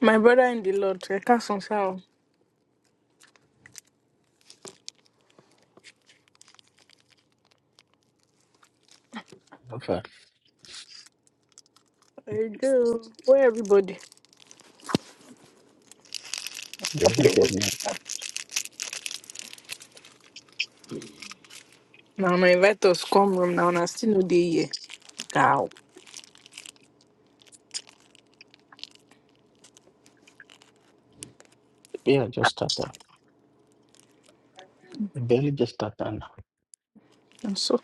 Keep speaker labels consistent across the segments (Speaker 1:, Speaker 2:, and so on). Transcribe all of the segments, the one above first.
Speaker 1: My brother in the Lord, I can't sound. I
Speaker 2: Sasa
Speaker 1: do. Where everybody?
Speaker 2: nirudi na
Speaker 1: Now, my invite us come room now, and I still no day here. Cow.
Speaker 2: pia just tata ìbéèrè just tata na
Speaker 1: And so,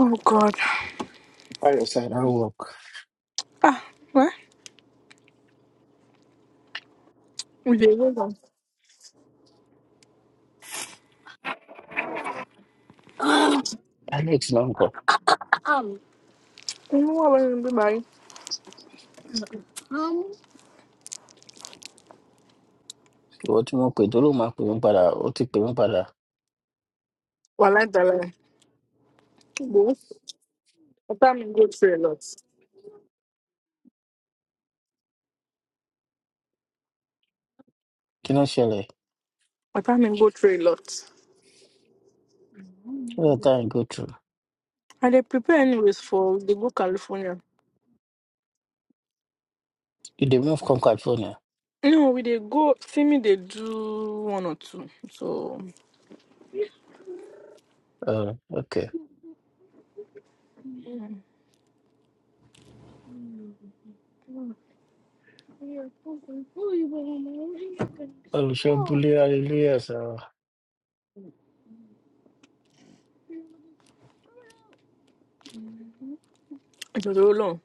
Speaker 1: oh God.
Speaker 2: báyọ̀ sára work
Speaker 1: Ah, what? We dey wait on.
Speaker 2: alex náà ń kọ́
Speaker 1: Um, you know what I'm going to
Speaker 2: ìwọ tí mo pè tó ló máa pè mí padà ó ti pè mí padà
Speaker 1: Well, I tell you. What time go through a lot?
Speaker 2: kí ló ń ṣẹlẹ̀
Speaker 1: What time go through a lot?
Speaker 2: kí ló tá à ń go through
Speaker 1: I dey prepare anyways for the go California.
Speaker 2: you dey move come california
Speaker 1: No, we dey go. See me, they do one or two. So.
Speaker 2: uh, okay
Speaker 1: You're fucking fool, you were
Speaker 2: olùṣọ́ búlé hallelujah sọ
Speaker 1: Oh.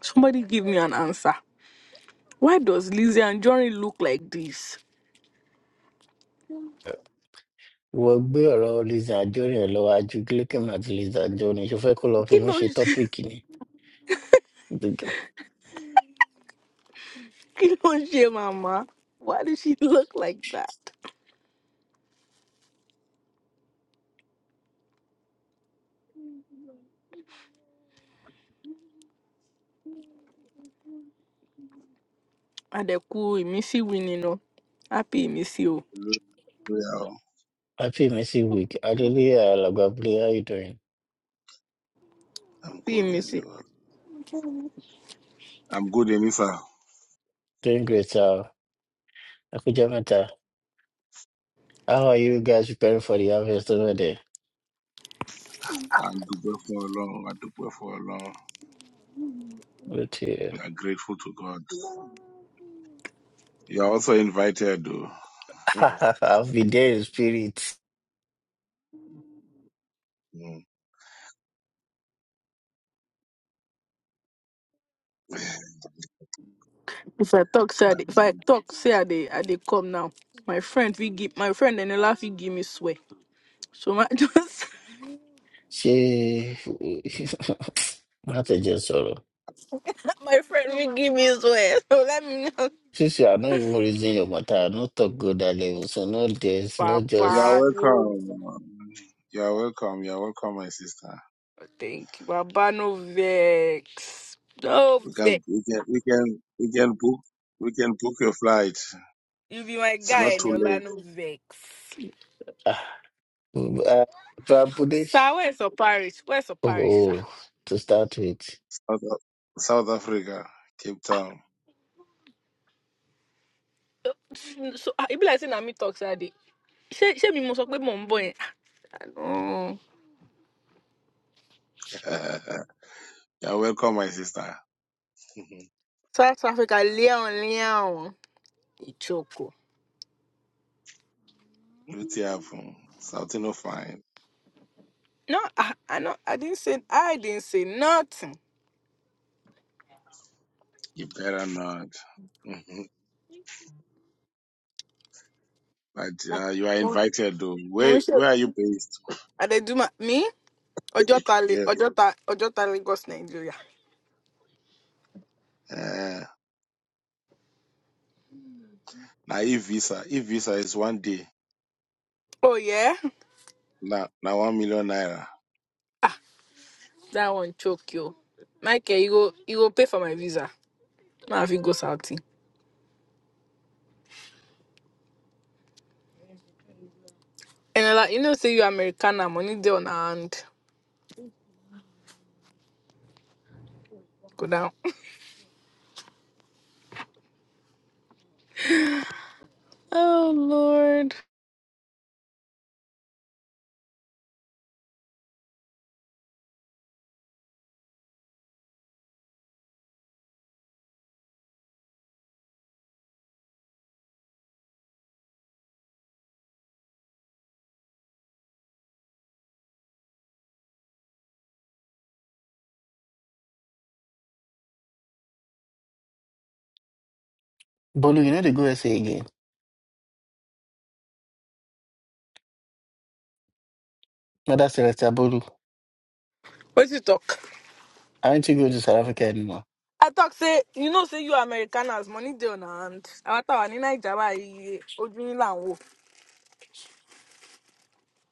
Speaker 1: Somebody give me an answer. Why does Lizzie and Johnny look like this?
Speaker 2: ìwọ gbé ọ̀rọ̀ liza jorin ẹ̀ lọ́wọ́ ajú gillikin àti liza jorin ṣo fẹ́ kó lọ fi mí ṣe
Speaker 1: Kilon,
Speaker 2: tọ́pìkì ni
Speaker 1: Kilon, Mama. Why does she look like that? Adeku, Imisi winning. oh. Happy missy, oh.
Speaker 3: Hallelujah.
Speaker 2: happy mercy week hallelujah alàgbà búlé how you doing
Speaker 3: I'm
Speaker 1: Happy
Speaker 3: good and
Speaker 1: missy.
Speaker 3: you are. I'm good and I
Speaker 2: doing great sir ẹ kú jẹ́ mẹ́ta How are you guys preparing for the harvest already?
Speaker 3: and Dugbe for long, I Dugbe for long.
Speaker 2: But yeah,
Speaker 3: We are grateful to God. You are also invited. oh.
Speaker 2: I've been there in spirit.
Speaker 1: If I talk, say I dey- if I
Speaker 3: Mm.
Speaker 1: talk, say I they, I they come now. My friend, we give my friend and the laugh, he give me swear. So my just
Speaker 2: She, not a just sorrow.
Speaker 1: my friend, we give me swear. So let me know.
Speaker 2: Since you are not even raising your matter, not talk good that level. So no this, no
Speaker 3: You are
Speaker 1: Papa,
Speaker 2: just
Speaker 1: no,
Speaker 3: welcome. You are welcome. You are welcome, my sister.
Speaker 1: thank you. Papa, no vex. No
Speaker 3: We
Speaker 1: vex.
Speaker 3: can we can we can we can book we can book your flight.
Speaker 1: You be my
Speaker 3: It's
Speaker 1: guy
Speaker 3: not
Speaker 1: and
Speaker 3: too
Speaker 1: your
Speaker 3: late.
Speaker 1: land no vex.
Speaker 2: ah, uh, Prabudesh.
Speaker 1: Sir, where's your parish? Where's your
Speaker 2: Oh,
Speaker 1: parish, sir?
Speaker 2: oh, to start with,
Speaker 3: South, Af- South Africa, Cape Town.
Speaker 1: Mm, So ah, it be like saying me talk sir dey. she ṣé mi mo sọ pé mò ń bọ̀ Ah, No.
Speaker 3: you are welcome, my sister.
Speaker 1: South Africa léon léon. Ìjókòó.
Speaker 3: You have um, something of fine.
Speaker 1: No, I, I, no, I didn't say I didn't say nothing.
Speaker 3: You better not. Mhm. but
Speaker 1: Mo
Speaker 3: uh, you are
Speaker 1: mo
Speaker 3: invited though.
Speaker 1: ń
Speaker 3: Where
Speaker 1: ṣe.
Speaker 3: where are you based?
Speaker 1: I dey do my me. Ọjọ́ta le
Speaker 3: Yes.
Speaker 1: Ọjọ́ta Ọjọ́ta Lagos Nigeria.
Speaker 3: Uh, now e visa, e visa is one day.
Speaker 1: Oh yeah?
Speaker 3: Now now one million naira.
Speaker 1: That one choke you. Michael, you go you go pay for my visa. Now I fit go South. And I like, you know, say you Americana, money day on her hand. Go down. Oh Lord.
Speaker 2: Bolu, you know the go SA again. Not that Celestia Bolu.
Speaker 1: What you talk?
Speaker 2: Aren't you going to South Africa anymore?
Speaker 1: I talk say, you know, say you Americanas, money day on her hand. I thought I need Java Ojunilanwo.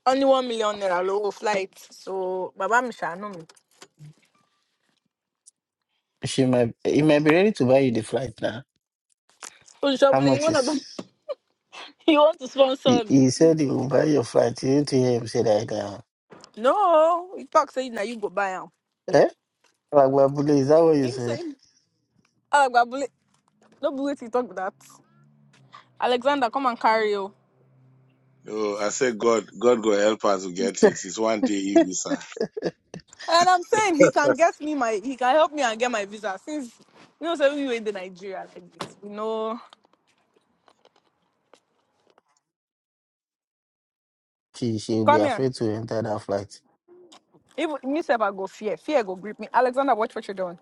Speaker 1: Only one million naira low flight. So Baba Misha know me.
Speaker 2: She might, he might be ready to buy you the flight now.
Speaker 1: So
Speaker 2: How
Speaker 1: Shobli, you
Speaker 2: much
Speaker 1: wanna
Speaker 2: is?
Speaker 1: you want to
Speaker 2: He,
Speaker 1: sponsor me?
Speaker 2: he said he will buy your flight. You need to hear him say that now.
Speaker 1: No. You talk say now you go buy him.
Speaker 2: Eh? Like, well, is that what you
Speaker 1: Him say,
Speaker 2: said?
Speaker 1: Oh, but bullet- no bullet you talk that. Alexander, come and carry you.
Speaker 3: Oh, I said God, God go help us to get it. It's one day e visa.
Speaker 1: And I'm saying he can get me my he can help me and get my visa since you know so we were in the Nigeria like this. You know
Speaker 2: she she will be
Speaker 1: come here.
Speaker 2: afraid to enter that flight.
Speaker 1: Even me say I go fear. Fear go grip me. Alexander, watch what you're doing.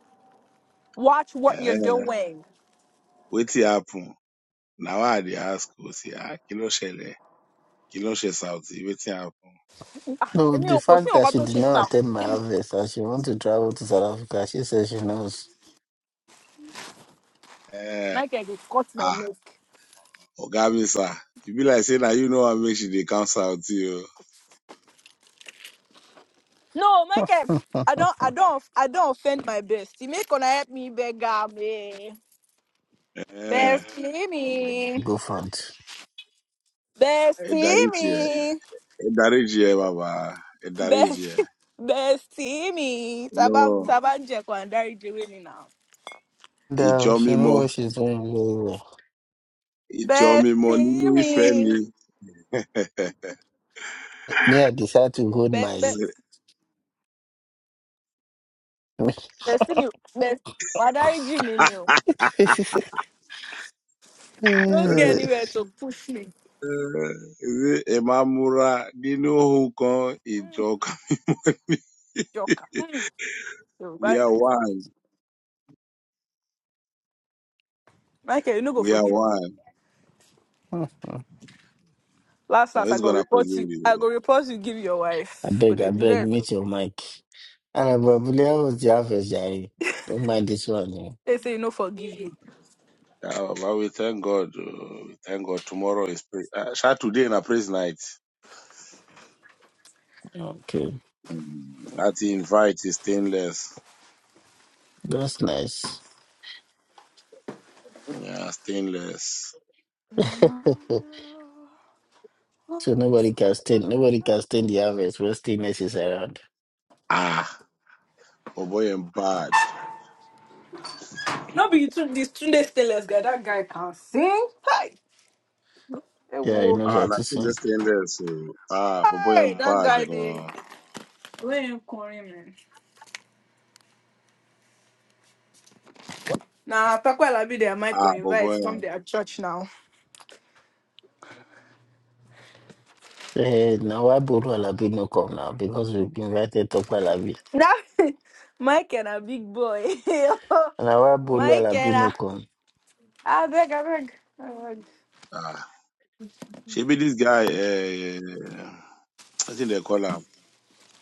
Speaker 1: Watch what you're
Speaker 3: Uh,
Speaker 1: doing.
Speaker 3: wait it happen. Now I dey ask you see ah kilo shele, kilo she south. Wait it happen.
Speaker 2: No,
Speaker 1: Èmi
Speaker 2: the
Speaker 1: ò kò sí
Speaker 2: fact that
Speaker 1: nǹkan
Speaker 2: she
Speaker 1: tó
Speaker 2: did
Speaker 1: ṣe
Speaker 2: not
Speaker 1: sá.
Speaker 2: attend my harvest and she wants to travel to South Africa, she says she knows.
Speaker 3: Uh,
Speaker 1: Michael go cut my
Speaker 3: ah,
Speaker 1: neck.
Speaker 3: Oga Misa. You be like say now you know I make she dey come south you.
Speaker 1: No, Michael, I don't I don't I don't offend my bestie. Make gonna help me beggar me. Bestie me.
Speaker 2: go front.
Speaker 1: Bestie
Speaker 3: Uh,
Speaker 1: me.
Speaker 3: Ìdáríjì ẹ bàbá, ìdáríjì ẹ.
Speaker 1: Best, bestie me.
Speaker 3: Lọ
Speaker 1: Taba, taba jẹ kwandari jewe ni now.
Speaker 2: No,
Speaker 3: ìjọ
Speaker 2: she knows
Speaker 3: mímọ́,
Speaker 2: what she's doing very well.
Speaker 3: ìjọ mímọ́ nínú
Speaker 1: Bestie
Speaker 3: ìfẹ́
Speaker 1: me.
Speaker 3: ni.
Speaker 2: Me, I decide to hold
Speaker 1: Be, be,
Speaker 2: my.
Speaker 3: Ṣe-
Speaker 1: bestie me. Best, wadari jimi me o. Don't
Speaker 3: Ṣé
Speaker 1: get anywhere to push me.
Speaker 3: ẹ máa múra nínú ohun kan
Speaker 1: Mm,
Speaker 3: ìjọ kan?
Speaker 1: joker. Mm. So,
Speaker 3: We
Speaker 1: but,
Speaker 3: are one,
Speaker 1: Michael, you no go
Speaker 3: we are
Speaker 1: forgive me.
Speaker 3: one.
Speaker 1: Last,
Speaker 3: No,
Speaker 1: last, I
Speaker 3: he's
Speaker 1: go
Speaker 3: gonna
Speaker 1: report
Speaker 3: forgive
Speaker 1: you. I
Speaker 3: you.
Speaker 1: go report you, give your
Speaker 2: I
Speaker 1: wife. Could
Speaker 2: beg,
Speaker 1: they
Speaker 2: I
Speaker 1: do
Speaker 2: beg,
Speaker 1: better?
Speaker 2: meet your mic. And I probably was the harvest, Jerry. Don't mind this one. eh?
Speaker 1: They say you no forgive me.
Speaker 3: Yeah, bàbá we thank God, oh, we thank God tomorrow is pray. Uh, ṣá today na praise night.
Speaker 2: Okay.
Speaker 3: Mm, Láti invite is stainless.
Speaker 2: That's nice.
Speaker 3: Yeah, stainless.
Speaker 2: so nobody can stand nobody can stand the harvest when stillness is around.
Speaker 3: Ah, for boy and bad.
Speaker 1: No, be you two, this two days guy. That that guy can sing. Hi.
Speaker 2: Yeah, he
Speaker 1: Ewo.
Speaker 2: knows
Speaker 3: Ah,
Speaker 2: how
Speaker 3: na
Speaker 2: to
Speaker 3: tu
Speaker 2: sing.
Speaker 3: just ended so ah boy I'm
Speaker 1: Hey, that
Speaker 3: bad
Speaker 1: guy
Speaker 3: go
Speaker 1: they Where you calling me? Nah, Pakwala be there. Mike will
Speaker 3: ah
Speaker 1: invite
Speaker 3: boy
Speaker 1: from their church now.
Speaker 2: Eh, now why Bolu Alabi no come now? Because we've invited Topo Alabi.
Speaker 1: now, Mike and a big boy.
Speaker 2: Now why Bolu
Speaker 1: Mike and
Speaker 2: Alabi no
Speaker 1: a
Speaker 2: come?
Speaker 1: I beg, I beg. I beg.
Speaker 3: ah she this guy eh I think they call him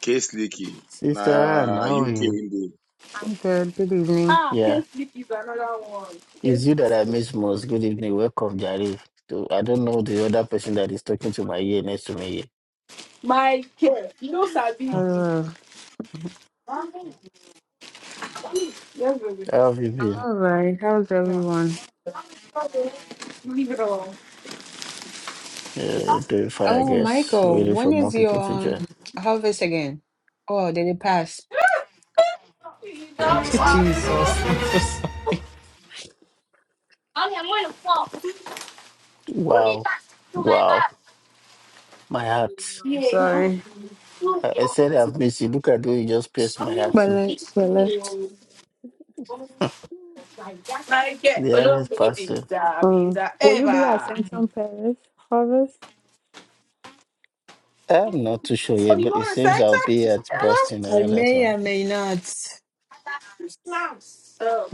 Speaker 3: Case Leaky na
Speaker 2: Sister Anne, how are
Speaker 3: UK
Speaker 2: you?
Speaker 3: in the
Speaker 4: I'm good. Good evening.
Speaker 1: Ah,
Speaker 2: Yeah.
Speaker 1: can't sleep is another one. Can't
Speaker 2: It's you that I
Speaker 1: sleep.
Speaker 2: miss most. Good evening. Welcome, Jari. To, I don't know the other person that is talking to my ear next to me.
Speaker 1: My care. You know Sabi
Speaker 2: here.
Speaker 1: me.
Speaker 4: Uh,
Speaker 1: Yes, baby.
Speaker 2: How have you been?
Speaker 4: all right. How's
Speaker 1: No.
Speaker 4: everyone?
Speaker 1: Leave it alone.
Speaker 2: Uh, doing fine, I
Speaker 4: Oh,
Speaker 2: guess.
Speaker 4: Michael,
Speaker 2: Waiting for
Speaker 4: when
Speaker 2: more
Speaker 4: is
Speaker 2: people
Speaker 4: your
Speaker 2: to join.
Speaker 4: um, harvest again? Oh, did it pass?
Speaker 1: You don't fall, so.
Speaker 4: Jesus, I'm so sorry.
Speaker 1: Mommy, I'm gonna fall. Who did
Speaker 2: Wow.
Speaker 1: that to my
Speaker 2: Wow.
Speaker 1: back?
Speaker 2: My heart.
Speaker 4: Yeah, I'm
Speaker 1: Yeah.
Speaker 4: sorry.
Speaker 2: I, I said I've missed you. Look at you. You just pierced my heart.
Speaker 4: But
Speaker 2: too.
Speaker 4: let's, but let's,
Speaker 1: Like, yeah,
Speaker 2: The
Speaker 1: a little
Speaker 2: average
Speaker 1: baby,
Speaker 2: person.
Speaker 1: baby,
Speaker 4: um, Will you be at
Speaker 1: ever.
Speaker 4: Sanctum Parish Harvest?
Speaker 2: I'm not too sure
Speaker 1: Oh,
Speaker 2: yet,
Speaker 1: you
Speaker 2: but it
Speaker 1: going to
Speaker 2: seems I'll be
Speaker 1: Santa?
Speaker 2: at
Speaker 1: Hello?
Speaker 2: Boston
Speaker 4: I
Speaker 2: around that
Speaker 4: may,
Speaker 2: time.
Speaker 4: I may not.
Speaker 1: Oh,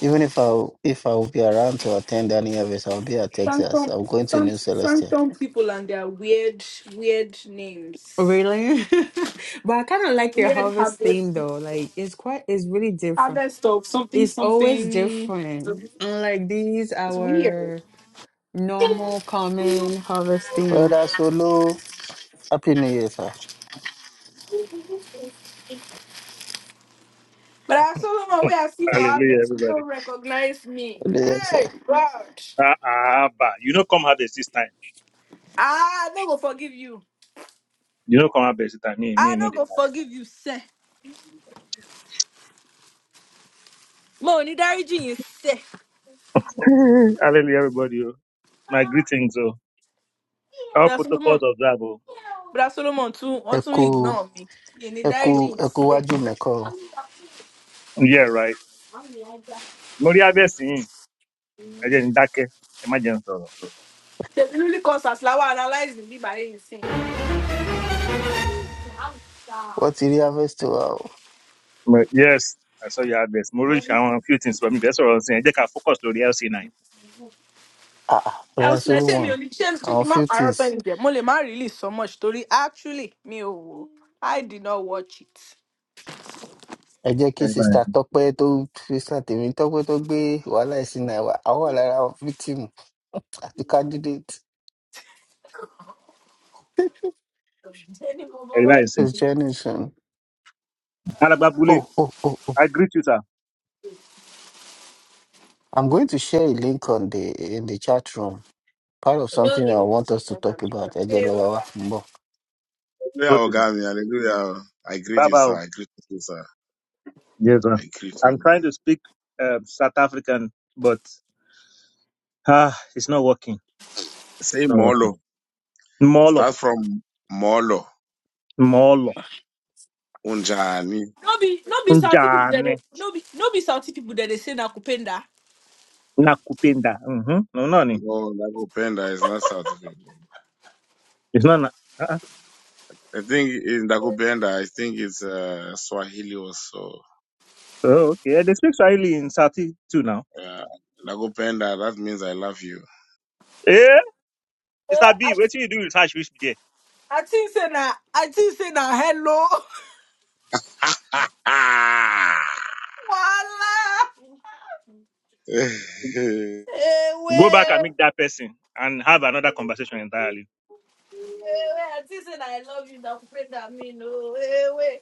Speaker 2: Even if I if I will be around to attend any of it, I'll be at
Speaker 1: some,
Speaker 2: Texas.
Speaker 1: some,
Speaker 2: I'm going to
Speaker 1: some,
Speaker 2: New
Speaker 1: some,
Speaker 2: Celestia.
Speaker 1: some people and their weird, weird names.
Speaker 4: Really? But I kind of like their
Speaker 1: Weird
Speaker 4: harvest
Speaker 1: habits,
Speaker 4: theme though. Like it's quite, it's really different.
Speaker 1: harvest of something,
Speaker 4: It's always
Speaker 1: something.
Speaker 4: different. Unlike these,
Speaker 1: It's weird.
Speaker 4: our. No more common harvesting.
Speaker 2: Brother Solo, Happy New Year, sir.
Speaker 1: But I saw someone where I see for
Speaker 5: Hallelujah,
Speaker 1: harvest,
Speaker 5: everybody.
Speaker 1: no recognize me.
Speaker 2: ẹlẹ́yẹsẹ̀
Speaker 1: Hey, God.
Speaker 5: Ah, ah, bah. You know, come harvest this time.
Speaker 1: I no go forgive you.
Speaker 5: You know, come harvest this time. Me, me,
Speaker 1: I
Speaker 5: no,
Speaker 1: no
Speaker 5: they
Speaker 1: go forgive you, sir. Mo ní dáríjì yín, sir.
Speaker 5: lie. Hallelujah, everybody. oh. My greetings. Oh, all
Speaker 1: Bra Solomon.
Speaker 5: protocols observed. Oh,
Speaker 1: Bra Solomon tún ó
Speaker 2: ẹ
Speaker 1: tún
Speaker 2: kú
Speaker 1: ignore mi. Mi ní
Speaker 2: ẹ kú
Speaker 1: dáríjì yín,
Speaker 2: ẹ kú
Speaker 1: sir.
Speaker 2: wájú mẹ́kọ̀ o
Speaker 5: yeah, right. Mori harvest in. Again, dake. Imagine soro.
Speaker 1: Ṣèbí lórí consult la wà analyze ní bíbá yìí
Speaker 2: wọ́n ti rí harvest wa o
Speaker 5: But yes, I saw your harvest. Mori, I want a few things for me. That's what I'm saying. They can focus on the LC9.
Speaker 2: ah
Speaker 1: I
Speaker 2: brother
Speaker 1: was ò
Speaker 2: solomon
Speaker 1: me only change ò ní ṣé ṣé kí
Speaker 2: àwọn
Speaker 1: n má
Speaker 2: few
Speaker 1: parọ́
Speaker 2: things
Speaker 1: Mo lè má really so much story. actually me, ò wò. did not watch
Speaker 2: ẹ jẹ́ kí
Speaker 5: Everybody,
Speaker 2: sista tọ́pẹ́ tó sista tèmi tọ́pẹ́ tó gbé wàhálà ẹ̀sìn náà wá àwọn wà lára àwọn victim àti candidate
Speaker 5: everybody is saying.
Speaker 2: this generation.
Speaker 5: Alababule,
Speaker 2: Oh, oh, oh, oh.
Speaker 5: I greet you, sir.
Speaker 2: I'm going to share a link on the in the chat room. Part of something I want us to talk about. Ẹ jẹ́ lọ
Speaker 1: it.
Speaker 2: wá wá. Mbọ̀.
Speaker 3: Hallelujah
Speaker 5: Okay, sir.
Speaker 3: Ogami Hallelujah oh. I greet
Speaker 5: Bye
Speaker 3: you
Speaker 5: bye.
Speaker 3: sir I greet you sir
Speaker 5: Yes, sir.
Speaker 3: I greet
Speaker 5: I'm
Speaker 3: you
Speaker 5: trying to speak uh, South African, but Ah, it's not working.
Speaker 3: say
Speaker 5: Not
Speaker 3: Molo
Speaker 5: working. Molo,
Speaker 3: start from Molo
Speaker 5: molo,
Speaker 3: unjani
Speaker 1: No be no be South people that they
Speaker 5: njane,
Speaker 1: no be no be South people that they say na kupenda.
Speaker 5: nakupenda. Mm-hmm. No, no, ni.
Speaker 3: no nakupenda is not South African
Speaker 5: It's not. Na- uh-uh.
Speaker 3: I think in nakupenda I think it's uh, Swahili also
Speaker 5: Oh, okay. They speak Swahili in Sati too now.
Speaker 3: Uh, nakupenda, that means I love you.
Speaker 5: Eh,
Speaker 1: Eh,
Speaker 5: Mr.
Speaker 1: I,
Speaker 5: B, what you do research which be there.
Speaker 1: I think say na I think say na hello. Wala. Ewe.
Speaker 5: Go back and meet that person and have another conversation entirely.
Speaker 1: Ewe. I think say na I love you na kupenda me no. Ewe. we.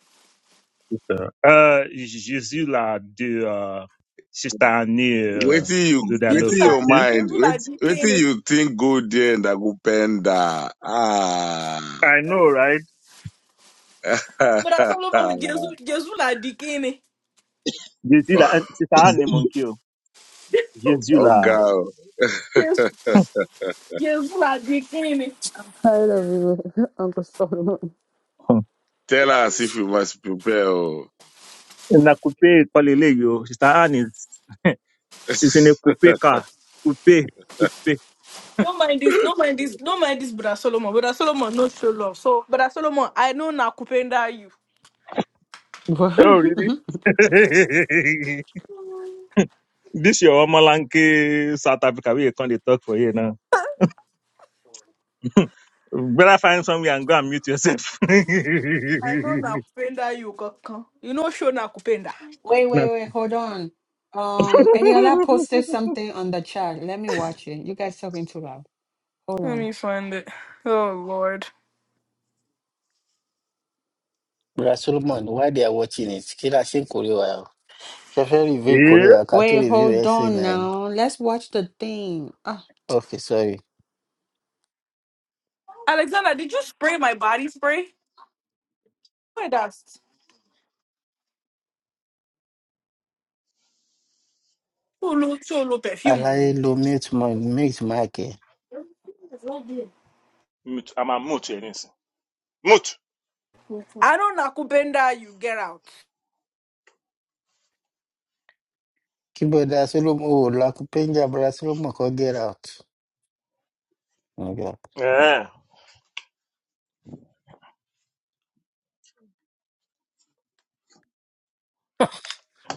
Speaker 5: Uh, uh, je suis là de uh, sister Annie uh,
Speaker 3: wait till you,
Speaker 5: de la
Speaker 3: wait
Speaker 5: love
Speaker 1: Jesus
Speaker 3: till
Speaker 5: for
Speaker 1: na
Speaker 3: your mind,
Speaker 1: Jesus
Speaker 3: wait,
Speaker 1: na
Speaker 3: wait till
Speaker 1: dikini.
Speaker 3: you think go there, nakupenda. Ah.
Speaker 5: I know, right?
Speaker 1: But that's all over with Jesus Jesus na dikini.
Speaker 5: Je suis là, sister Annie mon Jésus
Speaker 3: oh
Speaker 5: là.
Speaker 3: God,
Speaker 1: Yes, yes, la dikini.
Speaker 4: Tired of you, Uncle Solomon.
Speaker 3: tell us if you must prepare. oh.
Speaker 5: In a coupe, call Sister Anne is, in a coupe car. Coupe, coupe.
Speaker 1: No mind this, no mind this, no mind this, Brother Solomon. Brother Solomon, no show love. So, Brother Solomon, I know na kupenda you.
Speaker 4: What?
Speaker 5: Oh, really? this your Omalanke South Africa. We can't dey talk for you now. Better find somewhere and go and mute yourself.
Speaker 1: I know Nakupenda you kaka. You know show Nakupenda.
Speaker 4: wait,
Speaker 5: Na-
Speaker 4: wait, wait. Hold on. Um, Eniola posted something on the chat. Let me watch it. You guys talking too loud. Hold
Speaker 1: Let
Speaker 4: on.
Speaker 1: me find it. Oh Lord.
Speaker 2: Brother Solomon, while they are watching it, kí la ṣe ń kórè wa? Ṣe fẹ́ review ìkórè
Speaker 5: yeah.
Speaker 2: wa ká tó
Speaker 4: Wait,
Speaker 2: review
Speaker 4: hold
Speaker 2: essay
Speaker 4: on
Speaker 2: nine.
Speaker 4: now. Let's watch the thing. Ah.
Speaker 2: Ok, sorry.
Speaker 1: Alexander, did you spray my body spray? Why that's solo solo perfume
Speaker 2: Aláyé
Speaker 1: me.
Speaker 2: lo mute mic mute mic ẹ̀.
Speaker 5: Mute. I'm a mute, Eunice. Mute.
Speaker 1: I know Nakupenda you get out.
Speaker 2: Kí bọ́dà Solomon ò lakupenja bọ́dà Solomon kọ́ get out. Okay.
Speaker 5: Yeah.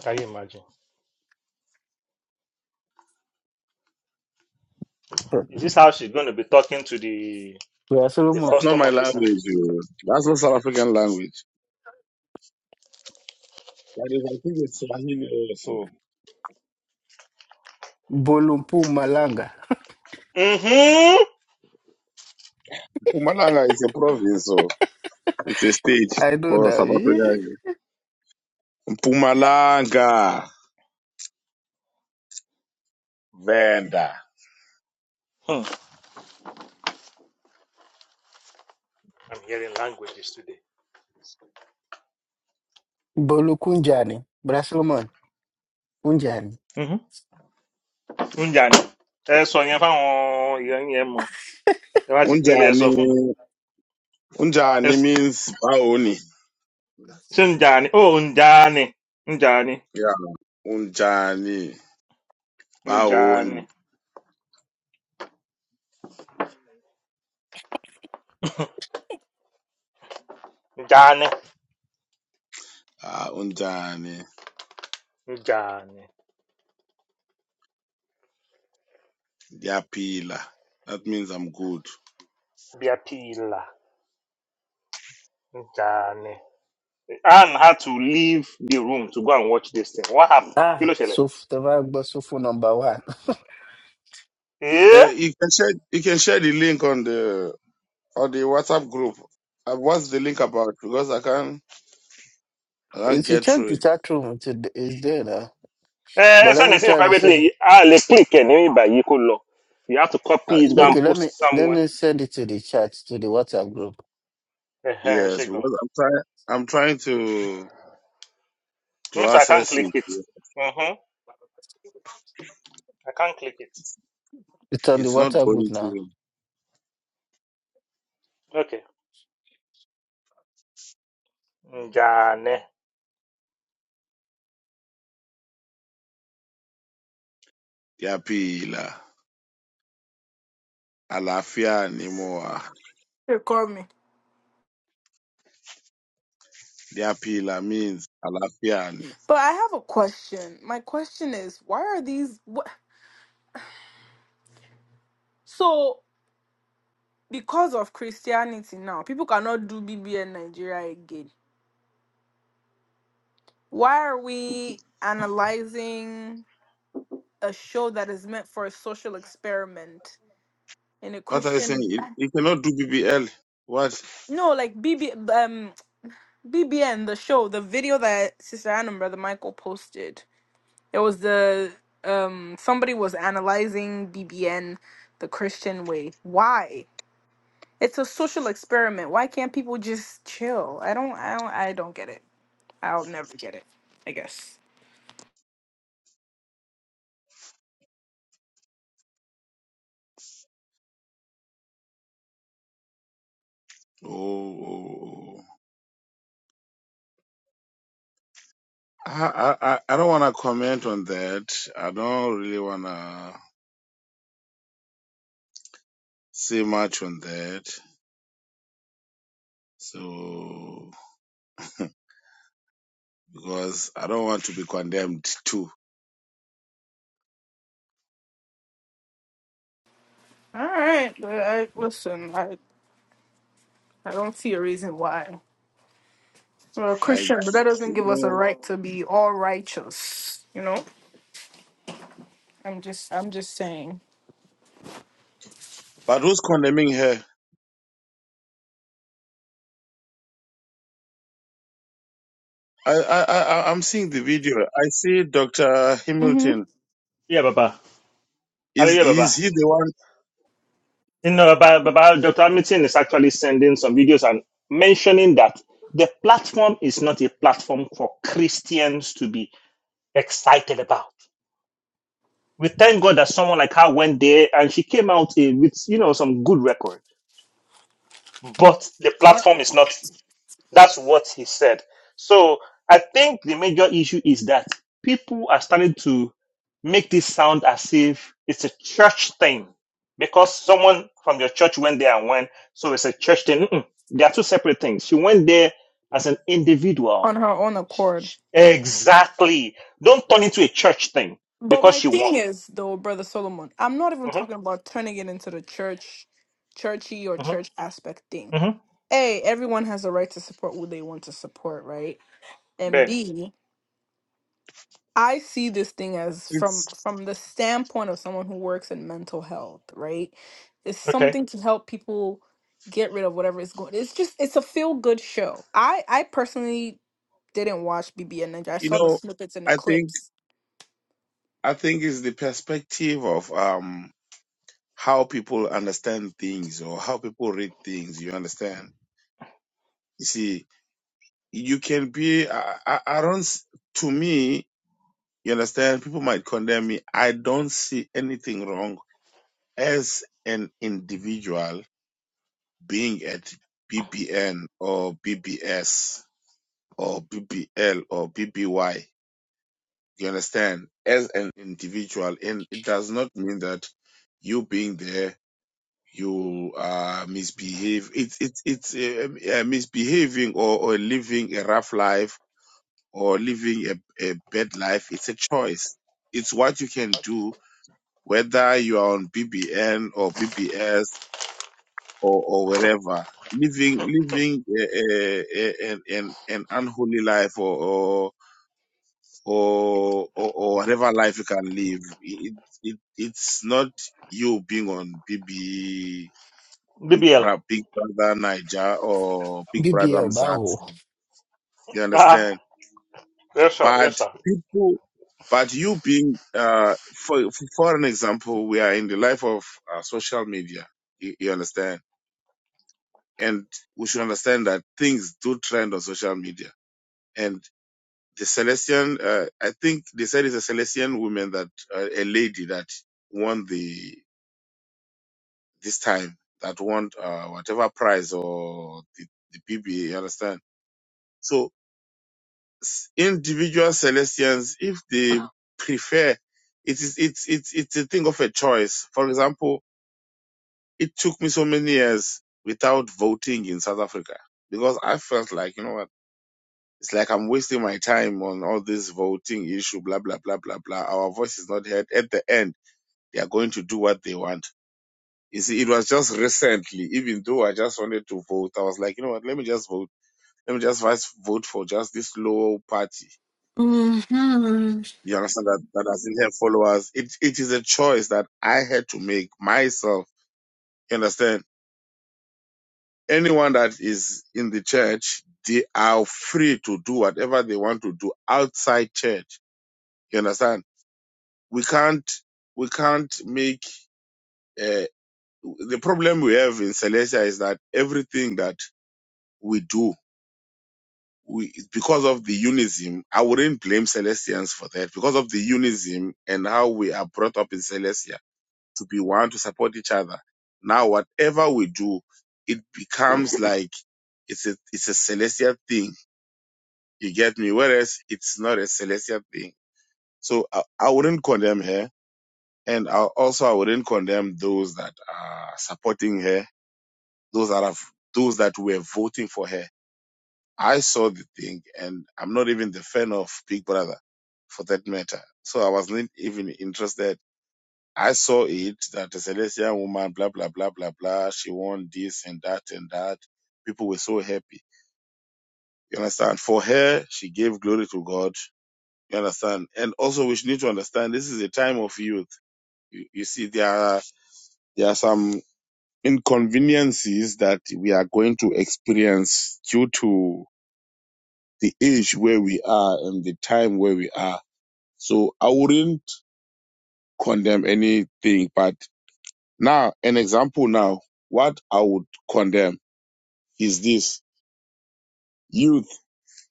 Speaker 5: Can you imagine? Is this how she's going to be talking to the
Speaker 2: Bọ́dà
Speaker 5: to the
Speaker 2: Solomon
Speaker 3: That's not
Speaker 5: custom
Speaker 3: my language.
Speaker 5: officer?
Speaker 3: oh. That's not South African language. That is, I think it's Swahili also.
Speaker 2: bolumpu malanga.
Speaker 5: Mm-hmm.
Speaker 3: Mpumalanga is a province, so it's a state
Speaker 2: I know
Speaker 3: for
Speaker 2: that.
Speaker 3: South Africa. Pumalanga Venda.
Speaker 5: Hmm. I'm hearing languages today.
Speaker 2: Bolu kunja ni. Bọ́dà Solomon kunja ni.
Speaker 5: Mhm. oúnjẹ àná ẹ sọ yẹn fáwọn èèyàn yẹn mọ ẹ bá ti délé ẹ sọ fún
Speaker 3: Unjani?
Speaker 5: ẹ
Speaker 3: Unjani
Speaker 5: s-
Speaker 3: means baoni
Speaker 5: ṣé ǹjà ni ó ń jà ni ń ni
Speaker 3: Yeah. Unjani
Speaker 5: ń ni
Speaker 3: baoni
Speaker 5: ń ni
Speaker 3: Ah, unjani.
Speaker 5: ń ni
Speaker 3: Yapila. That means I'm good.
Speaker 5: bí a pìlà ń ni. Anne had to leave the room to go and watch this thing what happened kí
Speaker 2: Ah,
Speaker 5: ló ṣẹlẹ̀.
Speaker 2: so tẹ́fà gbọ́ sófò number one.
Speaker 5: ẹ
Speaker 3: Uh, you can share you can share the link on the on the WhatsApp group. Uh, what's the link about? Because I can't I can't
Speaker 2: If you
Speaker 3: get
Speaker 2: check
Speaker 3: through
Speaker 2: the
Speaker 3: it.
Speaker 2: chat room, it's it's there now.
Speaker 5: ẹ ẹ
Speaker 2: But let
Speaker 5: sẹ́ni
Speaker 2: me
Speaker 5: sí mi
Speaker 2: try to
Speaker 5: privately
Speaker 2: share.
Speaker 5: a lè click ẹ̀ ní ìgbà yìí kó lọ you have to copy
Speaker 3: Uh,
Speaker 5: it
Speaker 3: you
Speaker 5: go and
Speaker 3: know,
Speaker 2: Okay, let
Speaker 5: post
Speaker 2: me
Speaker 5: it
Speaker 2: let
Speaker 5: somewhere.
Speaker 2: me send it to the chat to the WhatsApp group.
Speaker 5: Ẹ̀hẹ́n, ṣe
Speaker 3: yes,
Speaker 5: gan.
Speaker 3: because I'm trying I'm trying to to
Speaker 5: Mr. I can't
Speaker 3: access
Speaker 5: click it.
Speaker 3: it.
Speaker 5: Mm-hmm. I can't click it.
Speaker 2: It's on the
Speaker 3: It's not
Speaker 2: WhatsApp group
Speaker 3: going
Speaker 2: now.
Speaker 3: to
Speaker 5: Okay. Njane.
Speaker 3: Yapila. Alafiani more.
Speaker 1: They call me.
Speaker 3: The appeal means Alafiani.
Speaker 1: But I have a question. My question is, why are these what so because of Christianity now, people cannot do B B in Nigeria again. Why are we analyzing? a show that is meant for a social experiment in a
Speaker 3: What are you saying?
Speaker 1: Christian.
Speaker 3: You you cannot do BBL. What?
Speaker 1: No, like BB um BBN the show, the video that Sister Anna and Brother Michael posted. It was the um somebody was analyzing BBN the Christian way. Why? It's a social experiment. Why can't people just chill? I don't I don't I don't get it. I'll never get it. I guess.
Speaker 3: Oh, oh, oh. I, I, I I don't want to comment on that. I don't really want to say much on that. So, because I don't want to be condemned too.
Speaker 1: All right, but I, listen, I I don't see a reason why. Well,
Speaker 3: Like,
Speaker 1: Christian, but that doesn't
Speaker 3: you
Speaker 1: give us a
Speaker 3: know,
Speaker 1: right to be all righteous. You know, I'm just, I'm just saying.
Speaker 3: but who's condemning her? I, I, I, I- I'm seeing the video. I see Dr.
Speaker 1: hmm
Speaker 3: Hamilton.
Speaker 5: Yeah, Baba. Hello,
Speaker 3: Is,
Speaker 5: yeah,
Speaker 3: is
Speaker 5: Baba.
Speaker 3: he the one?
Speaker 5: You know, Baba, Baba, Dr. Hamilton is actually sending some videos and mentioning that the platform is not a platform for Christians to be excited about. We thank God that someone like her went there and she came out eh, with, you know, some good record. But the
Speaker 3: What?
Speaker 5: platform is not. That's what he said. So I think the major issue is that people are starting to make this sound as if it's a church thing because someone from your church went there and went, so it's a church thing. Mm-mm. They are two separate things. She went there as an
Speaker 1: On
Speaker 5: individual.
Speaker 1: her own accord.
Speaker 5: Exactly. Don't turn into a church thing
Speaker 1: But
Speaker 5: because
Speaker 1: my
Speaker 5: she won.
Speaker 1: thing is, though, brother Solomon, I'm not even talking
Speaker 5: Mm-hmm.
Speaker 1: about turning it into the church, churchy or
Speaker 5: Mm-hmm.
Speaker 1: church aspect thing.
Speaker 5: Mm-hmm.
Speaker 1: A, everyone has a right to support who they want to support, right? And
Speaker 5: Benny.
Speaker 1: B, I see this thing as
Speaker 3: it's.
Speaker 1: from from the standpoint of someone who works in mental health, right? It's
Speaker 5: Okay.
Speaker 1: something to help people get rid of whatever is going. It's just it's a feel good show. I I personally didn't watch BBN Ninja. I
Speaker 3: You
Speaker 1: saw the
Speaker 3: know,
Speaker 1: snippets and the
Speaker 3: I think
Speaker 1: clips.
Speaker 3: I think it's the perspective of um how people understand things or how people read things. You understand? You see, you can be. I, I, I don't. s- To me, you understand. People might condemn me. I don't see anything wrong as an individual being at BBN or BBS or BBL or BBY. You understand? As an individual, and it does not mean that you being there, you uh, misbehave. It's it's it's uh, uh, misbehaving or, or living a rough life or living a, a bad life. It's a choice. It's what you can do, whether you are on BBN or BBS or or wherever. Living living a, a, a, an an an unholy life or. or or or, or whatever life you can live. It, it it's not you being on BB Big,
Speaker 5: BBL.
Speaker 3: Bra- Big Brother Niger or Big Brother
Speaker 2: BBL Baho.
Speaker 3: Mzansi. You
Speaker 5: Uh-huh.
Speaker 3: understand?
Speaker 5: Yes, sir.
Speaker 3: But
Speaker 5: Yes, sir.
Speaker 3: people, but you being uh for for an example, we are in the life of uh, social media. You, you understand? And we should understand that things do trend on social media. and. the Celestian, uh, I think they said it's a Celestian woman that, uh, a lady that won the, this time, that won, uh, whatever prize or the, the PBA, you understand? So s- individual Celestians, if they prefer, it is, it's, it's, it's a thing of a choice. For example, it took me so many years without voting in South Africa because I felt like, you know what? It's like I'm wasting my time on all this voting issue, blah, blah, blah, blah, blah. Our voice is not heard. At the end, they are going to do what they want. You see, it was just recently, even though I just wanted to vote, I was like, you know what, let me just vote. Let me just vote for just this low party.
Speaker 4: Mhm.
Speaker 3: You understand that, that doesn't have followers. It, it is a choice that I had to make myself. You understand? Anyone that is in the church, they are free to do whatever they want to do outside church. You understand? we can't we can't make uh, the problem we have in Celestia is that everything that we do we because of the unism I wouldn't blame Celestians for that because of the unism and how we are brought up in Celestia to be one to support each other now whatever we do it becomes like it's a it's a Celestia thing you get me whereas it's not a Celestia thing so I, I wouldn't condemn her And I, also, I wouldn't condemn those that are supporting her, those that have, those that were voting for her. I saw the thing, and I'm not even the fan of Big Brother, for that matter. So I wasn't even interested. I saw it that a Celestial woman, blah blah blah blah blah. She won this and that and that. People were so happy. You understand? For her, she gave glory to God. You understand? And also, we should need to understand this is a time of youth. You, you see, there are there are some inconveniences that we are going to experience due to the age where we are and the time where we are. So I wouldn't condemn anything, but now an example now, what I would condemn is this youth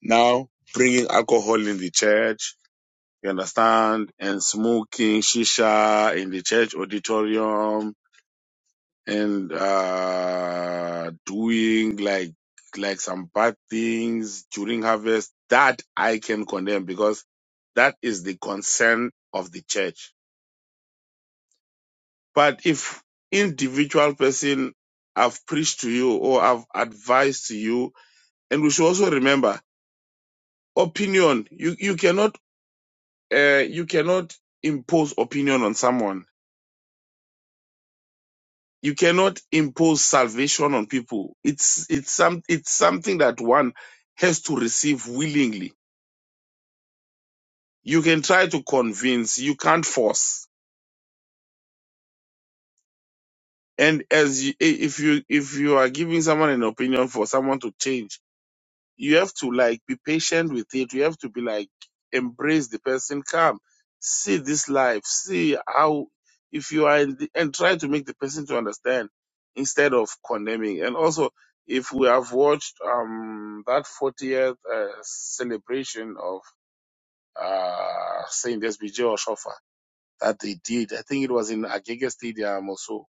Speaker 3: now bringing alcohol in the church, you understand, and smoking shisha in the church auditorium and uh, doing like like some bad things during harvest that I can condemn because that is the concern of the church. But if individual person I've preached to you or I've advised to you, and we should also remember opinion. You you cannot uh, you cannot impose opinion on someone You cannot impose salvation on people. It's it's some it's something that one has to receive willingly. You can try to convince, you can't force. And as you, i- if you if you are giving someone an opinion for someone to change you have to like be patient with it. You have to be like embrace the person. Come, see this life. See how if you are in the, and try to make the person to understand instead of condemning. And also, if we have watched um that 40th uh, celebration of uh Saint SBJ Oshofa that they did, I think it was in Agege Stadium or so.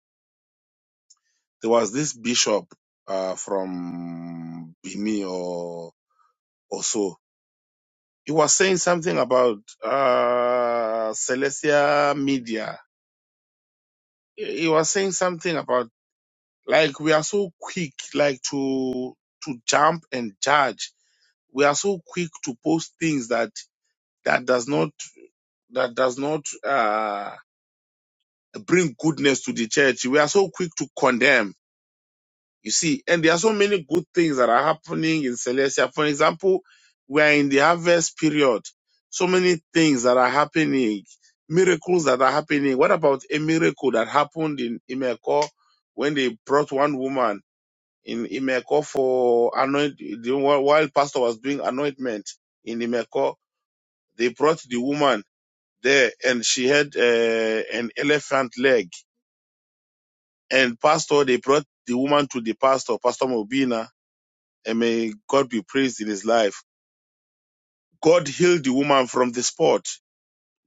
Speaker 3: There was this bishop uh from Bini or or so He was saying something about uh, Celestia Media. He was saying something about like we are so quick, like to to jump and judge. We are so quick to post things that that does not that does not uh, bring goodness to the church. We are so quick to condemn You see, and there are so many good things that are happening in Celestia. For example, we are in the harvest period. So many things that are happening, miracles that are happening. What about a miracle that happened in Imeko when they brought one woman in Imeko for anoint the- while pastor was doing anointment in Imeko, they brought the woman there and she had uh, an elephant leg. And pastor, they brought the woman to the pastor, Pastor Mobina, and may God be praised in his life. God healed the woman from the spot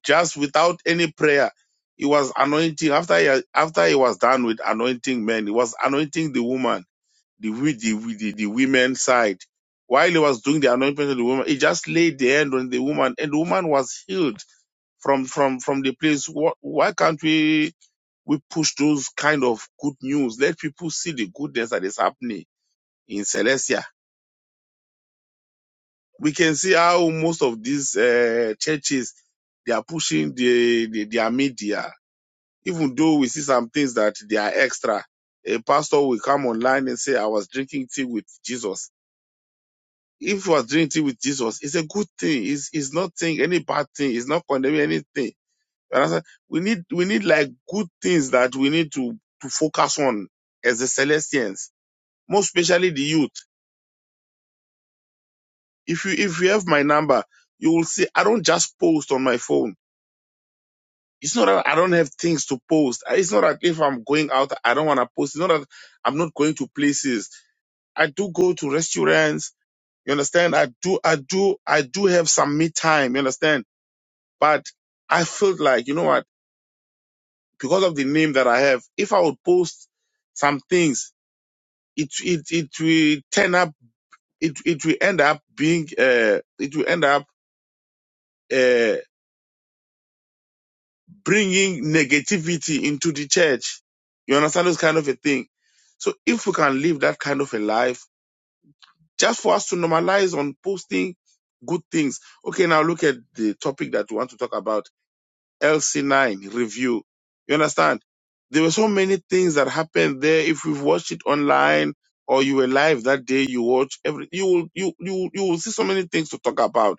Speaker 3: just without any prayer. He was anointing after he, after he was done with anointing men. He was anointing the woman, the the the, the women side. While he was doing the anointment of the woman, he just laid the hand on the woman, and the woman was healed from from from the place. Wh- Why can't we we push those kind of good news? Let people see the goodness that is happening in Celestia we can see how most of these uh, churches they are pushing the, the their media. Even though we see some things that they are extra, a pastor will come online and say, "I was drinking tea with Jesus." If you was drinking tea with Jesus, it's a good thing. It's it's not nothing any bad thing. It's not condemning anything. You understand? We need we need like good things that we need to to focus on as the Celestians, most especially the youth. If you if you have my number, you will see I don't just post on my phone. It's not that I don't have things to post. It's not that if I'm going out, I don't want to post. It's not that I'm not going to places. I do go to restaurants. You understand? I do, I do, I do have some me time. You understand? But I felt like, you know what? Because of the name that I have, if I would post some things, it, it, it will turn up, it, it will end up being, uh, it will end up, uh, bringing negativity into the church. You understand this kind of a thing. So if we can live that kind of a life, just for us to normalize on posting good things. Okay, now look at the topic that we want to talk about, LC9 review. You understand? There were so many things that happened there. If you've watched it online or you were live that day, you watch every, you will, you, you, you will see so many things to talk about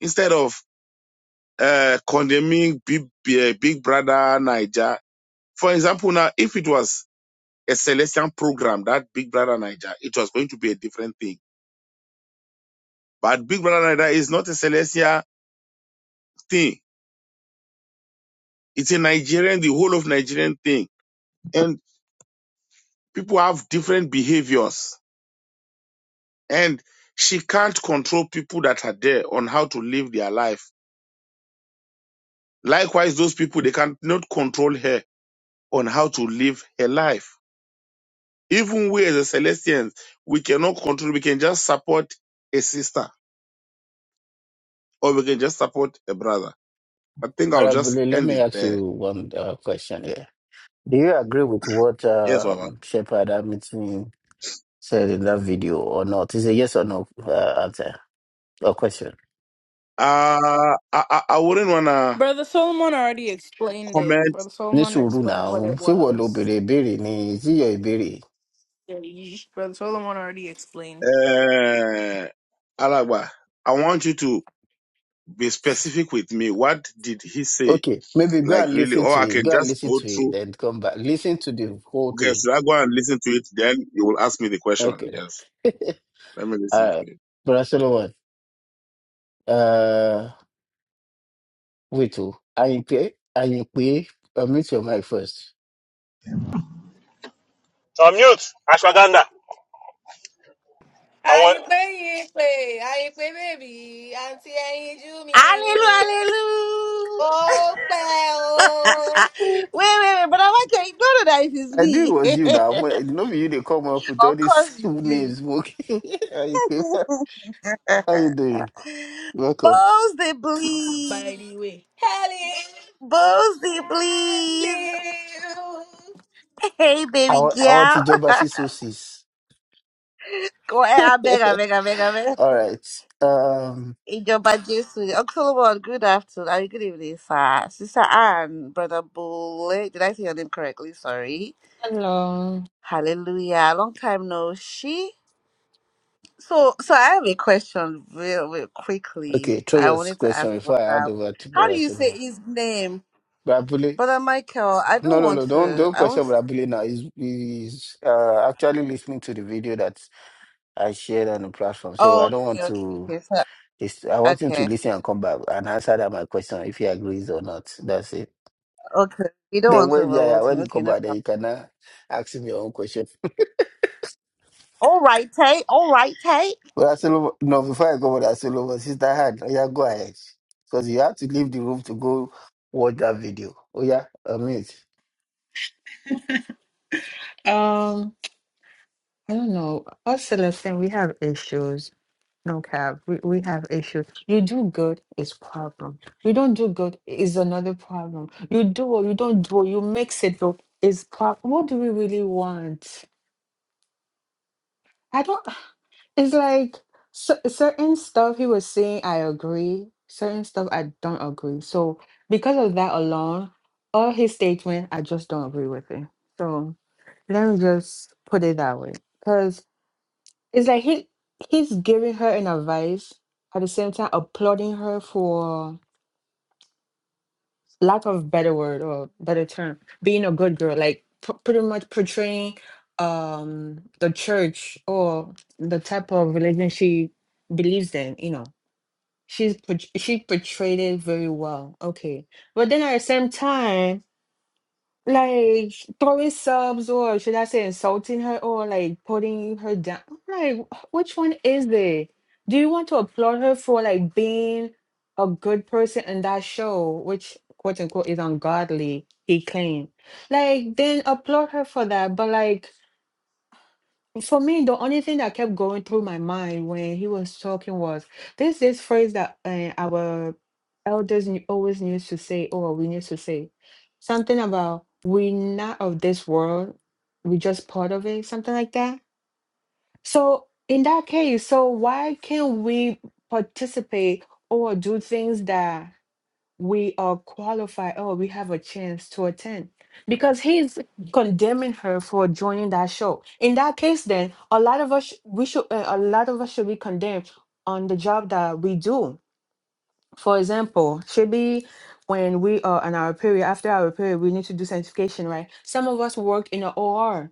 Speaker 3: instead of, uh, condemning big, eh, big brother Niger for example, now, if it was a Celestian program, that Big Brother Niger, it was going to be a different thing. But Big Brother Niger is not a Celestian thing. It's a Nigerian, the whole of Nigerian thing. And people have different behaviors. And she can't control people that are there on how to live their life. Likewise, those people, they cannot control her on how to live her life. Even we as a Celestians, we cannot control, we can just support a sister or we can just support a brother I think I'll just
Speaker 2: Parabole, let
Speaker 3: end
Speaker 2: me
Speaker 3: it
Speaker 2: ask you
Speaker 3: there.
Speaker 2: one uh, question here. Do you agree with what
Speaker 3: Yes, Baba.
Speaker 2: um, Shepard Hamilton said in that video or not? It's a yes or no uh, answer or question.
Speaker 3: Uh, I, I, I wouldn't want to
Speaker 1: Brother Solomon already explained it.
Speaker 3: comment,
Speaker 1: Brother
Speaker 2: Ní
Speaker 1: Solomon
Speaker 2: sùúrù
Speaker 1: explained what
Speaker 2: now,
Speaker 1: it
Speaker 2: ṣé wọ́n lo
Speaker 1: was.
Speaker 2: béèrè ìbéèrè ni? Is it your ìbéèrè?
Speaker 1: Yeah, you- Brother Solomon already explained
Speaker 3: uh, Alagba. I want you to be specific with me. What did he say?
Speaker 2: Okay, maybe go
Speaker 3: Like
Speaker 2: and
Speaker 3: really,
Speaker 2: listen
Speaker 3: or
Speaker 2: to
Speaker 3: I
Speaker 2: it.
Speaker 3: can
Speaker 2: Go and
Speaker 3: just
Speaker 2: listen
Speaker 3: go
Speaker 2: to it,
Speaker 3: through.
Speaker 2: then come back. Listen to the whole
Speaker 3: Okay,
Speaker 2: thing.
Speaker 3: should I go and listen to it? Then you will ask me the question.
Speaker 2: Okay.
Speaker 3: Yes. Let me listen
Speaker 2: All
Speaker 3: to
Speaker 2: right.
Speaker 3: it.
Speaker 2: Brother Solomon, Wait, oh, I pay, I pay. Uh, meet your mic first.
Speaker 5: Unmute. Ashwagandha. I
Speaker 1: How
Speaker 5: want.
Speaker 1: you play? Àyìnpé yìí pé Àyìnpé i àǹtí ẹyinjú mi.
Speaker 6: Hallelujah, hallelujah.
Speaker 1: Oh, oh.
Speaker 6: Wait, wait, wait, but I want to ignore that if it's
Speaker 2: I knew it
Speaker 6: me.
Speaker 2: was you now. but No, be you they come up with all
Speaker 6: of
Speaker 2: these
Speaker 6: course you do.
Speaker 2: names. Smoking. How you doing? How you doing? Welcome.
Speaker 6: Bosley, please.
Speaker 1: by the way.
Speaker 6: Bosley, please. Hey,
Speaker 2: I
Speaker 6: baby
Speaker 2: want, I want
Speaker 6: girl.
Speaker 2: to job as sources.
Speaker 6: Go ahead, I beg, I beg, I beg, I beg.
Speaker 2: all right. Um.
Speaker 6: Ijoba Jesu. Uncle Solomon, good afternoon. I mean, good evening, sir. Sister Anne, Brother Bull. Did I say your name correctly? Sorry.
Speaker 4: Hello.
Speaker 6: Hallelujah. Long time no see. So, so I have a question real, real quickly.
Speaker 2: Okay. Throw
Speaker 6: I
Speaker 2: your
Speaker 6: wanted to
Speaker 2: question
Speaker 6: ask brother,
Speaker 2: before I hand over to
Speaker 6: how do you say
Speaker 2: Brasolo.
Speaker 6: his name,
Speaker 2: Brabule.
Speaker 6: brother Michael? I
Speaker 2: No,
Speaker 6: don't
Speaker 2: no, no.
Speaker 6: want
Speaker 2: Don't
Speaker 6: to.
Speaker 2: don't
Speaker 6: I
Speaker 2: question
Speaker 6: want to.
Speaker 2: Brabule now. He's he's uh, actually listening to the video that I shared on the platform, so I
Speaker 6: Oh,
Speaker 2: don't want
Speaker 6: okay, okay,
Speaker 2: to.
Speaker 6: okay, so,
Speaker 2: It's, I want him to
Speaker 6: okay,
Speaker 2: listen and come back and answer that my question if he agrees or not. That's it.
Speaker 6: okay. We don't
Speaker 2: Then
Speaker 6: want to
Speaker 2: when yeah, yeah
Speaker 6: overload him.
Speaker 2: when you
Speaker 6: Okay,
Speaker 2: come
Speaker 6: no
Speaker 2: back, then
Speaker 6: problem.
Speaker 2: you can now ask him your own question.
Speaker 6: All right, hey, all right, hey.
Speaker 2: But Asolo, no, before I go with Asolo, sister hand, oh yeah, go ahead because you have to leave the room to go watch that video. Oh yeah, amazing.
Speaker 4: Um, I don't know. Us Celestine, we have issues. No cap. We, we have issues. You do good is problem. You don't do good is another problem. You do or you don't do or you mix it up is problem. What do we really want? I don't. It's like cer- certain stuff he was saying. I agree. Certain stuff I don't agree. So because of that alone, all his statement I just don't agree with it. So let me just put it that way. It's like he he's giving her an advice at the same time applauding her for lack of better word or better term, being a good girl, like p- pretty much portraying um the church or the type of religion she believes in, you know. She's port- she portrayed it very well. Okay. But then at the same time like throwing subs or should I say insulting her or like putting her down. I'm Like "Wh- which one is it? Do you want to applaud her for like being a good person in that show, which quote unquote is ungodly, he claimed. Like then applaud her for that. But like for me, the only thing that kept going through my mind when he was talking was this this phrase that uh, our elders knew- always used to say, or we used to say something about we're not of this world, we're just part of it, something like that. So in that case, so why can't we participate or do things that? we are qualified or we have a chance to attend because he's condemning her for joining that show in that case then a lot of us we should uh, a lot of us should be condemned on the job that we do for example should be when we are on our period after our period we need to do sanctification right some of us work in a or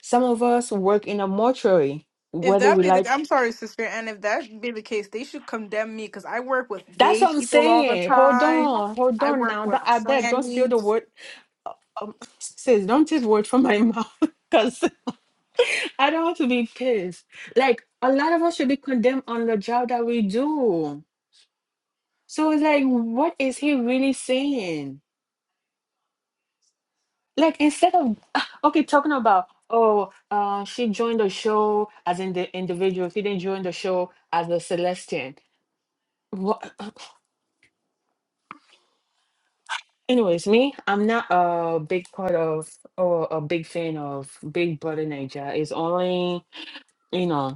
Speaker 4: some of us work in a mortuary
Speaker 1: If
Speaker 4: whether
Speaker 1: that
Speaker 4: we
Speaker 1: be the,
Speaker 4: like
Speaker 1: I'm sorry, sister, and if that be the case, they should condemn me because I work with
Speaker 4: that's
Speaker 1: gay
Speaker 4: what i'm
Speaker 1: people all the
Speaker 4: saying hold
Speaker 1: time.
Speaker 4: on hold
Speaker 1: I
Speaker 4: on
Speaker 1: work
Speaker 4: now
Speaker 1: with
Speaker 4: Don't- i beg don't steal
Speaker 1: trannies.
Speaker 4: the word um, sis, don't take words from my mouth because I don't want to be pissed. Like a lot of us should be condemned on the job that we do. So it's like, what is he really saying? Like instead of okay, talking about oh, uh, she joined the show as in the individual. She didn't join the show as a Celestian. What? Anyways, me, I'm not a big part of or a big fan of Big Brother Nigeria. It's only you know.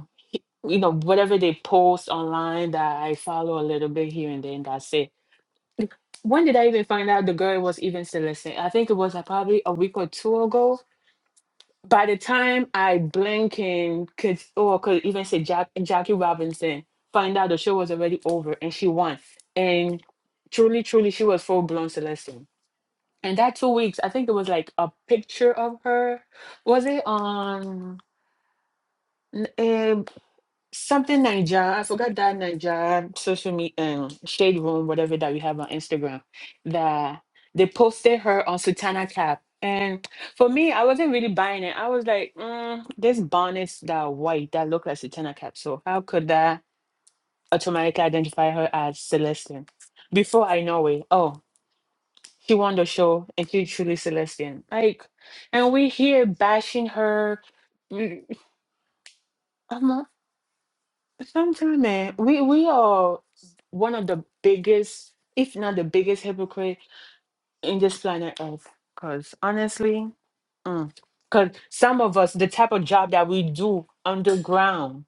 Speaker 4: you know, whatever they post online that I follow a little bit here and then that's it. When did I even find out the girl was even celeste? I think it was uh, probably a week or two ago. By the time I blink and could or could even say Jack Jackie Robinson, find out the show was already over and she won. And truly, truly she was full blown celeste. And that two weeks, I think it was like a picture of her. Was it on Something Niger. I forgot that Niger social media um, shade room, whatever that we have on Instagram. That they posted her on Sutana cap. And for me, I wasn't really buying it. I was like, mm, this bonnets that are white that look like Sutana cap. So how could that automatically identify her as Celestian? Before I know it, oh, she won the show and she's truly Celestian. Like, and we here bashing her. Mm, Sometimes, man, we we are one of the biggest, if not the biggest hypocrite in this planet Earth. Because honestly, because some of us, the type of job that we do underground,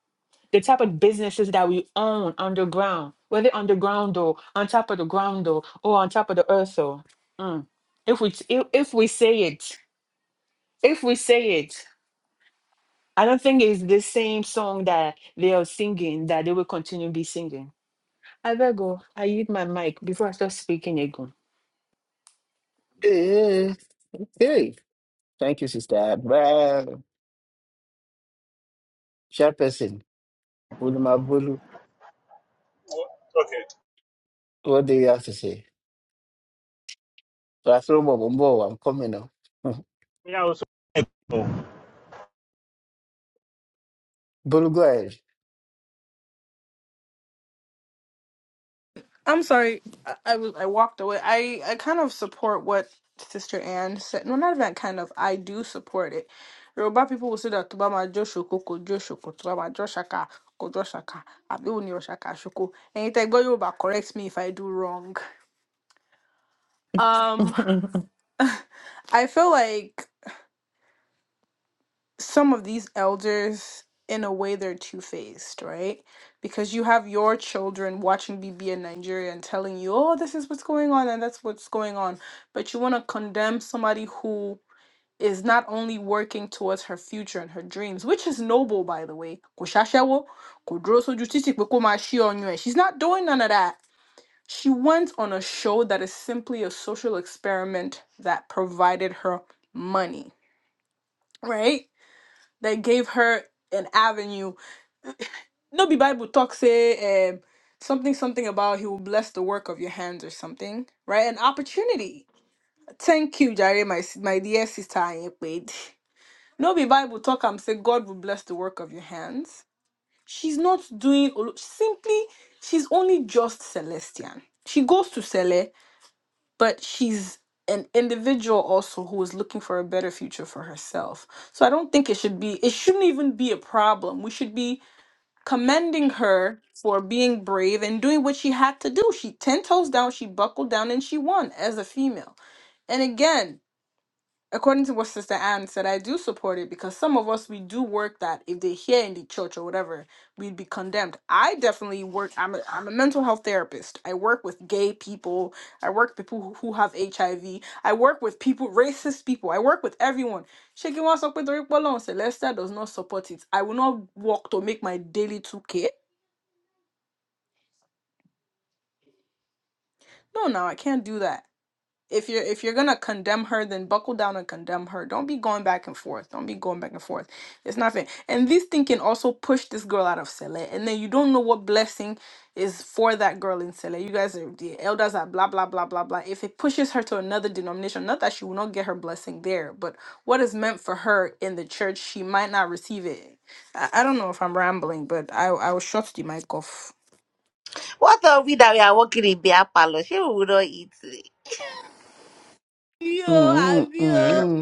Speaker 4: the type of businesses that we own underground, whether underground or on top of the ground or, or on top of the earth or, mm, if we if, if we say it, if we say it, I don't think it's the same song that they are singing that they will continue to be singing. I better go. I eat my mic before I start speaking again.
Speaker 2: Hey, hey, thank you, sister. Hand. Bye, chairperson. Buluma Bulu,
Speaker 5: Okay.
Speaker 2: what do you have to say? Asolo, Mbo, Mbo, I'm coming now.
Speaker 5: Yeah, I Oh,
Speaker 2: Bulu, go ahead.
Speaker 1: I'm sorry. I, I was I walked away. I I kind of support what Sister Anne said. No, not even kind of. I do support it. Yoruba people will say that "Tó bá máa jó ṣoko, kò jó ṣoko. Tó bá máa jó ṣaka, kò jó ṣaka." Àbí òun ni ọ̀ṣàkà ṣoko. Ẹ̀yin tẹ́ gbọ́ Yorùbá, correct me if I do wrong. Um, I feel like some of these elders in a way they're two-faced right because you have your children watching bb in nigeria and telling you oh this is what's going on and that's what's going on but you want to condemn somebody who is not only working towards her future and her dreams which is noble by the way Kò ṣaṣẹ́wó, kò dúró sójú títì pé kó máa ṣí ọyàn ẹ̀. she's not doing none of that she went on a show that is simply a social experiment that provided her money right they gave her an avenue. No, be Bible talk say um, something something about he will bless the work of your hands or something, right? An opportunity. Thank you, Jare, my s- my dear sister Anyekwede. No, be Bible talk. I'm say God will bless the work of your hands. She's not doing olo- simply. She's only just Celestian. She goes to Cele, but she's an individual also who is looking for a better future for herself. So I don't think it should be. It shouldn't even be a problem. We should be commending her for being brave and doing what she had to do. She 10 toes down, she buckled down, and she won as a female. And again, according to what Sister Anne said, I do support it because some of us, we do work that if they hear in the church or whatever, we'd be condemned. I definitely work, I'm a, I'm a mental health therapist. I work with gay people, I work with people who who have HIV, I V. I work with people, racist people, I work with everyone. Shaking wants up with the Celeste does not support it. I will not walk to make my daily 2K No, no, I can't do that. If you're if you're gonna condemn her, then buckle down and condemn her. Don't be going back and forth. Don't be going back and forth. It's not fair. And this thing can also push this girl out of Sele. And then you don't know what blessing is for that girl in Sele. You guys are the elders are blah blah blah blah blah. If it pushes her to another denomination, not that she will not get her blessing there, but what is meant for her in the church, she might not receive it. I, I don't know if I'm rambling, but I I will shut the mic off.
Speaker 6: What are we that we are working in beer parlor? She will not eat.
Speaker 1: Yo, I'm
Speaker 2: Mm-hmm,
Speaker 3: Uh,
Speaker 2: mm-hmm.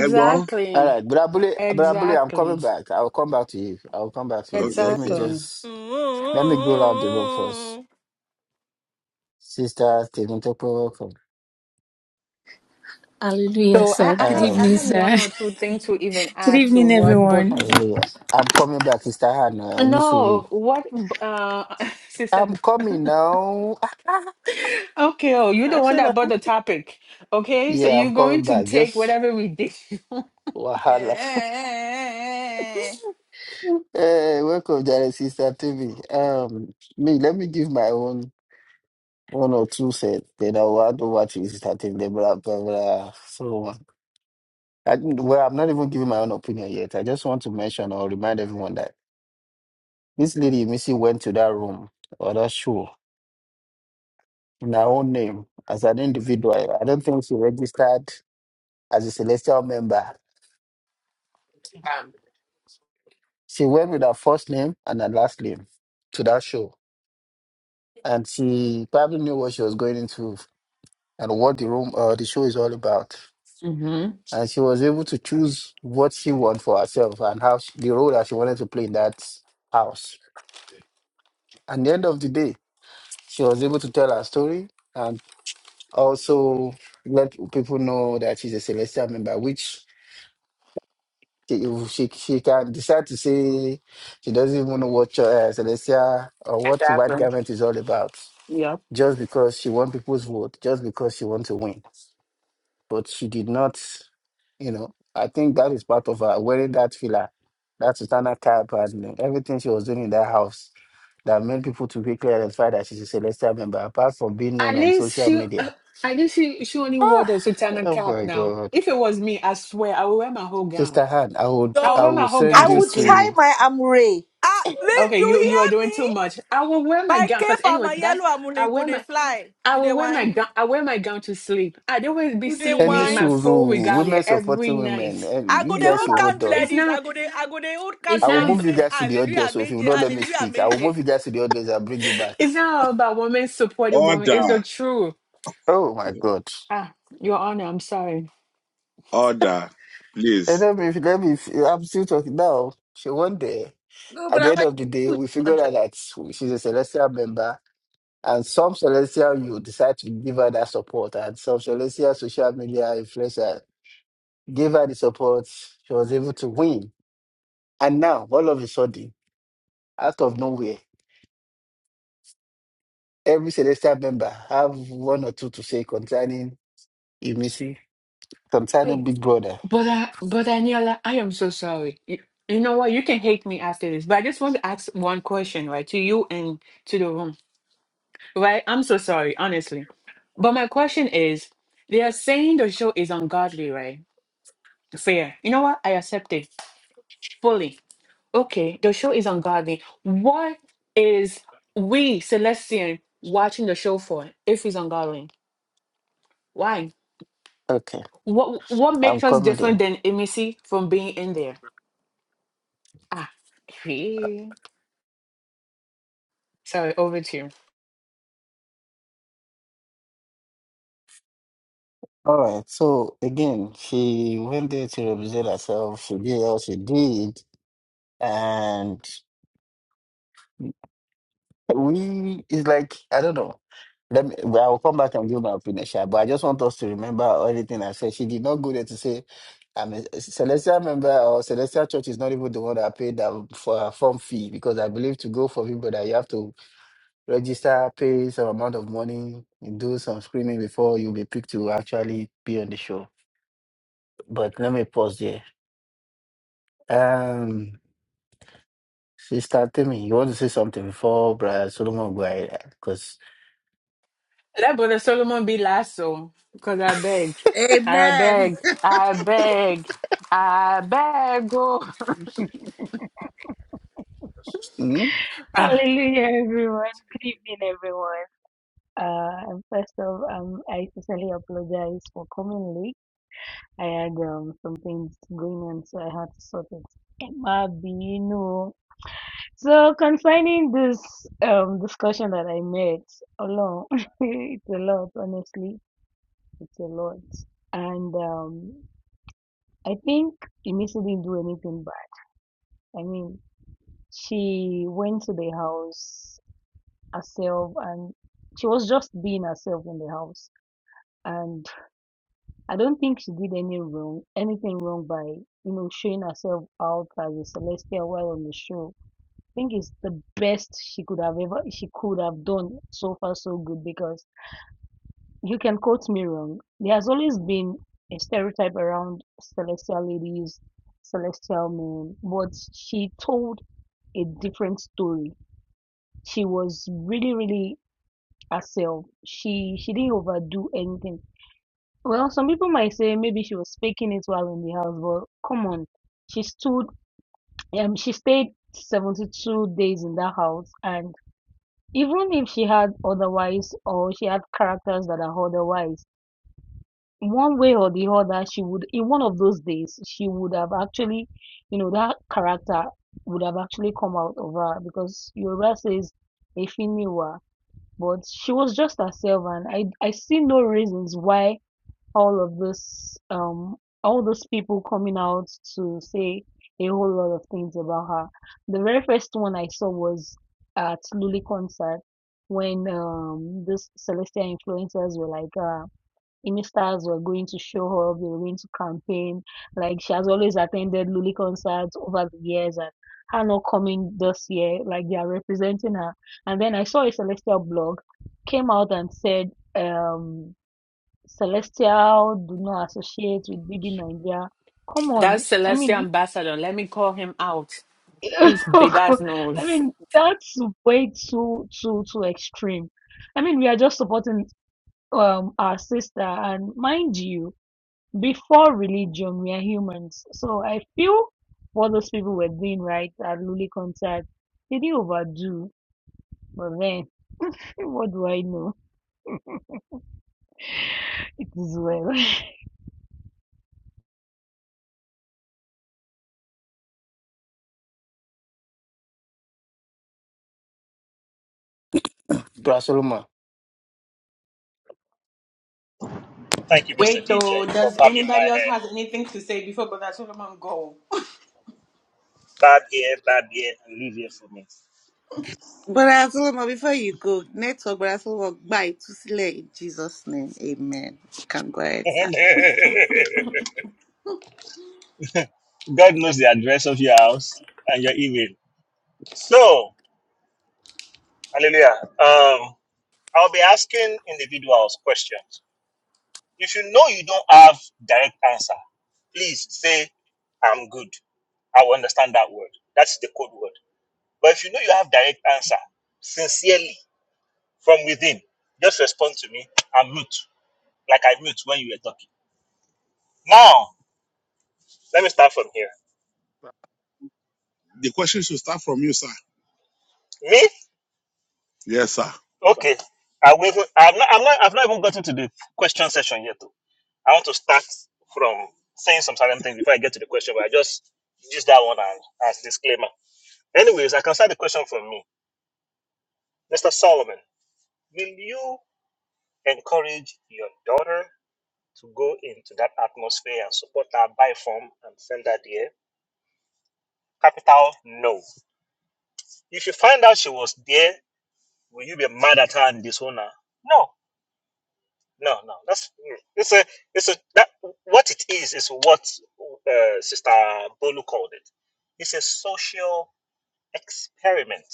Speaker 3: Egbon?
Speaker 2: All right, Brabule, Brabule, I'm coming
Speaker 4: Exactly.
Speaker 2: back. I'll come back to you. I'll come back to
Speaker 3: Okay,
Speaker 2: you. Let me
Speaker 3: okay.
Speaker 4: Exactly.
Speaker 2: just let me go around the room first.
Speaker 1: Mm.
Speaker 2: Sister Stephen Topo, welcome.
Speaker 7: Hallelujah,
Speaker 4: So I,
Speaker 7: sir.
Speaker 4: I
Speaker 7: Good
Speaker 4: have I
Speaker 2: Um,
Speaker 7: evening,
Speaker 4: have
Speaker 7: sir.
Speaker 4: one or two things to even
Speaker 7: Good
Speaker 4: add to
Speaker 7: evening,
Speaker 4: what but
Speaker 7: everyone.
Speaker 2: hallelujah. I'm coming back, Sister Hannah Nisuru.
Speaker 4: no, what uh sister
Speaker 2: I'm
Speaker 4: B-
Speaker 2: coming now.
Speaker 4: okay, oh you're the
Speaker 2: I
Speaker 4: one
Speaker 2: said, uh,
Speaker 4: that brought the topic. Okay, so
Speaker 2: yeah,
Speaker 4: you're
Speaker 2: I'm
Speaker 4: going
Speaker 2: coming
Speaker 4: to
Speaker 2: back.
Speaker 4: take
Speaker 2: Just
Speaker 4: whatever we did. um,
Speaker 2: wahala.
Speaker 1: Hey.
Speaker 2: hey, welcome, Jared, Sister TV. Um, me, let me give my own one or two set. Then I'll add over to Sister TV. Blah blah blah. So on. I, well, I'm not even giving my own opinion yet. I just want to mention or remind everyone that this lady Missy went to that room or that show in her own name as an individual. I don't think she registered as a celestial member. She went with her first name and her last name to that show, and she probably knew what she was going into and what the room or the show is all about.
Speaker 4: mm-hmm.
Speaker 2: And she was able to choose what she wanted for herself and how she, the role that she wanted to play in that house. At the end of the day, she was able to tell her story and also let people know that she's a celestial member, which she, she, she can decide to say she doesn't even know what uh, celestial or what white
Speaker 4: Exactly.
Speaker 2: garment is all about,
Speaker 4: yeah.
Speaker 2: just because she wants people's vote, just because she wants to win. But she did not, you know, I think that is part of her wearing that filler, that Sultana cap, and everything she was doing in that house that made people to quickly identify that she's a celestial member, apart from being known
Speaker 4: At
Speaker 2: on
Speaker 4: least
Speaker 2: social
Speaker 4: she,
Speaker 2: media
Speaker 4: at least she, she only wore
Speaker 2: Ah,
Speaker 4: the sultana
Speaker 2: oh
Speaker 4: cap
Speaker 2: my
Speaker 4: now.
Speaker 2: God.
Speaker 4: If it was me, I swear I would wear my whole gown.
Speaker 2: Sister Han, I would
Speaker 4: I will
Speaker 2: I
Speaker 4: wear
Speaker 1: Yo,
Speaker 2: will
Speaker 4: my whole
Speaker 6: I
Speaker 4: gown
Speaker 2: send
Speaker 4: to
Speaker 2: you
Speaker 6: will
Speaker 4: sleep.
Speaker 6: tie
Speaker 2: to
Speaker 6: my amure.
Speaker 1: Ah, leave
Speaker 4: Okay,
Speaker 1: you
Speaker 4: you you are
Speaker 1: hear
Speaker 4: doing
Speaker 1: me?
Speaker 4: too much. I will wear my
Speaker 1: My
Speaker 4: gown
Speaker 1: cape
Speaker 4: because
Speaker 1: and
Speaker 4: anyway,
Speaker 1: my
Speaker 4: that's
Speaker 1: yellow
Speaker 4: I
Speaker 1: amule go
Speaker 4: wear
Speaker 1: dey
Speaker 4: my
Speaker 1: fly.
Speaker 4: I
Speaker 1: You dey
Speaker 4: will wear my
Speaker 1: wine?
Speaker 4: gown. I wear my gown to sleep. I'd always be
Speaker 1: You dey
Speaker 4: seeing
Speaker 2: any
Speaker 4: me in
Speaker 1: wine?
Speaker 4: my full
Speaker 2: suru,
Speaker 4: regalia
Speaker 2: women
Speaker 4: every
Speaker 2: supporting
Speaker 4: night.
Speaker 2: women,
Speaker 1: I
Speaker 2: and
Speaker 1: go
Speaker 2: you
Speaker 4: It's
Speaker 1: dey
Speaker 4: not
Speaker 2: guys
Speaker 1: old
Speaker 2: you
Speaker 4: about.
Speaker 2: hold
Speaker 1: candle like
Speaker 2: on.
Speaker 4: It's
Speaker 1: this. I
Speaker 4: not.
Speaker 1: go dey, I go dey old
Speaker 4: It's
Speaker 2: I
Speaker 1: candle
Speaker 2: will
Speaker 1: like
Speaker 4: not.
Speaker 1: this.
Speaker 2: move you
Speaker 1: Say
Speaker 4: ab-
Speaker 2: guys to the
Speaker 1: hallelujah,
Speaker 2: audience. So if you will
Speaker 1: meje,
Speaker 2: not let me
Speaker 1: hallelujah,
Speaker 2: speak, I will
Speaker 1: meje.
Speaker 2: move you guys to the audience. I'll bring you back.
Speaker 4: It's not about women supporting women.
Speaker 3: Order.
Speaker 4: It's the truth.
Speaker 2: Oh my God.
Speaker 4: Ah, Your Honor, I'm sorry.
Speaker 3: Order.
Speaker 2: And
Speaker 3: Please.
Speaker 2: let me let me I'm still talking now. So one day,
Speaker 6: No,
Speaker 2: at
Speaker 6: but I
Speaker 2: the
Speaker 6: like.
Speaker 2: end
Speaker 6: to
Speaker 2: of the day,
Speaker 6: do
Speaker 2: we figured
Speaker 6: that.
Speaker 2: out that she's a celestial member. And some celestial you decide to give her that support and some celestial social media influencer gave her the support. She was able to win. And now, all of a sudden, out of nowhere, every Celestial member have one or two to say concerning Emisi, concerning Big Brother.
Speaker 4: But uh, but Daniela, I am so sorry. You, you know what? You can hate me after this, but I just want to ask one question, right, to you and to the room, right? I'm so sorry, honestly. But my question is, they are saying the show is ungodly, right? Fair. You know what? I accept it fully. Okay, the show is ungodly. What is we Celestian watching the show for if it's ungodly? Why?
Speaker 2: Okay,
Speaker 4: What what
Speaker 2: I'm
Speaker 4: makes us
Speaker 2: coming
Speaker 4: different
Speaker 2: there.
Speaker 4: than Emissy from being in there? Ah, Sorry, over to you.
Speaker 2: All right. So again, she went there to represent herself. She did all she did, and we it's like I don't know. Let me. well, I will come back and give my opinion, sha, but I just want us to remember everything I said. She did not go there to say I'm a Celestial member or Celestial Church is not even the one that paid that for a form fee because I believe to go for people that you have to register, pay some amount of money, do some screening before you'll be picked to actually be on the show. But let me pause there. Um, Sister Timmy, you want to say something before Brother Solomon go ahead? Because
Speaker 4: Let Brother Solomon be last, so because I beg, I
Speaker 6: Amen.
Speaker 4: beg, I beg, I beg. Oh.
Speaker 2: mm,
Speaker 4: Ah,
Speaker 7: Hallelujah, everyone. Good evening, everyone. Uh, and first off, um, I sincerely apologize for coming late. I had um, some things going on, so I had to sort it. Emma Bino. So concerning this um discussion that I made, alone, it's a lot. Honestly, it's a lot. And um, I think Emisi didn't do anything bad. I mean. She went to the house herself and she was just being herself in the house. And I don't think she did any wrong, anything wrong by, you know, showing herself out as a celestial while on the show. I think it's the best she could have ever, she could have done so far so good because you can quote me wrong. There has always been a stereotype around celestial ladies, celestial men, but she told a different story she was really, really herself. She she didn't overdo anything. Well, some people might say maybe she was faking it while in the house, but come on, she stood. Um, she stayed seventy-two days in that house, and even if she had otherwise, or she had characters that are otherwise, one way or the other, she would in one of those days she would have actually, you know, that character would have actually come out of her because Yoruba says, "Efiniwa," but she was just herself and I I see no reasons why all of this um all those people coming out to say a whole lot of things about her. The very first one I saw was at Lully concert when um this Celestia influencers were like uh Stars were going to show up, they were going to campaign. Like she has always attended Lully concerts over the years and her not coming this year, like they are representing her. And then I saw a Celestial blog came out and said, um, Celestial do not associate with BB Nigeria. Come
Speaker 4: That
Speaker 7: on. I
Speaker 4: celestial
Speaker 7: mean,
Speaker 4: ambassador, let me call him out. He's big as
Speaker 7: I
Speaker 4: nose.
Speaker 7: mean, that's way too, too, too extreme. I mean, we are just supporting um our sister and mind you before religion, we are humans. So I feel what those people were doing right at Lully concert, they didn't overdo. But then, what do I know? It is well.
Speaker 2: Brother Solomon,
Speaker 5: Thank you, Mr. DJ, for bobbing my hair. Bob here, bob here, and leave here for me.
Speaker 6: Brother Solomon, before you go, network, Brother Solomon, bye to Sile in Jesus' name. Amen. You can go ahead, sir.
Speaker 5: God knows the address of your house and your email. So, hallelujah. Um, I'll be asking individuals question. If you know you don't have direct answer, please say, I'm good. I will understand that word. That's the code word. But if you know you have direct answer, sincerely, from within, just respond to me. I'm mute, like I mute when you were talking. Now, let me start from here.
Speaker 3: The question should start from you, sir.
Speaker 5: Me?
Speaker 3: Yes, sir.
Speaker 5: Okay. I will, i have not, I'm not, I've not even gotten to the question session yet. Though. I want to start from saying some certain things before I get to the question, but I just use that one as, as disclaimer. Anyways, I can start the question from me. Mr. Solomon, will you encourage your daughter to go into that atmosphere and support her by form and send her there? Capital, no. If you find out she was there, will you be mad at her and disown her? No. No, no, that's mm, it's a it's a that what it is is what uh, Sister Bolu called it. It's a social experiment,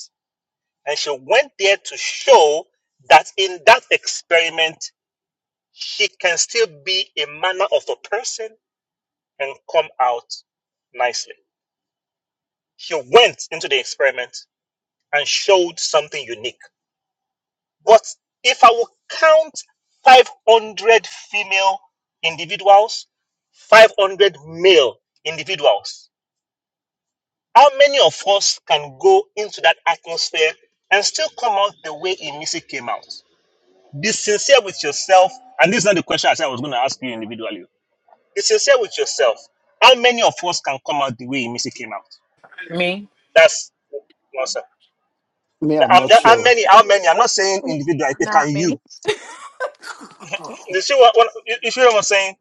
Speaker 5: and she went there to show that in that experiment she can still be a manner of a person and come out nicely. She went into the experiment and showed something unique. But if I will count 500 female individuals 500 male individuals. How many of us can go into that atmosphere and still come out the way Emisi came out? Be sincere with yourself. And this is not the question I said I was going to ask you individually. Be sincere with yourself. How many of us can come out the way Emisi came out?
Speaker 4: Me?
Speaker 5: That's no, sir.
Speaker 2: me,
Speaker 5: Now,
Speaker 2: I'm
Speaker 5: I'm
Speaker 2: not
Speaker 5: not- how
Speaker 2: sure.
Speaker 5: many? How many? I'm not saying individual. I think, Can
Speaker 1: not me.
Speaker 5: you? You see what? what you, you see what I'm saying?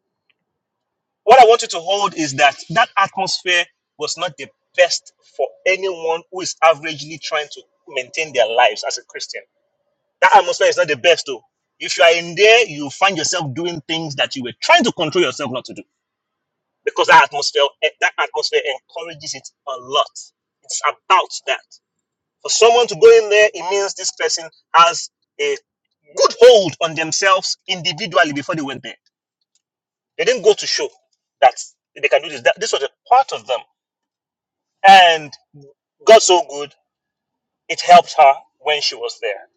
Speaker 5: What I want you to hold is that that atmosphere was not the best for anyone who is averagely trying to maintain their lives as a Christian. That atmosphere is not the best, though. If you are in there, you find yourself doing things that you were trying to control yourself not to do because that atmosphere eh, that atmosphere encourages it a lot. It's about that. For someone to go in there, it means this person has a good hold on themselves individually before they went there they didn't go to show that they can do this. That, this was a part of them. And God so good, it helped her when she was there.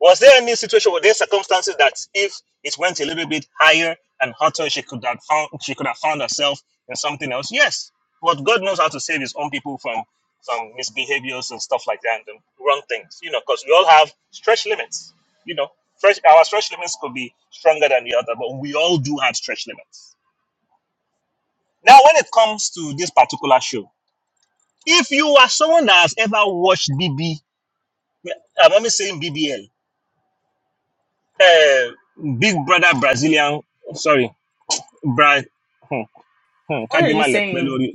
Speaker 5: Was there any situation, were there circumstances that if it went a little bit higher and hotter, she could have found she could have found herself in something else? Yes. But God knows how to save his own people from some misbehaviors and stuff like that and wrong things. You know, because we all have stretch limits. You know, fresh, our stretch limits could be stronger than the other, but we all do have stretch limits Now, when it comes to this particular show, if you are someone that has ever watched BB, I'm only saying BBL, uh, Big Brother Brazilian, sorry, Bra, hmm, hmm,
Speaker 4: What are you
Speaker 5: Kadima Lepe
Speaker 4: saying?
Speaker 5: lórí,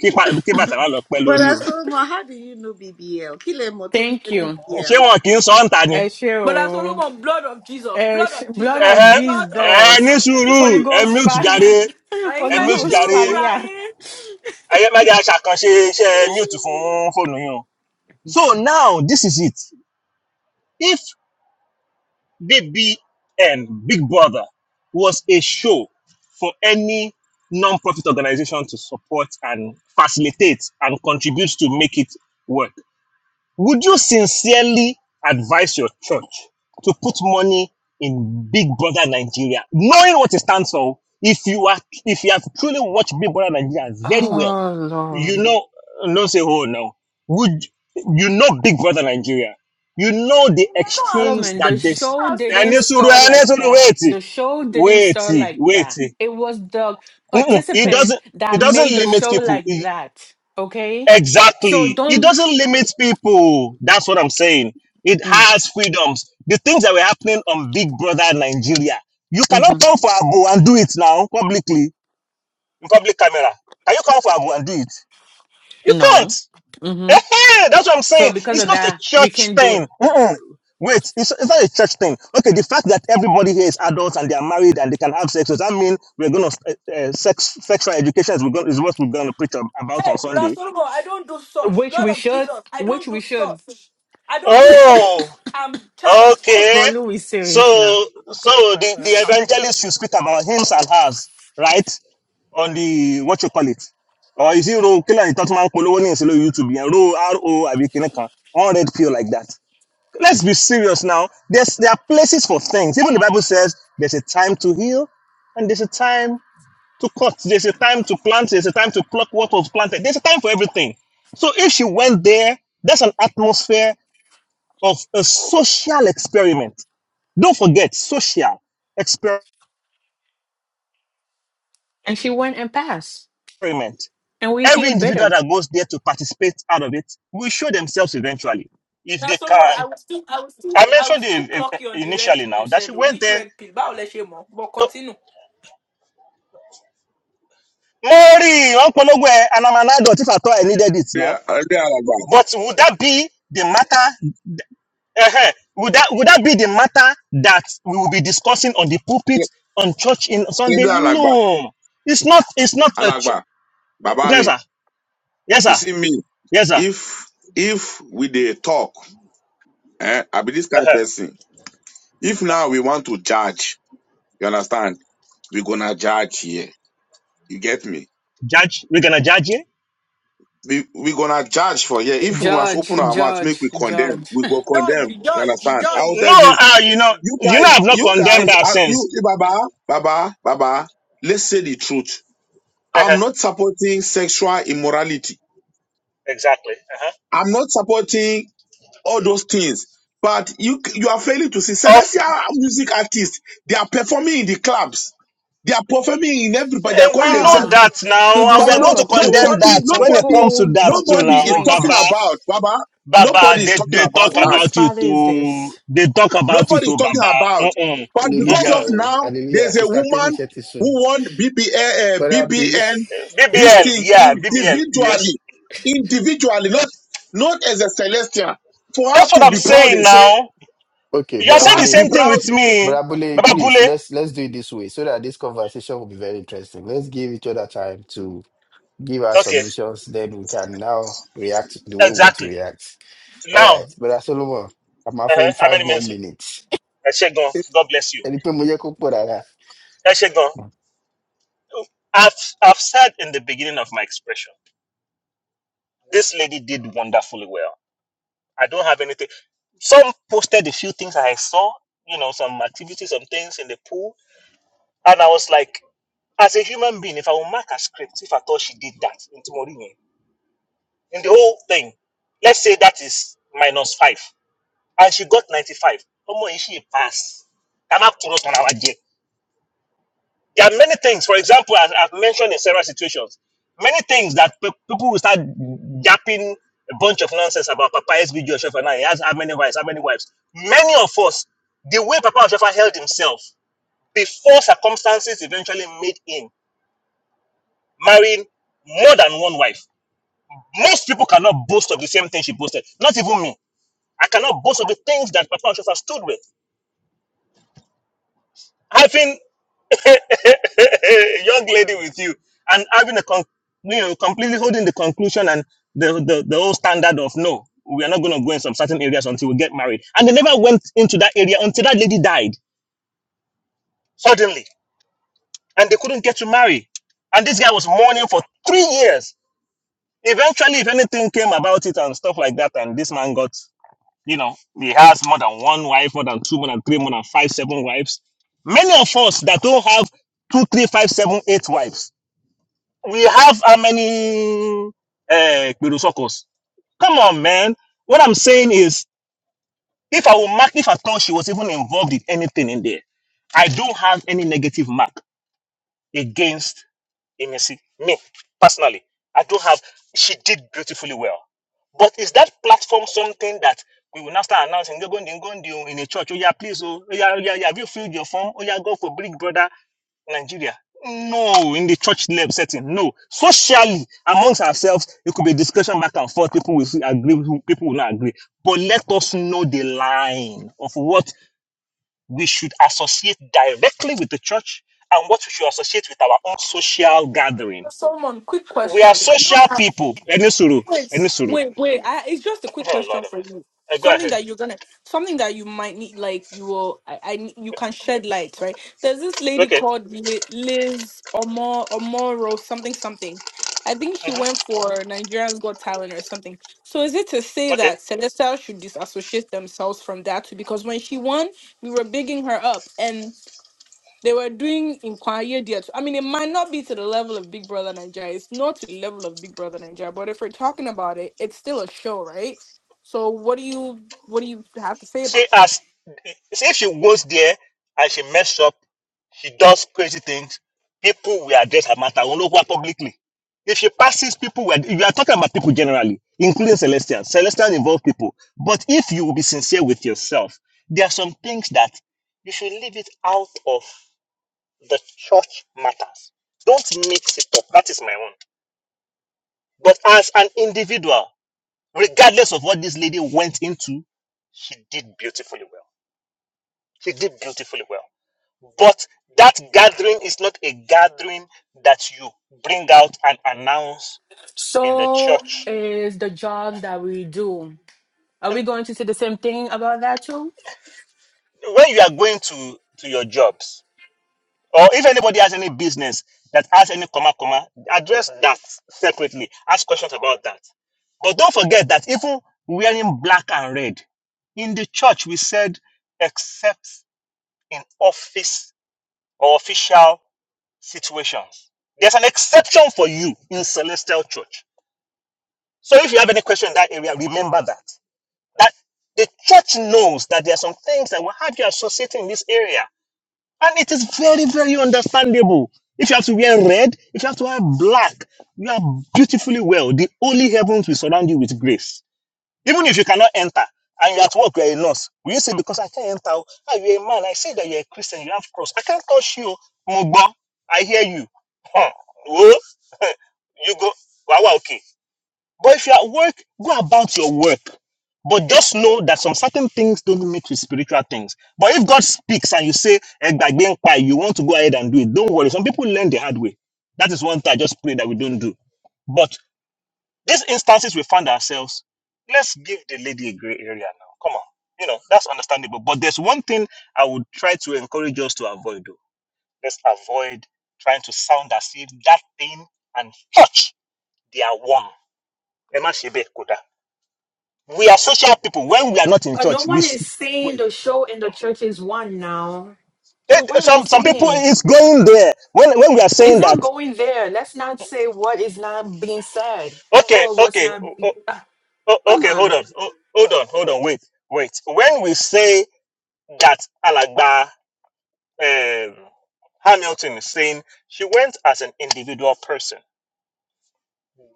Speaker 5: kí pa- kí bàtà má lọ pẹ́ lórí
Speaker 6: Brother
Speaker 5: o.
Speaker 6: Solomon, how do you know BBL? Kile Moton
Speaker 4: Thank you.
Speaker 6: BBL.
Speaker 5: Ṣé wọn kì í sọ ọ́n ta ni?
Speaker 4: Eshe
Speaker 1: But I all
Speaker 4: o.
Speaker 1: about blood of Jesus, blood of
Speaker 4: Eshe- Blood
Speaker 1: Jesus,
Speaker 4: of
Speaker 5: Ẹ̀hẹ́,
Speaker 1: blood of
Speaker 5: ẹ̀ ní
Speaker 4: Jesus.
Speaker 1: Jesus.
Speaker 5: sùúrù,
Speaker 4: Holy
Speaker 5: ẹ
Speaker 4: Ghost
Speaker 5: mute jàre,
Speaker 4: fire.
Speaker 1: Right?
Speaker 5: ẹ
Speaker 4: Holy
Speaker 1: When
Speaker 5: mute
Speaker 1: it's a
Speaker 4: Ghost
Speaker 5: jàre,
Speaker 1: roof,
Speaker 4: fire.
Speaker 5: ayé má jẹ́ aṣàkànṣe iṣẹ́ mute fún fóònù yín o. So now, this is it. If BBN, Big Brother, was a show for any non-profit organization to support and facilitate and contribute to make it work. Would you sincerely advise your church to put money in Big Brother Nigeria, knowing what it stands for? If you are, if you have truly watched Big Brother Nigeria very well,
Speaker 4: Oh, Lord.
Speaker 5: you know, don't say, oh no, would you know Big Brother Nigeria? You know the extremes
Speaker 4: Solomon,
Speaker 5: that
Speaker 4: the
Speaker 5: this.
Speaker 4: show didn't
Speaker 5: Enisuru,
Speaker 4: start
Speaker 1: right?
Speaker 4: like that.
Speaker 5: Enisuru,
Speaker 4: The show didn't
Speaker 5: Wait,
Speaker 4: start
Speaker 5: wait,
Speaker 4: like
Speaker 5: wait.
Speaker 4: that. It was the
Speaker 5: Mm-mm. It
Speaker 4: participants
Speaker 5: doesn't. It
Speaker 4: that
Speaker 5: doesn't
Speaker 4: made the
Speaker 5: limit
Speaker 4: show
Speaker 5: people.
Speaker 4: like
Speaker 5: It
Speaker 4: that. Okay? So
Speaker 5: Exactly. It
Speaker 4: don't.
Speaker 5: doesn't limit people. That's what I'm saying. It
Speaker 4: Mm,
Speaker 5: has freedoms. The things that were happening on Big Brother Nigeria. You cannot
Speaker 4: mhm.
Speaker 5: come for Abu and do it now publicly, in public camera. Can you come for Abu and do it? You can't.
Speaker 4: No. hmm
Speaker 5: Ehen, That's what I'm
Speaker 4: So
Speaker 5: saying.
Speaker 4: because
Speaker 5: It's
Speaker 4: of
Speaker 5: not a
Speaker 4: that, we
Speaker 5: church
Speaker 4: can do it.
Speaker 5: thing. Mm-mm. Wait, it's, it's not a church thing. Okay, the fact that everybody here is adults and they are married and they can have sex, does that mean we're going to, uh, uh, sex, sexual education is, we're gonna, is what we're going to preach ab- about on
Speaker 1: Hey, Brother
Speaker 5: Sunday?
Speaker 1: Solomon, I don't do such.
Speaker 4: Which
Speaker 1: God
Speaker 4: we
Speaker 1: of
Speaker 4: should.
Speaker 1: Jesus, I
Speaker 4: Which
Speaker 1: don't do
Speaker 4: we should.
Speaker 1: such. I don't do such.
Speaker 5: Oh.
Speaker 1: I'm child of God.
Speaker 5: Okay.
Speaker 4: But Lou is
Speaker 5: So
Speaker 4: serious now.
Speaker 5: so the, the evangelist should speak about hims and hers, right? On the what you call it. Or is it row killer talking about Polo in solo YouTube and row R O I one red pill like that. Let's be serious now. There's there are places for things. Even the Bible says there's a time to heal and there's a time to cut. There's a time to plant, there's a time to pluck what was planted. There's a time for everything. So if she went there, that's an atmosphere of a social experiment don't forget social experiment.
Speaker 4: And she went and passed. And we
Speaker 5: Every
Speaker 4: here
Speaker 5: individual
Speaker 4: bitter.
Speaker 5: that goes there to participate out of it will show themselves eventually if
Speaker 1: Brother
Speaker 5: they
Speaker 1: Solomon,
Speaker 5: can.
Speaker 1: I will still, I will still,
Speaker 5: I
Speaker 1: I will
Speaker 5: mentioned
Speaker 1: still
Speaker 5: it eh, eh,
Speaker 1: clock you on the red
Speaker 5: initially
Speaker 1: pill you
Speaker 5: now that she
Speaker 1: said. oh.
Speaker 5: went
Speaker 1: Which
Speaker 5: there.
Speaker 1: red pill? But let you more. But
Speaker 5: to-
Speaker 1: continue.
Speaker 5: Mori, Uncle Ogwe, and I'm an adult if I thought I needed it
Speaker 3: Yeah,
Speaker 5: now.
Speaker 3: ẹgbẹ́ alàgbà
Speaker 5: But would that be the matter uh Would that would that be the matter that we will be discussing on the pulpit on church in Sunday?
Speaker 3: ẹgbẹ́ alàgbà
Speaker 5: No, it's not. It's not a. Ch-
Speaker 3: alàgbà bàbá
Speaker 5: yes,
Speaker 3: mi
Speaker 5: sir. Yes,
Speaker 3: you
Speaker 5: sir.
Speaker 3: see me
Speaker 5: Yes, sir.
Speaker 3: if if we dey talk eh, i be this kind of
Speaker 5: Uh-huh.
Speaker 3: person if now we want to judge you understand we gonna judge here You get me?
Speaker 5: Judge, we're gonna judge you.
Speaker 3: We we gonna judge for here. If we must
Speaker 4: Judge,
Speaker 3: open our mouth, make
Speaker 4: judge,
Speaker 3: we condemn.
Speaker 4: judge.
Speaker 3: We go
Speaker 1: Georgie,
Speaker 3: condemn. You
Speaker 1: Georgie,
Speaker 3: understand? I will tell
Speaker 1: Georgie.
Speaker 5: No,
Speaker 3: you this.
Speaker 5: uh, you know,
Speaker 3: You
Speaker 5: you know,
Speaker 3: guys,
Speaker 5: I've not
Speaker 3: you
Speaker 5: condemned
Speaker 3: guys,
Speaker 5: our
Speaker 3: uh, you
Speaker 5: sins.
Speaker 3: Baba, Baba, Baba. Let's say the truth.
Speaker 5: Uh-huh.
Speaker 3: I'm not supporting sexual immorality.
Speaker 5: Exactly. Uh-huh.
Speaker 3: I'm not supporting all those things. But you you are failing to see
Speaker 5: Of,
Speaker 3: celestial music artists. They are performing in the clubs. They are performing in everybody. They are
Speaker 5: and
Speaker 3: calling
Speaker 5: we know
Speaker 3: themselves
Speaker 4: Ah,
Speaker 5: that
Speaker 4: you
Speaker 5: now, and
Speaker 3: But
Speaker 5: we are
Speaker 4: deserve
Speaker 3: no,
Speaker 5: going to
Speaker 4: a cold,
Speaker 5: condemn
Speaker 3: nobody,
Speaker 5: that.
Speaker 4: a
Speaker 5: When it
Speaker 3: nobody,
Speaker 5: comes to
Speaker 4: cold,
Speaker 5: that
Speaker 4: a
Speaker 5: too,
Speaker 4: cold
Speaker 3: nobody is
Speaker 5: now,
Speaker 4: drink,
Speaker 3: talking
Speaker 5: Baba,
Speaker 4: sir.
Speaker 3: about Baba.
Speaker 5: Baba,
Speaker 3: Nobody is
Speaker 5: they,
Speaker 3: talking
Speaker 5: they talk
Speaker 3: about
Speaker 4: Whose
Speaker 3: that.
Speaker 5: about you
Speaker 4: father is
Speaker 5: to,
Speaker 4: this?
Speaker 5: they talk about you
Speaker 3: Nobody is
Speaker 5: to
Speaker 3: talking
Speaker 5: Baba.
Speaker 3: about.
Speaker 5: Mm-mm,
Speaker 3: But because
Speaker 2: Hallelujah,
Speaker 3: of
Speaker 5: mm-mm.
Speaker 2: oh,
Speaker 3: now,
Speaker 2: hallelujah.
Speaker 3: there's a
Speaker 2: Sister Timmy,
Speaker 3: woman
Speaker 2: she is soon.
Speaker 3: who won BBA, uh,
Speaker 2: Brother Billy.
Speaker 3: BBN this
Speaker 5: BBL,
Speaker 3: thing
Speaker 5: yeah, BBL, yes.
Speaker 3: individually, individually, not not as a celestial. For her
Speaker 5: That's what
Speaker 3: to
Speaker 5: I'm
Speaker 3: be proud
Speaker 5: saying
Speaker 3: and say,
Speaker 5: now.
Speaker 2: Okay,
Speaker 5: You are
Speaker 3: for
Speaker 2: Brother
Speaker 3: her
Speaker 5: saying the
Speaker 3: to
Speaker 2: Billy.
Speaker 3: be
Speaker 5: same thing
Speaker 3: proud.
Speaker 5: with
Speaker 2: But
Speaker 5: me,
Speaker 2: Abule,
Speaker 5: Baba
Speaker 2: please
Speaker 5: Bule.
Speaker 2: let's let's do it this way so that this conversation will be very interesting. Let's give each other time to give our
Speaker 5: Okay,
Speaker 2: submissions, then we can now react the way we want to
Speaker 5: exactly.
Speaker 2: react. All
Speaker 5: Now,
Speaker 2: right, Brother Solomon, I'm
Speaker 5: uh-huh.
Speaker 2: offering
Speaker 5: how many
Speaker 2: five more
Speaker 5: minutes?
Speaker 2: minutes.
Speaker 5: Ẹ ṣé gan. God bless you.
Speaker 2: Ẹni pé mo yẹ kó pọ̀ dáadáa.
Speaker 5: Ẹ ṣé gan. I've, I've said in the beginning of my expression, this lady did wonderfully well. I don't have anything. Some posted a few things I saw, you know, some activities, some things in the pool. And I was like, as a human being, if I will mark a script, if I thought she did that in Timorini, in the whole thing, let's say that is minus five, and she got 95. How much is she a pass? I'm up to rock on our jet. There are many things, for example, as I've mentioned in several situations, many things that pe- people will start yapping a bunch of nonsense about Papa SB Joshua now. He has how many wives, how many wives. Many of us, the way Papa Joshua held himself before circumstances eventually made him marrying more than one wife. Most people cannot boast of the same thing she boasted. Not even me. I cannot boast of the things that Papa Joshua stood with. Having young lady with you and having a con- you know completely holding the conclusion and the, the the whole standard of no we are not going to go in some certain areas until we get married and they never went into that area until that lady died suddenly and they couldn't get to marry and this guy was mourning for three years eventually if anything came about it and stuff like that and this man got you know he has more than one wife more than two more than three more than five seven wives many of us that don't have two three five seven eight wives We have how many uh, Gberusockers? Come on, man. What I'm saying is, if I will mark, if I thought she was even involved in anything in there, I don't have any negative mark against Emisi. Me, personally, I don't have. She did beautifully well. But is that platform something that we will now start announcing? You're going to go in a church. Oh, yeah, please. Oh, oh, yeah, oh, yeah, yeah. Have you filled your form? Oh, yeah, go for Big Brother. Nigeria. No, in the church lab setting, no. Socially, amongst ourselves, it could be discussion back and forth. People will agree, people will not agree. But let us know the line of what we should associate directly with the church and what we should associate with our own social gathering.
Speaker 1: Solomon, quick
Speaker 5: We are
Speaker 1: question.
Speaker 5: social people. Any suru, any suru.
Speaker 1: Wait, wait. I, it's just a quick
Speaker 5: Oh
Speaker 1: question
Speaker 5: Lord, have
Speaker 1: for
Speaker 5: mercy.
Speaker 1: you.
Speaker 5: Uh, go
Speaker 1: Something
Speaker 5: ahead.
Speaker 1: that you're gonna, something that you might need, like you will, I, I need- you can shed light, right? There's this lady
Speaker 5: Okay.
Speaker 1: called Li- Liz Omor Omoro something something. I think she went for Nigerians Got Talent or something. So is it to say
Speaker 5: Mhm.
Speaker 1: that Celestial should disassociate themselves from that too? Because when she won, we were bigging her up, they were doing inquiry there. too. I mean, it might not be to the level of Big Brother Nigeria. It's not to the level of Big Brother Nigeria. But if we're talking about it, it's still a show, right? So what do you what do you have to say
Speaker 5: She
Speaker 1: about that?
Speaker 5: has, see, if she goes there and she mess up, she does crazy things, people will address her matter all over publicly. If she passes people, will- you are talking about people generally, including Celestian. Celestian involve people. But if you will be sincere with yourself, there are some things that you should leave it out of the church matters. Don't mix it up. That is my own. But as an individual, regardless of what this lady went into, she did beautifully well. He did beautifully well. But that gathering is not a gathering that you bring out and announce in the
Speaker 4: So
Speaker 5: church.
Speaker 4: is the jobs that we do. Are
Speaker 5: And
Speaker 4: we going to say the same thing about that too?
Speaker 5: when you are going to, to your jobs, or if anybody has any business that has any comma, comma, address that separately. Ask questions about that. But don't forget that even wearing black and red, in the church we said, except in office or official situations. There's an exception for you in celestial church So if you have any question in that area, remember that. That the church knows that there are some things that will have you associating in this area. And it is very, very understandable. If you have to wear red, if you have to wear black, you are beautifully well. The only heavens will surround you with grace. Even if you cannot enter and you're at work, you're a nurse. Will you say, because I can't enter, oh, ah, you're a man, I see that you're a Christian, you have cross. I can't touch you. Mugbo, I hear you. Huh. Oh, you go, wow, wow, okay. But if you're at work, go about your work. But just know that some certain things don't mix with spiritual things. But if God speaks and you say, "Egbagbe npa," you want to go ahead and do it, don't worry. Some people learn the hard way. That is one thing I just pray that we don't do. But these instances we find ourselves, let's give the lady a gray area now. Come on. You know, that's understandable. But there's one thing I would try to encourage us to avoid though. Let's avoid trying to sound as if that thing and touch. they are one. Ẹ má kódà. We are social people. When we are not in
Speaker 4: Uh, no
Speaker 5: church, we,
Speaker 4: one is
Speaker 5: we
Speaker 4: saying the show in the church is one now. So what
Speaker 5: it,
Speaker 4: are you
Speaker 5: some some people
Speaker 4: saying?
Speaker 5: is going there. When when we are
Speaker 4: It's
Speaker 5: saying that,
Speaker 4: not going there. Let's not say what is not being said
Speaker 5: okay,
Speaker 4: or what's
Speaker 5: okay,
Speaker 4: not.
Speaker 5: o- o-
Speaker 4: ah,
Speaker 5: o-
Speaker 4: come
Speaker 5: okay, hold
Speaker 4: on.
Speaker 5: on, O- hold on, hold on, wait, wait. When we say that Alagba um, Hamilton is saying she went as an individual person,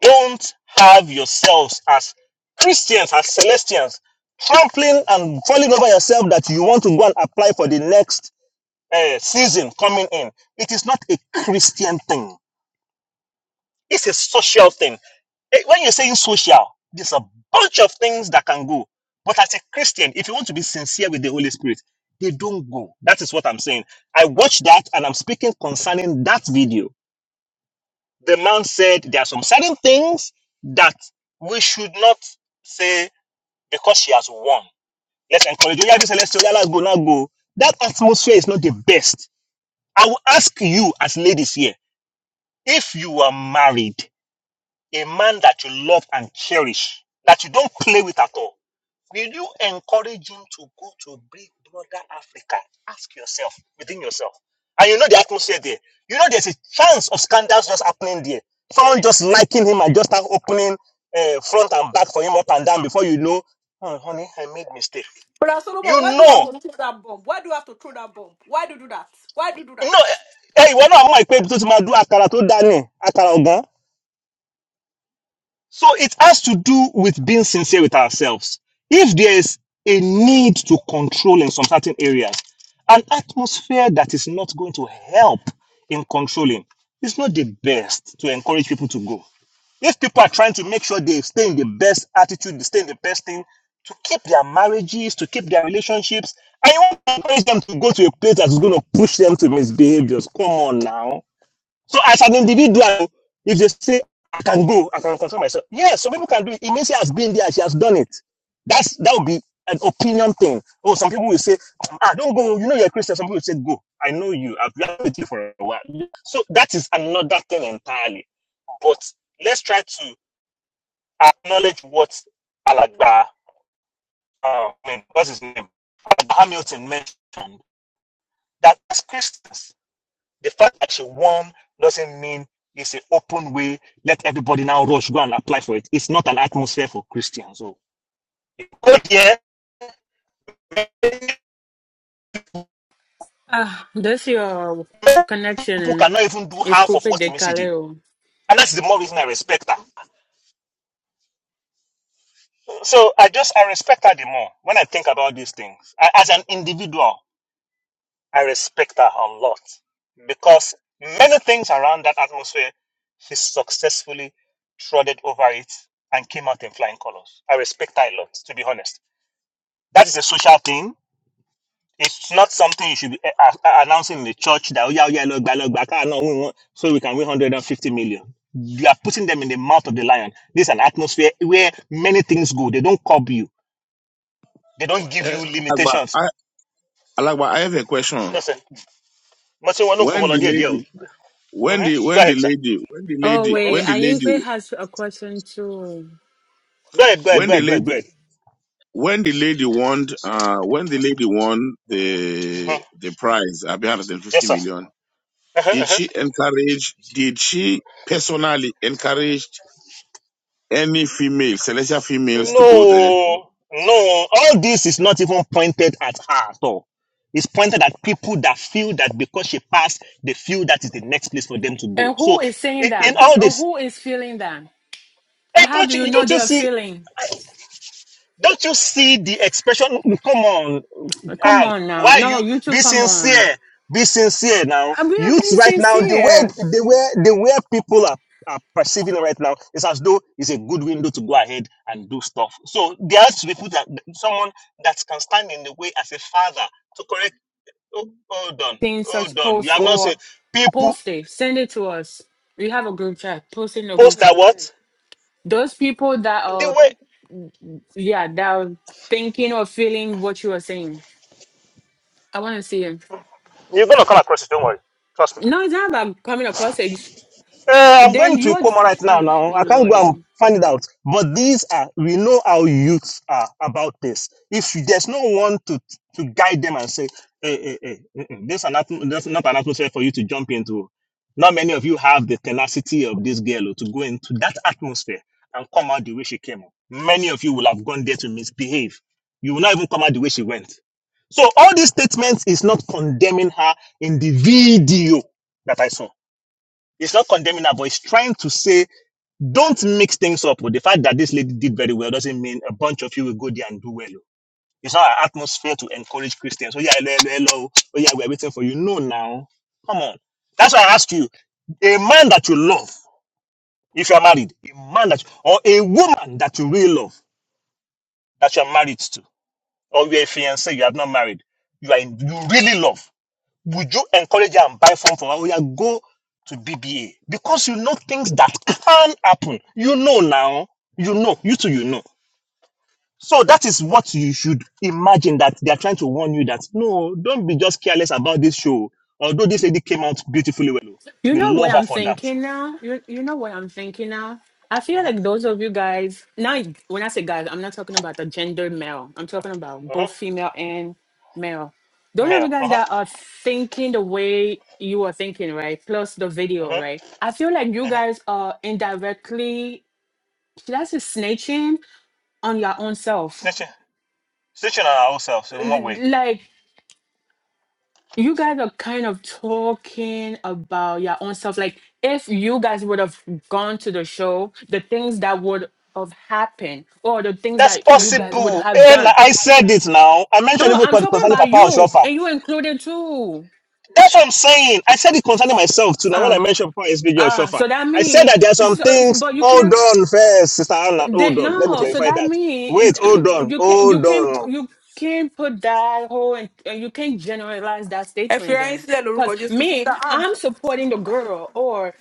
Speaker 5: don't have yourselves as Christians, as Celestians, trampling and falling over yourself that you want to go and apply for the next uh, season coming in. It is not a Christian thing. It's a social thing. Eh, When you're saying social, there's a bunch of things that can go. But as a Christian, if you want to be sincere with the Holy Spirit, they don't go. That is what I'm saying. I watched that and I'm speaking concerning that video. The man said there are some certain things that we should not say because she has won. Let's encourage you. Yeah, this is Celestial. Yeah, Let's go, now go. That atmosphere is not the best. I will ask you as ladies here If you are married, a man that you love and cherish, that you don't play with at all, will you encourage him to go to Big Brother Africa? Ask yourself within yourself. And you know the atmosphere there. You know there's a chance of scandals just happening there. Someone just liking him and just start opening uh, front and back for him up and down before you know, oh, honey, I made mistake.
Speaker 1: Brother Solomon,
Speaker 5: You
Speaker 1: why do you have
Speaker 5: know,
Speaker 1: to throw that bomb? Why do you have to throw that bomb? Why do you do that? Why do you do
Speaker 5: you
Speaker 1: that?
Speaker 5: know, eh, eh, ìwọ náà mọ̀ pé ibi tó ti máa dún àkàrà tó dá ní àkàrà ọ̀gá. So it has to do with being sincere with ourselves. If there is a need to control in some certain areas, an atmosphere that is not going to help in controlling is not the best to encourage people to go. If people are trying to make sure they stay in the best attitude, they stay in the best thing to keep their marriages, to keep their relationships, and you want to encourage them to go to a place that's going to push them to misbehaviors, come on now so as an individual, if they say I can go, I can control myself. Yes, some people can do it. It means she has been there, she has done it. That's that would be an opinion thing. Oh, some people will say, ah, don't go. You know you're a Christian. Some people will say, go. I know you. I've been with you for a while. So that is another thing entirely. But let's try to acknowledge what Alagba, uh, I mean, what's his name, Alagba Hamilton mentioned. That as Christians. The fact that she won doesn't mean it's an open way. Let everybody now rush, go and apply for it. It's not an atmosphere for Christians. So, oh yeah, people
Speaker 4: Ah, this your connection
Speaker 5: cannot even do
Speaker 4: is
Speaker 5: half of
Speaker 4: Coupe
Speaker 5: what
Speaker 4: de
Speaker 5: Emisi did.
Speaker 4: Calais.
Speaker 5: And that's the more reason I respect her. So I just, I respect her the more when I think about these things. I, as an individual, I respect her a lot because many things around that atmosphere, she successfully trotted over it and came out in flying colors. I respect her a lot, to be honest. That is a social thing. It's not something you should be eh, ah, ah, announcing in the church that, oh, yeah, oh, yeah, look, back, look, back, ah, no, we want, so we can win 150 million. You are putting them in the mouth of the lion. This is an atmosphere where many things go. They don't curb you, they don't give you
Speaker 3: Uh, Alagba,
Speaker 5: limitations.
Speaker 3: I, Alagba, I have a question.
Speaker 5: Listen, Matthew, we no
Speaker 3: When
Speaker 5: over
Speaker 3: the
Speaker 5: there, there.
Speaker 3: lady, when
Speaker 5: Mhm.
Speaker 3: the
Speaker 5: Go
Speaker 3: when the
Speaker 5: ahead, sir.
Speaker 3: lady, when the
Speaker 4: Oh
Speaker 3: lady,
Speaker 5: Mhm.
Speaker 4: wait,
Speaker 3: when the
Speaker 4: Ayingbe
Speaker 3: lady,
Speaker 4: has a question too.
Speaker 5: Go ahead, go ahead,
Speaker 3: when
Speaker 5: go
Speaker 3: the
Speaker 5: ahead, go
Speaker 3: lady
Speaker 5: ahead, go ahead.
Speaker 3: when the lady won, uh, when the lady won the
Speaker 5: Mhm.
Speaker 3: the prize, uh,
Speaker 5: Yes,
Speaker 3: 150
Speaker 5: sir.
Speaker 3: million,
Speaker 5: Uh-huh,
Speaker 3: did
Speaker 5: uh-huh.
Speaker 3: she encourage? Did she personally encourage any female, celestial females, to go there?
Speaker 5: No, no, all this is not even pointed at her at all. It's pointed at people that feel that because she passed, they feel that is the next place for them to go.
Speaker 4: And
Speaker 5: So,
Speaker 4: who is saying
Speaker 5: in, in
Speaker 4: that?
Speaker 5: all
Speaker 4: Or
Speaker 5: this,
Speaker 4: who is feeling that?
Speaker 5: eh,
Speaker 4: And how do
Speaker 5: opportunity,
Speaker 4: you
Speaker 5: you
Speaker 4: know
Speaker 5: don't
Speaker 4: they
Speaker 5: you
Speaker 4: are
Speaker 5: see?
Speaker 4: feeling?
Speaker 5: Don't you see the expression? "Mm, Come on,
Speaker 4: Come
Speaker 5: Anne.
Speaker 4: on now.
Speaker 5: Why
Speaker 4: No,
Speaker 5: you
Speaker 4: you two,
Speaker 5: be
Speaker 4: come on.
Speaker 5: sincere? Be sincere now.
Speaker 4: And We are
Speaker 5: Youth
Speaker 4: being
Speaker 5: right now, the
Speaker 4: sincere.
Speaker 5: way the way the way people are, are perceiving right now is as though it's a good window to go ahead and do stuff. So there has to be put that someone that can stand in the way as a father to correct. Oh, hold on,
Speaker 4: Seeing
Speaker 5: hold
Speaker 4: such
Speaker 5: on. You
Speaker 4: posts
Speaker 5: have not
Speaker 4: or
Speaker 5: said people
Speaker 4: post it, send it to us. We have a group chat. Post it in a group
Speaker 5: post that
Speaker 4: chat.
Speaker 5: what
Speaker 4: Those people that
Speaker 5: the
Speaker 4: are,
Speaker 5: way
Speaker 4: yeah, that are thinking or feeling what you are saying. I want to see it.
Speaker 5: you're gonna come across it. Don't worry, trust me.
Speaker 4: No, it's not about coming across it.
Speaker 5: Uh, I'm going
Speaker 4: Then you
Speaker 5: to
Speaker 4: are,
Speaker 5: Ikoma right now.
Speaker 4: oh,
Speaker 5: Now I can't go and
Speaker 4: Lordy.
Speaker 5: find it out. But these are we know how youths are about this. If there's no one to to guide them and say, hey, hey, hey, mm-mm, this is not this is not an atmosphere for you to jump into. Not many of you have the tenacity of this girl oh, to go into that atmosphere and come out the way she came. out. Many of you will have gone there to misbehave. You will not even come out the way she went. So all these statements is not condemning her in the video that I saw. It's not condemning her, but it's trying to say, don't mix things up. With the fact that this lady did very well doesn't mean a bunch of you will go there and do well. oh. It's not an atmosphere to encourage Christians. Oh yeah, hello, hello, hello. Oh Oh, yeah, we're waiting for you. No, now, come on. That's why I ask you, a man that you love, if you are married, a man that, or a woman that you really love, that you are married to, or you're a fiancé, you have not married, you are in, you really love. Would you encourage her and buy phone for her? Oh, yeah, go to BBA because you know things that can happen. You know now. You know. You too, you know. So that is what you should imagine that they are trying to warn you that no, don't be just careless about this show. Although this lady came out beautifully well, oh,
Speaker 4: You
Speaker 5: we
Speaker 4: know what
Speaker 5: love her
Speaker 4: I'm
Speaker 5: for that.
Speaker 4: thinking now? You you know what I'm thinking now? I feel
Speaker 5: Mm-hmm,
Speaker 4: like those of you guys now when I say guys, I'm not talking about the gender male. I'm talking about both
Speaker 5: mm-hmm,
Speaker 4: female and male. Those of you
Speaker 5: male.
Speaker 4: guys
Speaker 5: Uh-huh,
Speaker 4: that are thinking the way you are thinking, right? Plus the
Speaker 5: mm-hmm,
Speaker 4: video, right? I feel like you
Speaker 5: mm-hmm.
Speaker 4: guys are indirectly should I say snitching on your own self.
Speaker 5: Snitching, snitching on ourselves in one way?
Speaker 4: Like you guys are kind of talking about your own self. Like if you guys would have gone to the show, the things that would have happened or the things
Speaker 5: That's
Speaker 4: that you guys would
Speaker 5: possible.
Speaker 4: have
Speaker 5: And
Speaker 4: done.
Speaker 5: I said it now. I mentioned
Speaker 4: No,
Speaker 5: even
Speaker 4: I'm talking
Speaker 5: concerning
Speaker 4: about
Speaker 5: Papa
Speaker 4: you
Speaker 5: Oshofa.
Speaker 4: and you included too.
Speaker 5: That's what I'm saying. I said it concerning myself too. Now, when I
Speaker 4: Um
Speaker 5: mentioned before SBJ or
Speaker 4: Ah,
Speaker 5: Shofa,
Speaker 4: so that
Speaker 5: I said
Speaker 4: mean
Speaker 5: that there are some
Speaker 4: so
Speaker 5: things.
Speaker 4: but you
Speaker 5: Hold
Speaker 4: cannot
Speaker 5: on, first, Sister Anna. Hold
Speaker 4: that
Speaker 5: on. Let me
Speaker 4: no, so
Speaker 5: clarify
Speaker 4: that
Speaker 5: that.
Speaker 4: mean
Speaker 5: Wait, hold on.
Speaker 4: you can't you
Speaker 5: Hold
Speaker 4: can't
Speaker 5: on.
Speaker 4: you can't put that whole and you can't generalize that statement
Speaker 1: Experience
Speaker 4: then.
Speaker 1: that
Speaker 4: Cause
Speaker 1: Loruko Jesus,
Speaker 4: me,
Speaker 1: Sister Anne.
Speaker 4: I'm supporting the girl, or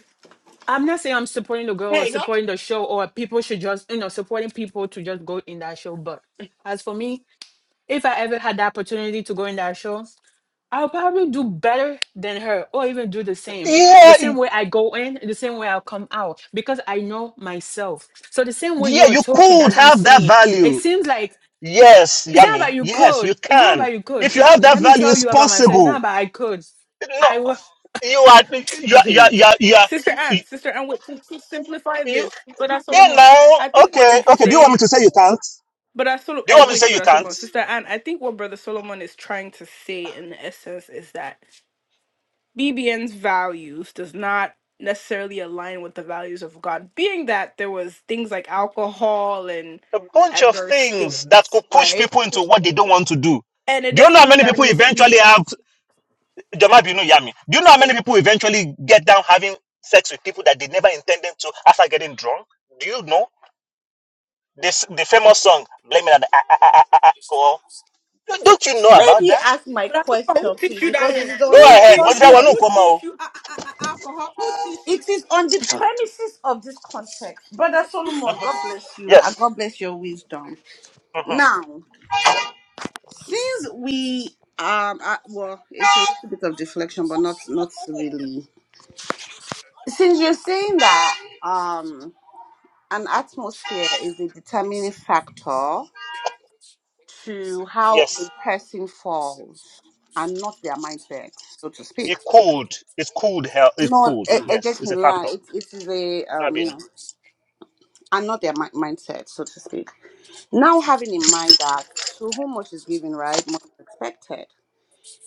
Speaker 4: I'm not saying I'm supporting the girl or
Speaker 1: Hey, no,
Speaker 4: supporting the show or people should just, you know, supporting people to just go in that show. But as for me, if I ever had the opportunity to go in that show, I'll probably do better than her or even do the same.
Speaker 5: Yeah,
Speaker 4: The same
Speaker 5: y-
Speaker 4: way I go in, the same way I'll come out because I know myself. So the same way
Speaker 5: yeah,
Speaker 4: you are
Speaker 5: you
Speaker 4: talking,
Speaker 5: could
Speaker 4: that's what I'm
Speaker 5: have that
Speaker 4: saying. It
Speaker 5: value.
Speaker 4: seems like
Speaker 5: Yes,
Speaker 4: it's not
Speaker 5: Yami.
Speaker 4: about you
Speaker 5: Yes, you
Speaker 4: could. It's not
Speaker 5: can.
Speaker 4: about you could.
Speaker 5: If you
Speaker 4: You, c-
Speaker 5: have that
Speaker 4: let me
Speaker 5: value,
Speaker 4: tell
Speaker 5: it's
Speaker 4: you about myself. It's not
Speaker 5: possible.
Speaker 4: about I could.
Speaker 5: No,
Speaker 4: I will.
Speaker 5: you are, you are, you are,
Speaker 4: Hey,
Speaker 5: you are, you, are,
Speaker 1: Sister
Speaker 5: you,
Speaker 1: Anne, Sister Anne, wait, to, to simplify
Speaker 5: you
Speaker 1: this, Brother
Speaker 5: yeah,
Speaker 1: Solomon, I
Speaker 5: now,
Speaker 1: think what
Speaker 5: okay,
Speaker 1: he's
Speaker 5: okay. Do you want me
Speaker 1: saying.
Speaker 5: to say you can't?
Speaker 1: But I Sol-
Speaker 5: Do you
Speaker 1: uh,
Speaker 5: want me to
Speaker 1: wait,
Speaker 5: say you
Speaker 1: but I Solomon,
Speaker 5: can't?
Speaker 1: sister Anne, I think what Brother Solomon is trying to say in the essence is that BBN's values does not necessarily align with the values of God, being that there was things like alcohol and
Speaker 5: a bunch of
Speaker 1: adverse
Speaker 5: things that
Speaker 1: things,
Speaker 5: could push
Speaker 1: right?
Speaker 5: people into what they don't want to do.
Speaker 1: And it
Speaker 5: Do you know
Speaker 1: doesn't
Speaker 5: how
Speaker 1: mean
Speaker 5: many
Speaker 1: that it
Speaker 5: people
Speaker 1: means see.
Speaker 5: eventually have Jamabi, Jamal Binu Yami? Do you know how many people eventually get down having sex with people that they never intended to after getting drunk? Do you know this the famous song "Blame It on the A- A- A- A- A- Alcohol"? Don't don't you know
Speaker 6: Let
Speaker 5: about
Speaker 6: me
Speaker 5: that?
Speaker 6: ask my
Speaker 1: But I don't know who
Speaker 6: question,
Speaker 1: teach
Speaker 6: please,
Speaker 1: you that
Speaker 6: because
Speaker 1: one.
Speaker 6: it is
Speaker 5: Go
Speaker 6: on
Speaker 1: Who
Speaker 6: this
Speaker 5: ahead. What
Speaker 1: teach
Speaker 5: did I
Speaker 1: you?
Speaker 5: want
Speaker 1: Who
Speaker 6: context.
Speaker 5: come out?
Speaker 1: teach you Ah, ah, ah, ah, alcohol? Who teach you?
Speaker 6: It is on the premises of this context. Brother Solomon, God bless you and
Speaker 5: Yes.
Speaker 6: God bless your wisdom.
Speaker 5: hmm
Speaker 6: Now, since we um uh, well, it's a little bit of deflection, but not not really. Since you're saying that um an atmosphere is a determining factor to how a
Speaker 5: Yes.
Speaker 6: person falls and not their mindset, so to speak.
Speaker 5: It cooled. It cooled. Hell, it
Speaker 6: Not
Speaker 5: cooled.
Speaker 6: a, Mm. a
Speaker 5: Yes, it's
Speaker 6: joking
Speaker 5: a
Speaker 6: lie.
Speaker 5: factor.
Speaker 6: It, it is a
Speaker 5: Not
Speaker 6: um, you
Speaker 5: being.
Speaker 6: know, and not their mi- mindset, so to speak. Now having in mind that to whom much is given, right, much is expected.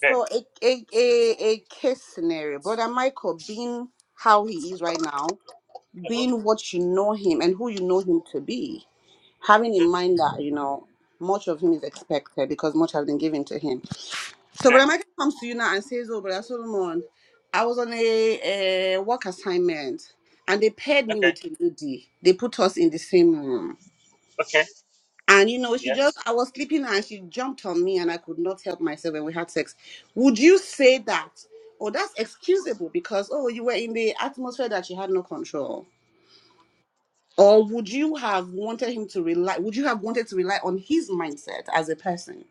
Speaker 5: Then.
Speaker 6: So a a a, a case scenario, brother Michael being how he is right now,
Speaker 5: hmm
Speaker 6: being what you know him and who you know him to be. having in
Speaker 5: hmm
Speaker 6: mind that you know much of him is expected because much has been given to him. So Brother
Speaker 5: Then.
Speaker 6: Michael comes to you now and says, "Oh, Brother Solomon, I was on a, a work assignment and they paired me
Speaker 5: Okay.
Speaker 6: with a lady. They put us in the same room."
Speaker 5: Okay.
Speaker 6: And you know, she
Speaker 5: Yes.
Speaker 6: just I was sleeping and she jumped on me and I could not help myself when we had sex. Would you say that? Oh, that's excusable because oh, you were in the atmosphere that you had no control Or would you have wanted him to rely, would you have wanted to rely on his mindset as a person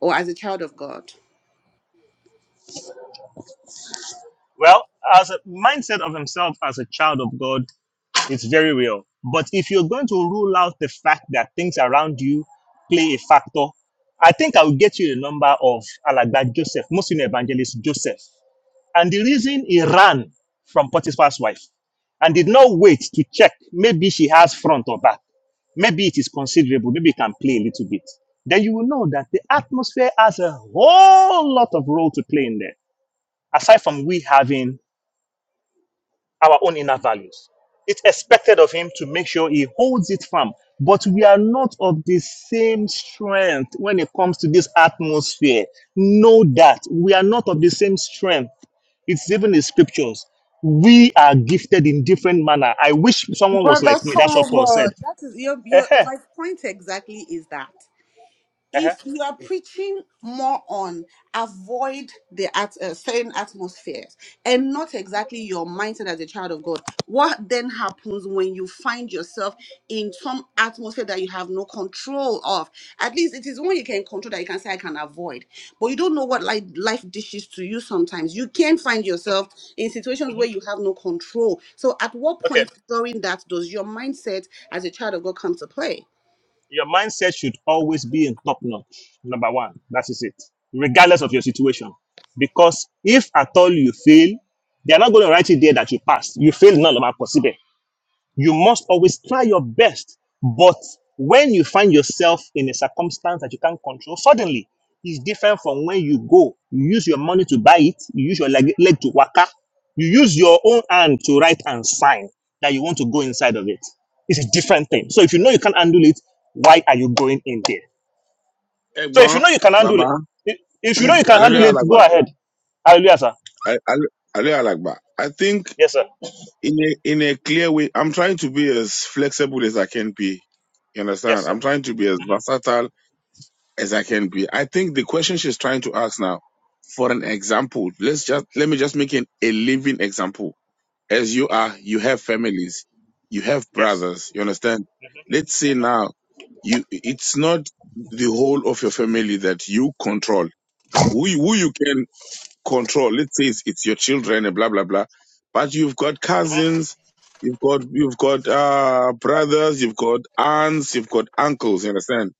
Speaker 6: or as a child of God?
Speaker 5: Well, as a mindset of himself as a child of God, it's very real. But if you're going to rule out the fact that things around you play a factor, I think I will get you a number of Alagba Joseph, Muslim evangelist Joseph. And the reason he ran from Potiphar's wife and did not wait to check, maybe she has front or back, maybe it is considerable, maybe it can play a little bit. Then you will know that the atmosphere has a whole lot of role to play in there, aside from we having our own inner values. It's expected of him to make sure he holds it firm. But we are not of the same strength when it comes to this atmosphere. Know that we are not of the same strength. It's even in scriptures. We are gifted in different manner. I wish someone was
Speaker 6: Brother
Speaker 5: like me. That's what Paul
Speaker 6: Solomon,
Speaker 5: said.
Speaker 6: that is your, your,
Speaker 5: Ehe,
Speaker 6: My point exactly is that.
Speaker 5: ehe.
Speaker 6: if you are preaching more on avoid the at, uh, certain atmospheres and not exactly your mindset as a child of god what then happens when you find yourself in some atmosphere that you have no control of at least it is when you can control that you can say i can avoid but you don't know what life, life dishes to you sometimes you can find yourself in situations where you have no control so at what
Speaker 5: Okay.
Speaker 6: point during that does your mindset as a child of god come to play
Speaker 5: Your mindset should always be in top notch. Number one, that is it, regardless of your situation. Because if at all you fail, they are not going to write it there that you passed. You failed, not possible. You must always try your best. But when you find yourself in a circumstance that you can't control, suddenly it's different from when you go. You use your money to buy it, you use your leg, leg to waka, you use your own hand to write and sign that you want to go inside of it. It's a different thing. So if you know you can't handle it, why are you going in there? So if you
Speaker 3: Egbon,
Speaker 5: know you can handle
Speaker 3: Baba,
Speaker 5: it, if if you know you can
Speaker 3: Alele
Speaker 5: handle it, go
Speaker 3: Alagba,
Speaker 5: ahead. Hallelujah, sir.
Speaker 3: I- Ale- Ale Alagba. I think
Speaker 5: Yes, sir.
Speaker 3: in a in a clear way, I'm trying to be as flexible as I can be. You
Speaker 5: Yes,
Speaker 3: understand?
Speaker 5: sir.
Speaker 3: I'm trying to be as
Speaker 5: hmm
Speaker 3: versatile as I can be. I think the question she's trying to ask now, for an example, let's just let me just make an, a living example. As you are, you have families, you have
Speaker 5: Yes.
Speaker 3: brothers. You understand?
Speaker 5: hmm
Speaker 3: Let's say now, you it's not the whole of your family that you control. Who you- who you can control? Let's say it's, it's your children and blah blah blah. But you've got
Speaker 5: hmm
Speaker 3: cousins, you've got you've got uh brothers, you've got aunts, you've got uncles. You understand?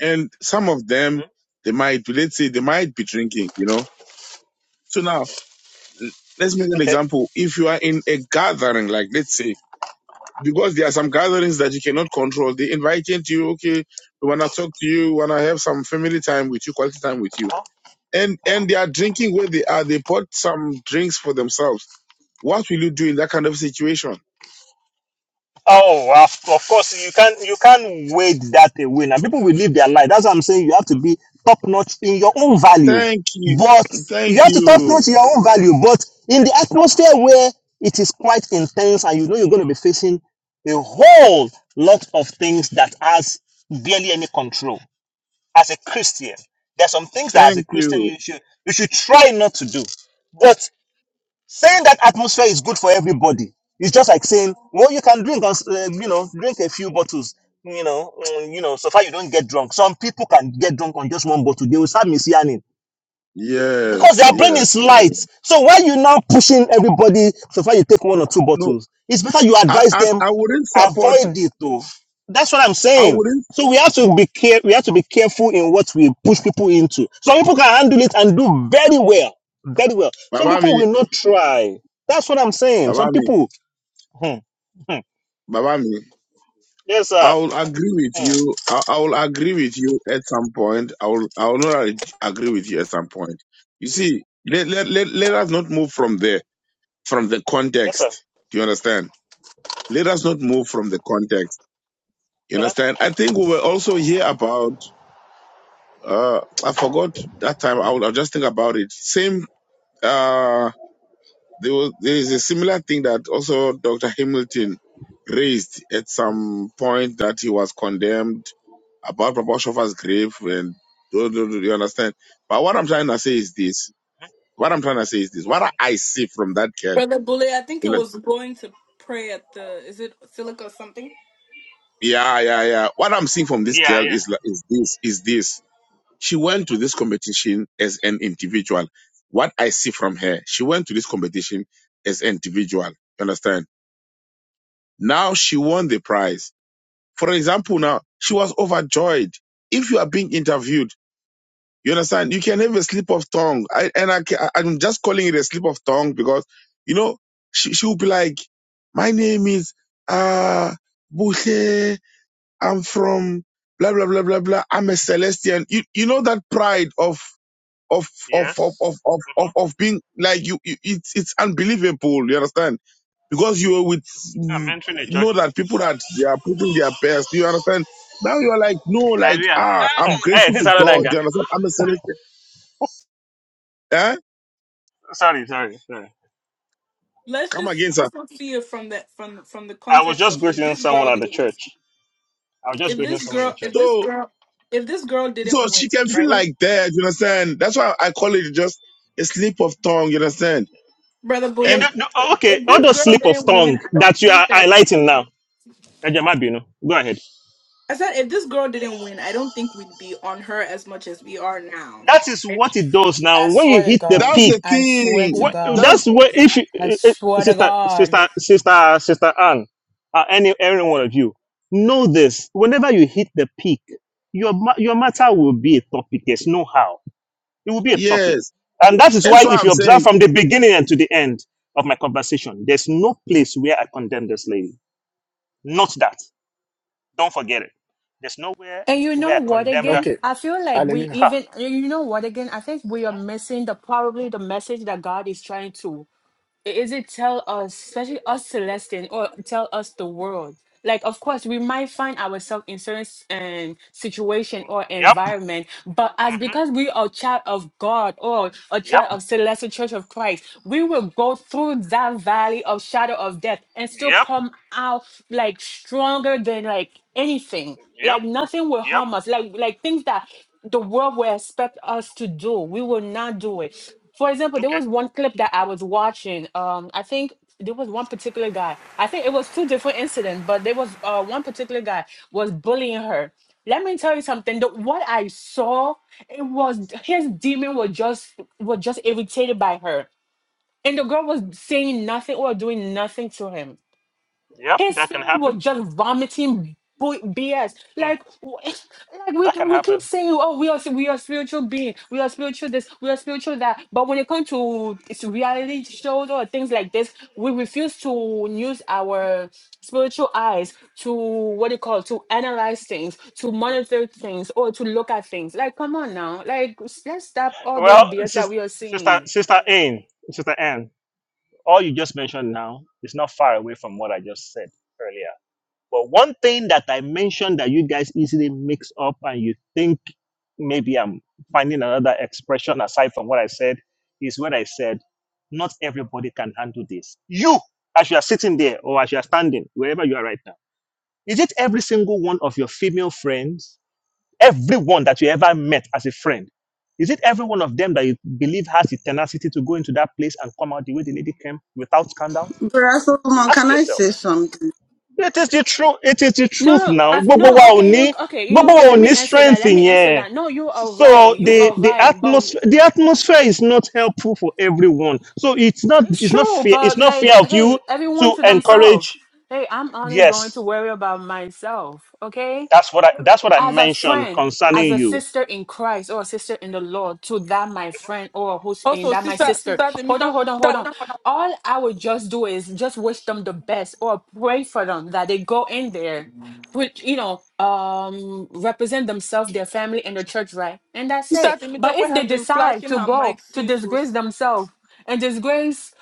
Speaker 3: and some of
Speaker 5: hmm
Speaker 3: them they might let's say they might be drinking you know so now l- let's make an
Speaker 5: Okay.
Speaker 3: example if you are in a gathering like let's say because there are some gatherings that you cannot control they invite you to you okay we want to talk to you we want to have some family time with you quality time with you
Speaker 5: Uh-huh.
Speaker 3: and and they are drinking where they are they bought some drinks for themselves what will you do in that kind of situation
Speaker 5: Oh, of, of course you can't you can't wait that away. Now people will live their life. That's what I'm saying. You have to be top notch in your own value,
Speaker 3: thank you
Speaker 5: but
Speaker 3: thank
Speaker 5: you have to top
Speaker 3: you
Speaker 5: notch in your own value. But in the atmosphere where it is quite intense, and you know you're going to be facing a whole lot of things that has barely any control. As a Christian, there's some things that as a
Speaker 3: thank
Speaker 5: Christian
Speaker 3: you
Speaker 5: you should you should try not to do. But Saying that atmosphere is good for everybody is just like saying, well, you can drink, uh, you know, drink a few bottles, you know, mm, you know, so far you don't get drunk. Some people can get drunk on just one bottle. They will start misyanning because
Speaker 3: yes
Speaker 5: their brain is
Speaker 3: yes,
Speaker 5: light.
Speaker 3: yes.
Speaker 5: So why you now pushing everybody so far you take one or two
Speaker 3: no
Speaker 5: bottles? It's better you
Speaker 3: I,
Speaker 5: advise
Speaker 3: I
Speaker 5: them
Speaker 3: i wouldn't support
Speaker 5: avoid it though. That's what I'm
Speaker 3: I
Speaker 5: saying.
Speaker 3: wouldn't,
Speaker 5: So we have to be care we have to be careful in what we push people into. Some people can handle it and do very well. Very well. Some
Speaker 3: Baba
Speaker 5: people
Speaker 3: me,
Speaker 5: will not try. That's what I'm saying.
Speaker 3: Baba
Speaker 5: Some
Speaker 3: me,
Speaker 5: people Hmm, hmm.
Speaker 3: Baba me.
Speaker 5: Yes sir.
Speaker 3: I will agree with
Speaker 5: Hmm,
Speaker 3: you. I, I will agree with you at some point. I will, I will not ag- agree with you at some point. You see, let, let, let, let us not move from the, from the
Speaker 5: Yes sir.
Speaker 3: context. Do you understand? Let us not move from the context. You
Speaker 5: Uh-huh.
Speaker 3: understand? I think we were also here about, uh, I forgot that time. I will, I'll just think about it. Same, uh, There was there is a similar thing that also Dr. Hamilton raised at some point that he was condemned about Prabhupada's grave and do, do, do you understand? But what I'm trying to say is this. What I'm trying to say is this. What I see from that girl,
Speaker 1: Brother Bullet, I think it
Speaker 3: you know,
Speaker 1: was going to pray at the is it Silica or something?
Speaker 3: yeah, yeah, yeah. What I'm seeing from this
Speaker 5: Yeah,
Speaker 3: girl
Speaker 5: yeah.
Speaker 3: is li- is this is this. She went to this competition as an individual. What I see from her, she went to this competition as an individual. You understand? Now she won the prize For example, now she was overjoyed. If you are being interviewed, you understand, you can have a slip of tongue. I, and I, ca- I'm just calling it a slip of tongue because, you know, she, she will be like, my name is, uh, Bushe. I'm from blah, blah, blah, blah, blah. I'm a Celestian. You, you know, that pride of, of, of, of,
Speaker 5: Yes.
Speaker 3: of, of, of,
Speaker 5: Mm-hmm.
Speaker 3: of being like you, you, it's, it's unbelievable. You understand? because you were with
Speaker 5: I'm
Speaker 3: mm,
Speaker 5: entering the
Speaker 3: you know
Speaker 5: church.
Speaker 3: that people that they are putting their best. Do you understand? Now you're like, no, like
Speaker 5: Hallelujah.
Speaker 3: ah, I'm
Speaker 5: Hey,
Speaker 3: grateful
Speaker 5: this is
Speaker 3: to
Speaker 5: another
Speaker 3: God.
Speaker 5: guy.
Speaker 3: Do you understand? I'm a celestial. Eh?
Speaker 5: Sorry, sorry, sorry.
Speaker 1: let's
Speaker 3: Come
Speaker 1: just
Speaker 3: against her.
Speaker 1: also see it from the from the- from the
Speaker 5: I was
Speaker 1: context
Speaker 5: just
Speaker 1: of if
Speaker 5: greeting
Speaker 1: this
Speaker 5: someone
Speaker 1: girl
Speaker 5: at
Speaker 1: did,
Speaker 5: the church. I was just
Speaker 1: if
Speaker 5: greeting
Speaker 1: this
Speaker 5: someone at the
Speaker 1: girl if
Speaker 5: church.
Speaker 1: this
Speaker 3: So
Speaker 1: girl if this girl
Speaker 3: so
Speaker 1: didn't win
Speaker 3: she can feel
Speaker 1: right
Speaker 3: like that. You understand? That's why I call it just a slip of tongue. You understand?
Speaker 1: brother
Speaker 5: You
Speaker 1: bullet
Speaker 3: And
Speaker 5: don't, no, oh, okay,
Speaker 1: if
Speaker 5: all
Speaker 1: this
Speaker 5: those
Speaker 1: girl
Speaker 5: slip of
Speaker 1: didn't win
Speaker 5: tongue
Speaker 1: i don't
Speaker 5: that you are
Speaker 1: think that we
Speaker 5: highlighting now. Eh, Jemma Binu, Go ahead.
Speaker 1: i said if this girl didn't win i don't think we'd be on her as much as we are now
Speaker 5: That is
Speaker 1: right
Speaker 5: what it does
Speaker 4: I
Speaker 5: now. When you
Speaker 4: swear to
Speaker 5: hit the
Speaker 4: God.
Speaker 3: that's
Speaker 5: peak,
Speaker 3: the
Speaker 4: I swear to
Speaker 5: what,
Speaker 3: thing.
Speaker 4: God.
Speaker 3: That's
Speaker 5: that's where if you,
Speaker 4: I
Speaker 5: eh, eh,
Speaker 4: swear to
Speaker 5: sister,
Speaker 4: God.
Speaker 5: sister, sister, sister Anne, uh, any, any one of you know this. Whenever you hit the peak, your ma- your matter will be a topic. There's no how. It will be a topic.
Speaker 3: yes.
Speaker 5: And that is why,
Speaker 3: That's why
Speaker 5: if
Speaker 3: I'm
Speaker 5: you observe
Speaker 3: saying
Speaker 5: from the beginning and to the end of my conversation, there's no place where I condemn this lady. Not that. Don't forget it. There's nowhere
Speaker 4: And you
Speaker 5: where
Speaker 4: know
Speaker 5: I
Speaker 4: what
Speaker 5: condemned her.
Speaker 4: again?
Speaker 2: Okay,
Speaker 4: I feel like we
Speaker 2: hallelujah.
Speaker 5: Ha.
Speaker 4: even you know what again? I think we are missing the probably the message that God is trying to is it tell us, especially us Celestian, or tell us the world? Like, of course, we might find ourselves in certain s- um, situation or
Speaker 5: Yep.
Speaker 4: environment, but as
Speaker 5: Mm-hmm.
Speaker 4: because we are child of God or a child
Speaker 5: Yep.
Speaker 4: of Celestial Church of Christ, we will go through that valley of shadow of death and still
Speaker 5: Yep.
Speaker 4: come out like stronger than like anything.
Speaker 5: Yep.
Speaker 4: Like nothing will
Speaker 5: Yep.
Speaker 4: harm us. Like like things that the world will expect us to do, we will not do it for example, there
Speaker 5: Okay.
Speaker 4: was one clip that I was watching. Um, I think there was one particular guy. I think it was two different incidents, but there was uh one particular guy was bullying her. Let me tell you something. The, what I saw, it was his demon was just was just irritated by her, and the girl was saying nothing or doing nothing to him
Speaker 5: Yep.
Speaker 4: his
Speaker 5: That can
Speaker 4: spirit was
Speaker 5: happen.
Speaker 4: just vomiting bu- BS.
Speaker 5: Mm,
Speaker 4: Like, w- like
Speaker 5: That
Speaker 4: we
Speaker 5: can
Speaker 4: we
Speaker 5: happen.
Speaker 4: keep saying, oh, we are we are spiritual being, we are spiritual this, we are spiritual that. But when it comes to it's reality shows or things like this, we refuse to use our spiritual eyes to what do you call to analyze things, to monitor things, or to look at things. Like, come on now, like s- let's stop all this
Speaker 5: Well,
Speaker 4: BS that
Speaker 5: sis-
Speaker 4: we are
Speaker 5: sister,
Speaker 4: seeing.
Speaker 5: sister Anne, sister Anne, all you just mentioned now is not far away from what I just said earlier. But one thing that I mentioned that you guys easily mix up and you think maybe I'm finding another expression aside from what I said is what I said, not everybody can handle this. You, as you are sitting there or as you are standing, wherever you are right now, is it every single one of your female friends, everyone that you ever met as a friend? Is it every one of them that you believe has the tenacity to go into that place and come out the way the lady came without scandal?
Speaker 6: Brother Solomon,
Speaker 5: Ask
Speaker 6: can I
Speaker 5: yourself
Speaker 6: say something?
Speaker 5: it is the truth it is the truth
Speaker 4: No,
Speaker 5: now
Speaker 4: I've,
Speaker 5: gbogbo
Speaker 4: no,
Speaker 5: wa ò
Speaker 4: okay, you,
Speaker 5: ní
Speaker 4: okay. You know
Speaker 5: gbogbo wa
Speaker 4: what?
Speaker 5: ò
Speaker 4: Let me
Speaker 5: ní
Speaker 4: answer that.
Speaker 5: strength
Speaker 4: Let me answer
Speaker 5: yẹn
Speaker 4: that. No, you are right.
Speaker 5: so
Speaker 4: You
Speaker 5: the
Speaker 4: are
Speaker 5: the
Speaker 4: right. But
Speaker 5: atmosphere the atmosphere is not helpful for everyone so it's not
Speaker 4: it's
Speaker 5: it's not
Speaker 4: true.
Speaker 5: fair it's
Speaker 4: But
Speaker 5: not
Speaker 4: like,
Speaker 5: fair of you
Speaker 4: hey, everyone
Speaker 5: to
Speaker 4: to themselves.
Speaker 5: encourage
Speaker 4: Hey, I'm only
Speaker 5: yes
Speaker 4: going to worry about myself. Okay.
Speaker 5: that's what i that's what i
Speaker 4: as a
Speaker 5: mentioned
Speaker 4: friend, as
Speaker 5: concerning
Speaker 4: a
Speaker 5: you
Speaker 4: sister in Christ or a sister in the Lord to that my friend or who's in
Speaker 1: also
Speaker 4: that my
Speaker 1: sister
Speaker 4: sister.
Speaker 1: sister
Speaker 4: Hold on,
Speaker 1: Temito-
Speaker 4: hold on, hold on. All I would just do is just wish them the best or pray for them that they go in there, put you know, um represent themselves, their family and the church, right? And that's
Speaker 1: sister
Speaker 4: it. But
Speaker 1: Temitope
Speaker 4: if they
Speaker 1: has been
Speaker 4: decide
Speaker 1: flashing
Speaker 4: to
Speaker 1: her
Speaker 4: go
Speaker 1: mic
Speaker 4: to
Speaker 1: since so
Speaker 4: disgrace
Speaker 1: sister
Speaker 4: themselves and disgrace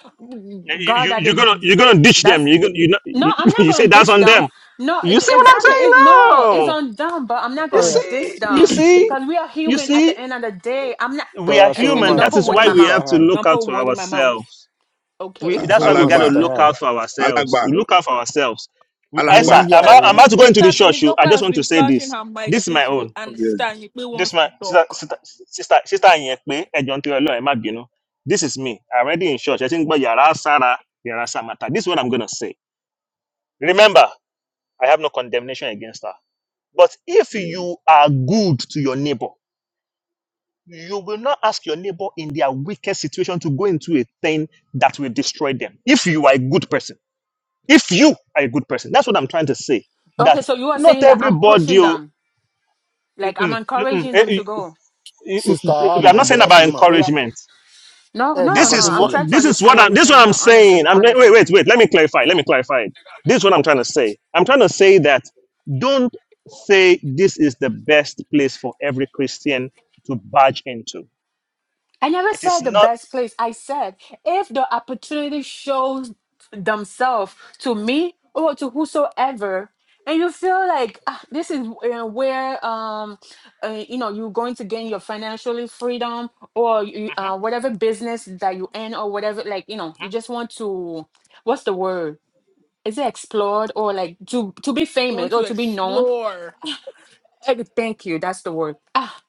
Speaker 5: you,
Speaker 4: God
Speaker 5: you
Speaker 4: that
Speaker 5: you're
Speaker 4: they
Speaker 5: gonna you're gonna ditch them
Speaker 4: that's
Speaker 5: you you, know,
Speaker 4: no,
Speaker 5: you
Speaker 4: I'm not
Speaker 5: you say
Speaker 4: gonna
Speaker 5: that's
Speaker 4: dish
Speaker 5: on
Speaker 4: them.
Speaker 5: them
Speaker 4: No, e-
Speaker 5: you
Speaker 4: e,
Speaker 5: see what i'm
Speaker 4: exactly.
Speaker 5: saying
Speaker 4: It, no, it's
Speaker 5: now
Speaker 4: on them, but I'm not
Speaker 5: you
Speaker 2: All
Speaker 4: gonna
Speaker 2: right,
Speaker 4: dish
Speaker 5: see you
Speaker 4: them
Speaker 5: see
Speaker 4: because we are
Speaker 5: you
Speaker 4: human. At the
Speaker 5: see
Speaker 4: end of the day, I'm not.
Speaker 5: we are
Speaker 2: Brother
Speaker 4: Excuse me.
Speaker 5: human.
Speaker 2: Solomon
Speaker 4: Don't
Speaker 5: That
Speaker 2: and
Speaker 4: put
Speaker 5: is
Speaker 4: word in
Speaker 5: why
Speaker 4: my
Speaker 5: we
Speaker 2: Sister
Speaker 4: mouth.
Speaker 5: have to
Speaker 2: Han,
Speaker 5: look
Speaker 4: Don't
Speaker 5: out
Speaker 4: put
Speaker 5: for
Speaker 4: word in my mouth.
Speaker 5: ourselves. We
Speaker 3: ah,
Speaker 5: that's
Speaker 4: Okay.
Speaker 5: why we
Speaker 2: Solomon
Speaker 5: gotta
Speaker 3: Alagba,
Speaker 2: Sister
Speaker 5: look
Speaker 2: Han,
Speaker 5: out for ourselves.
Speaker 3: Alagba,
Speaker 5: We Look out for ourselves. M-
Speaker 2: and
Speaker 5: Esther,
Speaker 3: Alagba.
Speaker 2: the
Speaker 5: I'm out, I'm
Speaker 1: Temi-
Speaker 5: about to go into the
Speaker 1: sister
Speaker 5: church. oh. I
Speaker 1: Temitope
Speaker 5: just
Speaker 1: has
Speaker 5: want to
Speaker 1: been
Speaker 5: say
Speaker 1: flashing
Speaker 5: this.
Speaker 1: her mic
Speaker 5: This is my
Speaker 1: since so,
Speaker 5: own.
Speaker 1: and
Speaker 3: Okay.
Speaker 1: sister Anyikwe
Speaker 5: This
Speaker 1: wants
Speaker 5: my
Speaker 1: to
Speaker 5: sister
Speaker 1: talk
Speaker 5: sister sister sister Anyekpe, Ejo Ntiri Olohun, ẹ má bínú. This is me. I'm already in church. I think but Yara Sarah, Yara Samata. This is what I'm gonna say. Remember, I have no condemnation against her. But if
Speaker 3: Yeah.
Speaker 5: you are good to your neighbor, You will not ask your neighbor in their weakest situation to go into a thing that will destroy them. If you are a good person, if you are a good person, that's what I'm trying to say.
Speaker 4: Okay.
Speaker 5: That
Speaker 4: So you are
Speaker 5: not
Speaker 4: saying that I'm
Speaker 5: everybody.
Speaker 4: pushing
Speaker 5: oh,
Speaker 4: them, like I'm
Speaker 5: mm-mm, mm-mm,
Speaker 4: encouraging them
Speaker 5: eh,
Speaker 4: to go.
Speaker 5: eh, eh,
Speaker 2: Sister
Speaker 5: eh,
Speaker 2: Han
Speaker 5: I'm not
Speaker 2: and
Speaker 5: saying
Speaker 2: Brother
Speaker 5: about
Speaker 2: Solomon. But yeah,
Speaker 5: encouragement.
Speaker 4: No,
Speaker 2: hey, my
Speaker 4: no,
Speaker 5: This
Speaker 4: no.
Speaker 5: is
Speaker 4: I'm
Speaker 5: what
Speaker 2: God,
Speaker 4: trying to
Speaker 5: this is
Speaker 4: understand
Speaker 5: what
Speaker 4: what
Speaker 5: I'm,
Speaker 4: he's
Speaker 5: this is what
Speaker 4: saying.
Speaker 5: I'm
Speaker 4: No,
Speaker 5: saying.
Speaker 4: honestly,
Speaker 5: I'm wait,
Speaker 4: honestly,
Speaker 5: wait, wait.
Speaker 4: honestly.
Speaker 5: Let me clarify. Let me clarify. it. This is what I'm trying to say. I'm trying to say that don't say this is the best place for every Christian to barge into.
Speaker 4: I never
Speaker 5: It is
Speaker 4: said the
Speaker 5: not.
Speaker 4: best place. I said if the opportunity shows themselves to me or to whosoever, and you feel like ah, this is uh, where um, uh, you know you're going to gain your financially freedom or you,
Speaker 5: Mhm,
Speaker 4: uh, whatever business that you in or whatever, like you know
Speaker 5: mhm.
Speaker 4: you just want to what's the word? Is it explored or like to to be
Speaker 1: want
Speaker 4: famous or
Speaker 1: to
Speaker 4: to be known?
Speaker 1: explore
Speaker 4: Eh, Thank you. That's the word. Ah,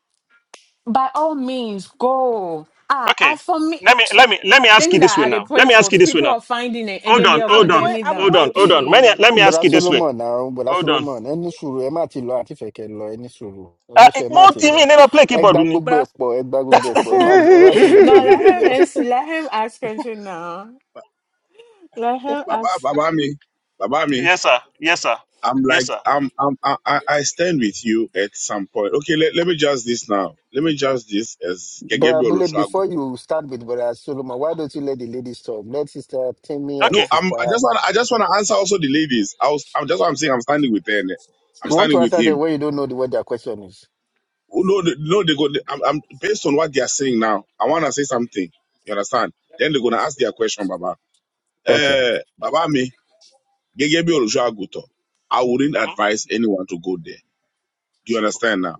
Speaker 4: by all means, go. Ah, as
Speaker 5: Okay.
Speaker 4: for me.
Speaker 5: Let me let me let me ask
Speaker 4: Things
Speaker 5: you this
Speaker 4: that
Speaker 5: way
Speaker 4: I they
Speaker 5: now. Let
Speaker 4: pray
Speaker 5: me ask
Speaker 4: for,
Speaker 5: you this way
Speaker 4: people
Speaker 5: now.
Speaker 4: are finding it and
Speaker 5: Hold
Speaker 4: then they
Speaker 5: on,
Speaker 4: are
Speaker 5: hold
Speaker 1: I'm
Speaker 5: on,
Speaker 1: going.
Speaker 4: condemning
Speaker 1: I'm
Speaker 5: hold
Speaker 4: them.
Speaker 1: going
Speaker 5: on, hold
Speaker 1: to
Speaker 5: on. Let me,
Speaker 4: no,
Speaker 5: let me ask
Speaker 2: bọ́dá
Speaker 5: you this way.
Speaker 2: solomon àwọn bọ́dá
Speaker 5: Hold on.
Speaker 2: solomon ẹ ní sùúrù ẹ má ti lọ àti fẹ̀kẹ́ lọ ẹ ní sùúrù ẹ
Speaker 5: Uh,
Speaker 2: ní sùúrù ẹ má
Speaker 5: more
Speaker 2: ti lọ
Speaker 5: TV never play
Speaker 2: ẹ
Speaker 5: keyboard,
Speaker 2: gbá
Speaker 5: Uni.
Speaker 2: gbogbo ẹ̀
Speaker 1: Bras
Speaker 2: pọ̀ ẹ gbá gbogbo ẹ̀ pọ̀ ẹ má ẹ má ti lọ play
Speaker 4: let him
Speaker 2: goalkeeper.
Speaker 4: ans- let him ask question now. Let him
Speaker 3: Baba,
Speaker 4: ask.
Speaker 3: Baba me, Baba me.
Speaker 5: yes, sir. Yes, sir.
Speaker 3: I'm
Speaker 5: Yes,
Speaker 3: like,
Speaker 5: sir.
Speaker 3: I'm, I'm, I, I I stand with you at some point. Okay, let, let me just this now. Let me just this as
Speaker 2: bọ́dá
Speaker 3: Gegebe
Speaker 2: abúlé
Speaker 3: Olusegun.
Speaker 2: before you start with bọ́dá solomon why don't you let the ladies talk let sister timmy and
Speaker 3: No,
Speaker 5: Okay.
Speaker 3: I'm, I
Speaker 2: sister
Speaker 3: just want, I just want to answer also the ladies. I was, I'm just what I'm saying. I'm standing with her. and I'm
Speaker 2: you want to
Speaker 3: standing with
Speaker 2: answer them
Speaker 3: him.
Speaker 2: when you don't know the, what their question is.
Speaker 3: Oh, No, they- no, they go. they- I'm, I'm based on what they are saying now. I want to say something. You understand? Then they're gonna ask their question, Baba.
Speaker 2: okay
Speaker 3: Eh, Baba me Gegebe Olusegun. I wouldn't
Speaker 5: Mhm.
Speaker 3: advise anyone to go there. Do you
Speaker 5: Simple.
Speaker 3: understand now?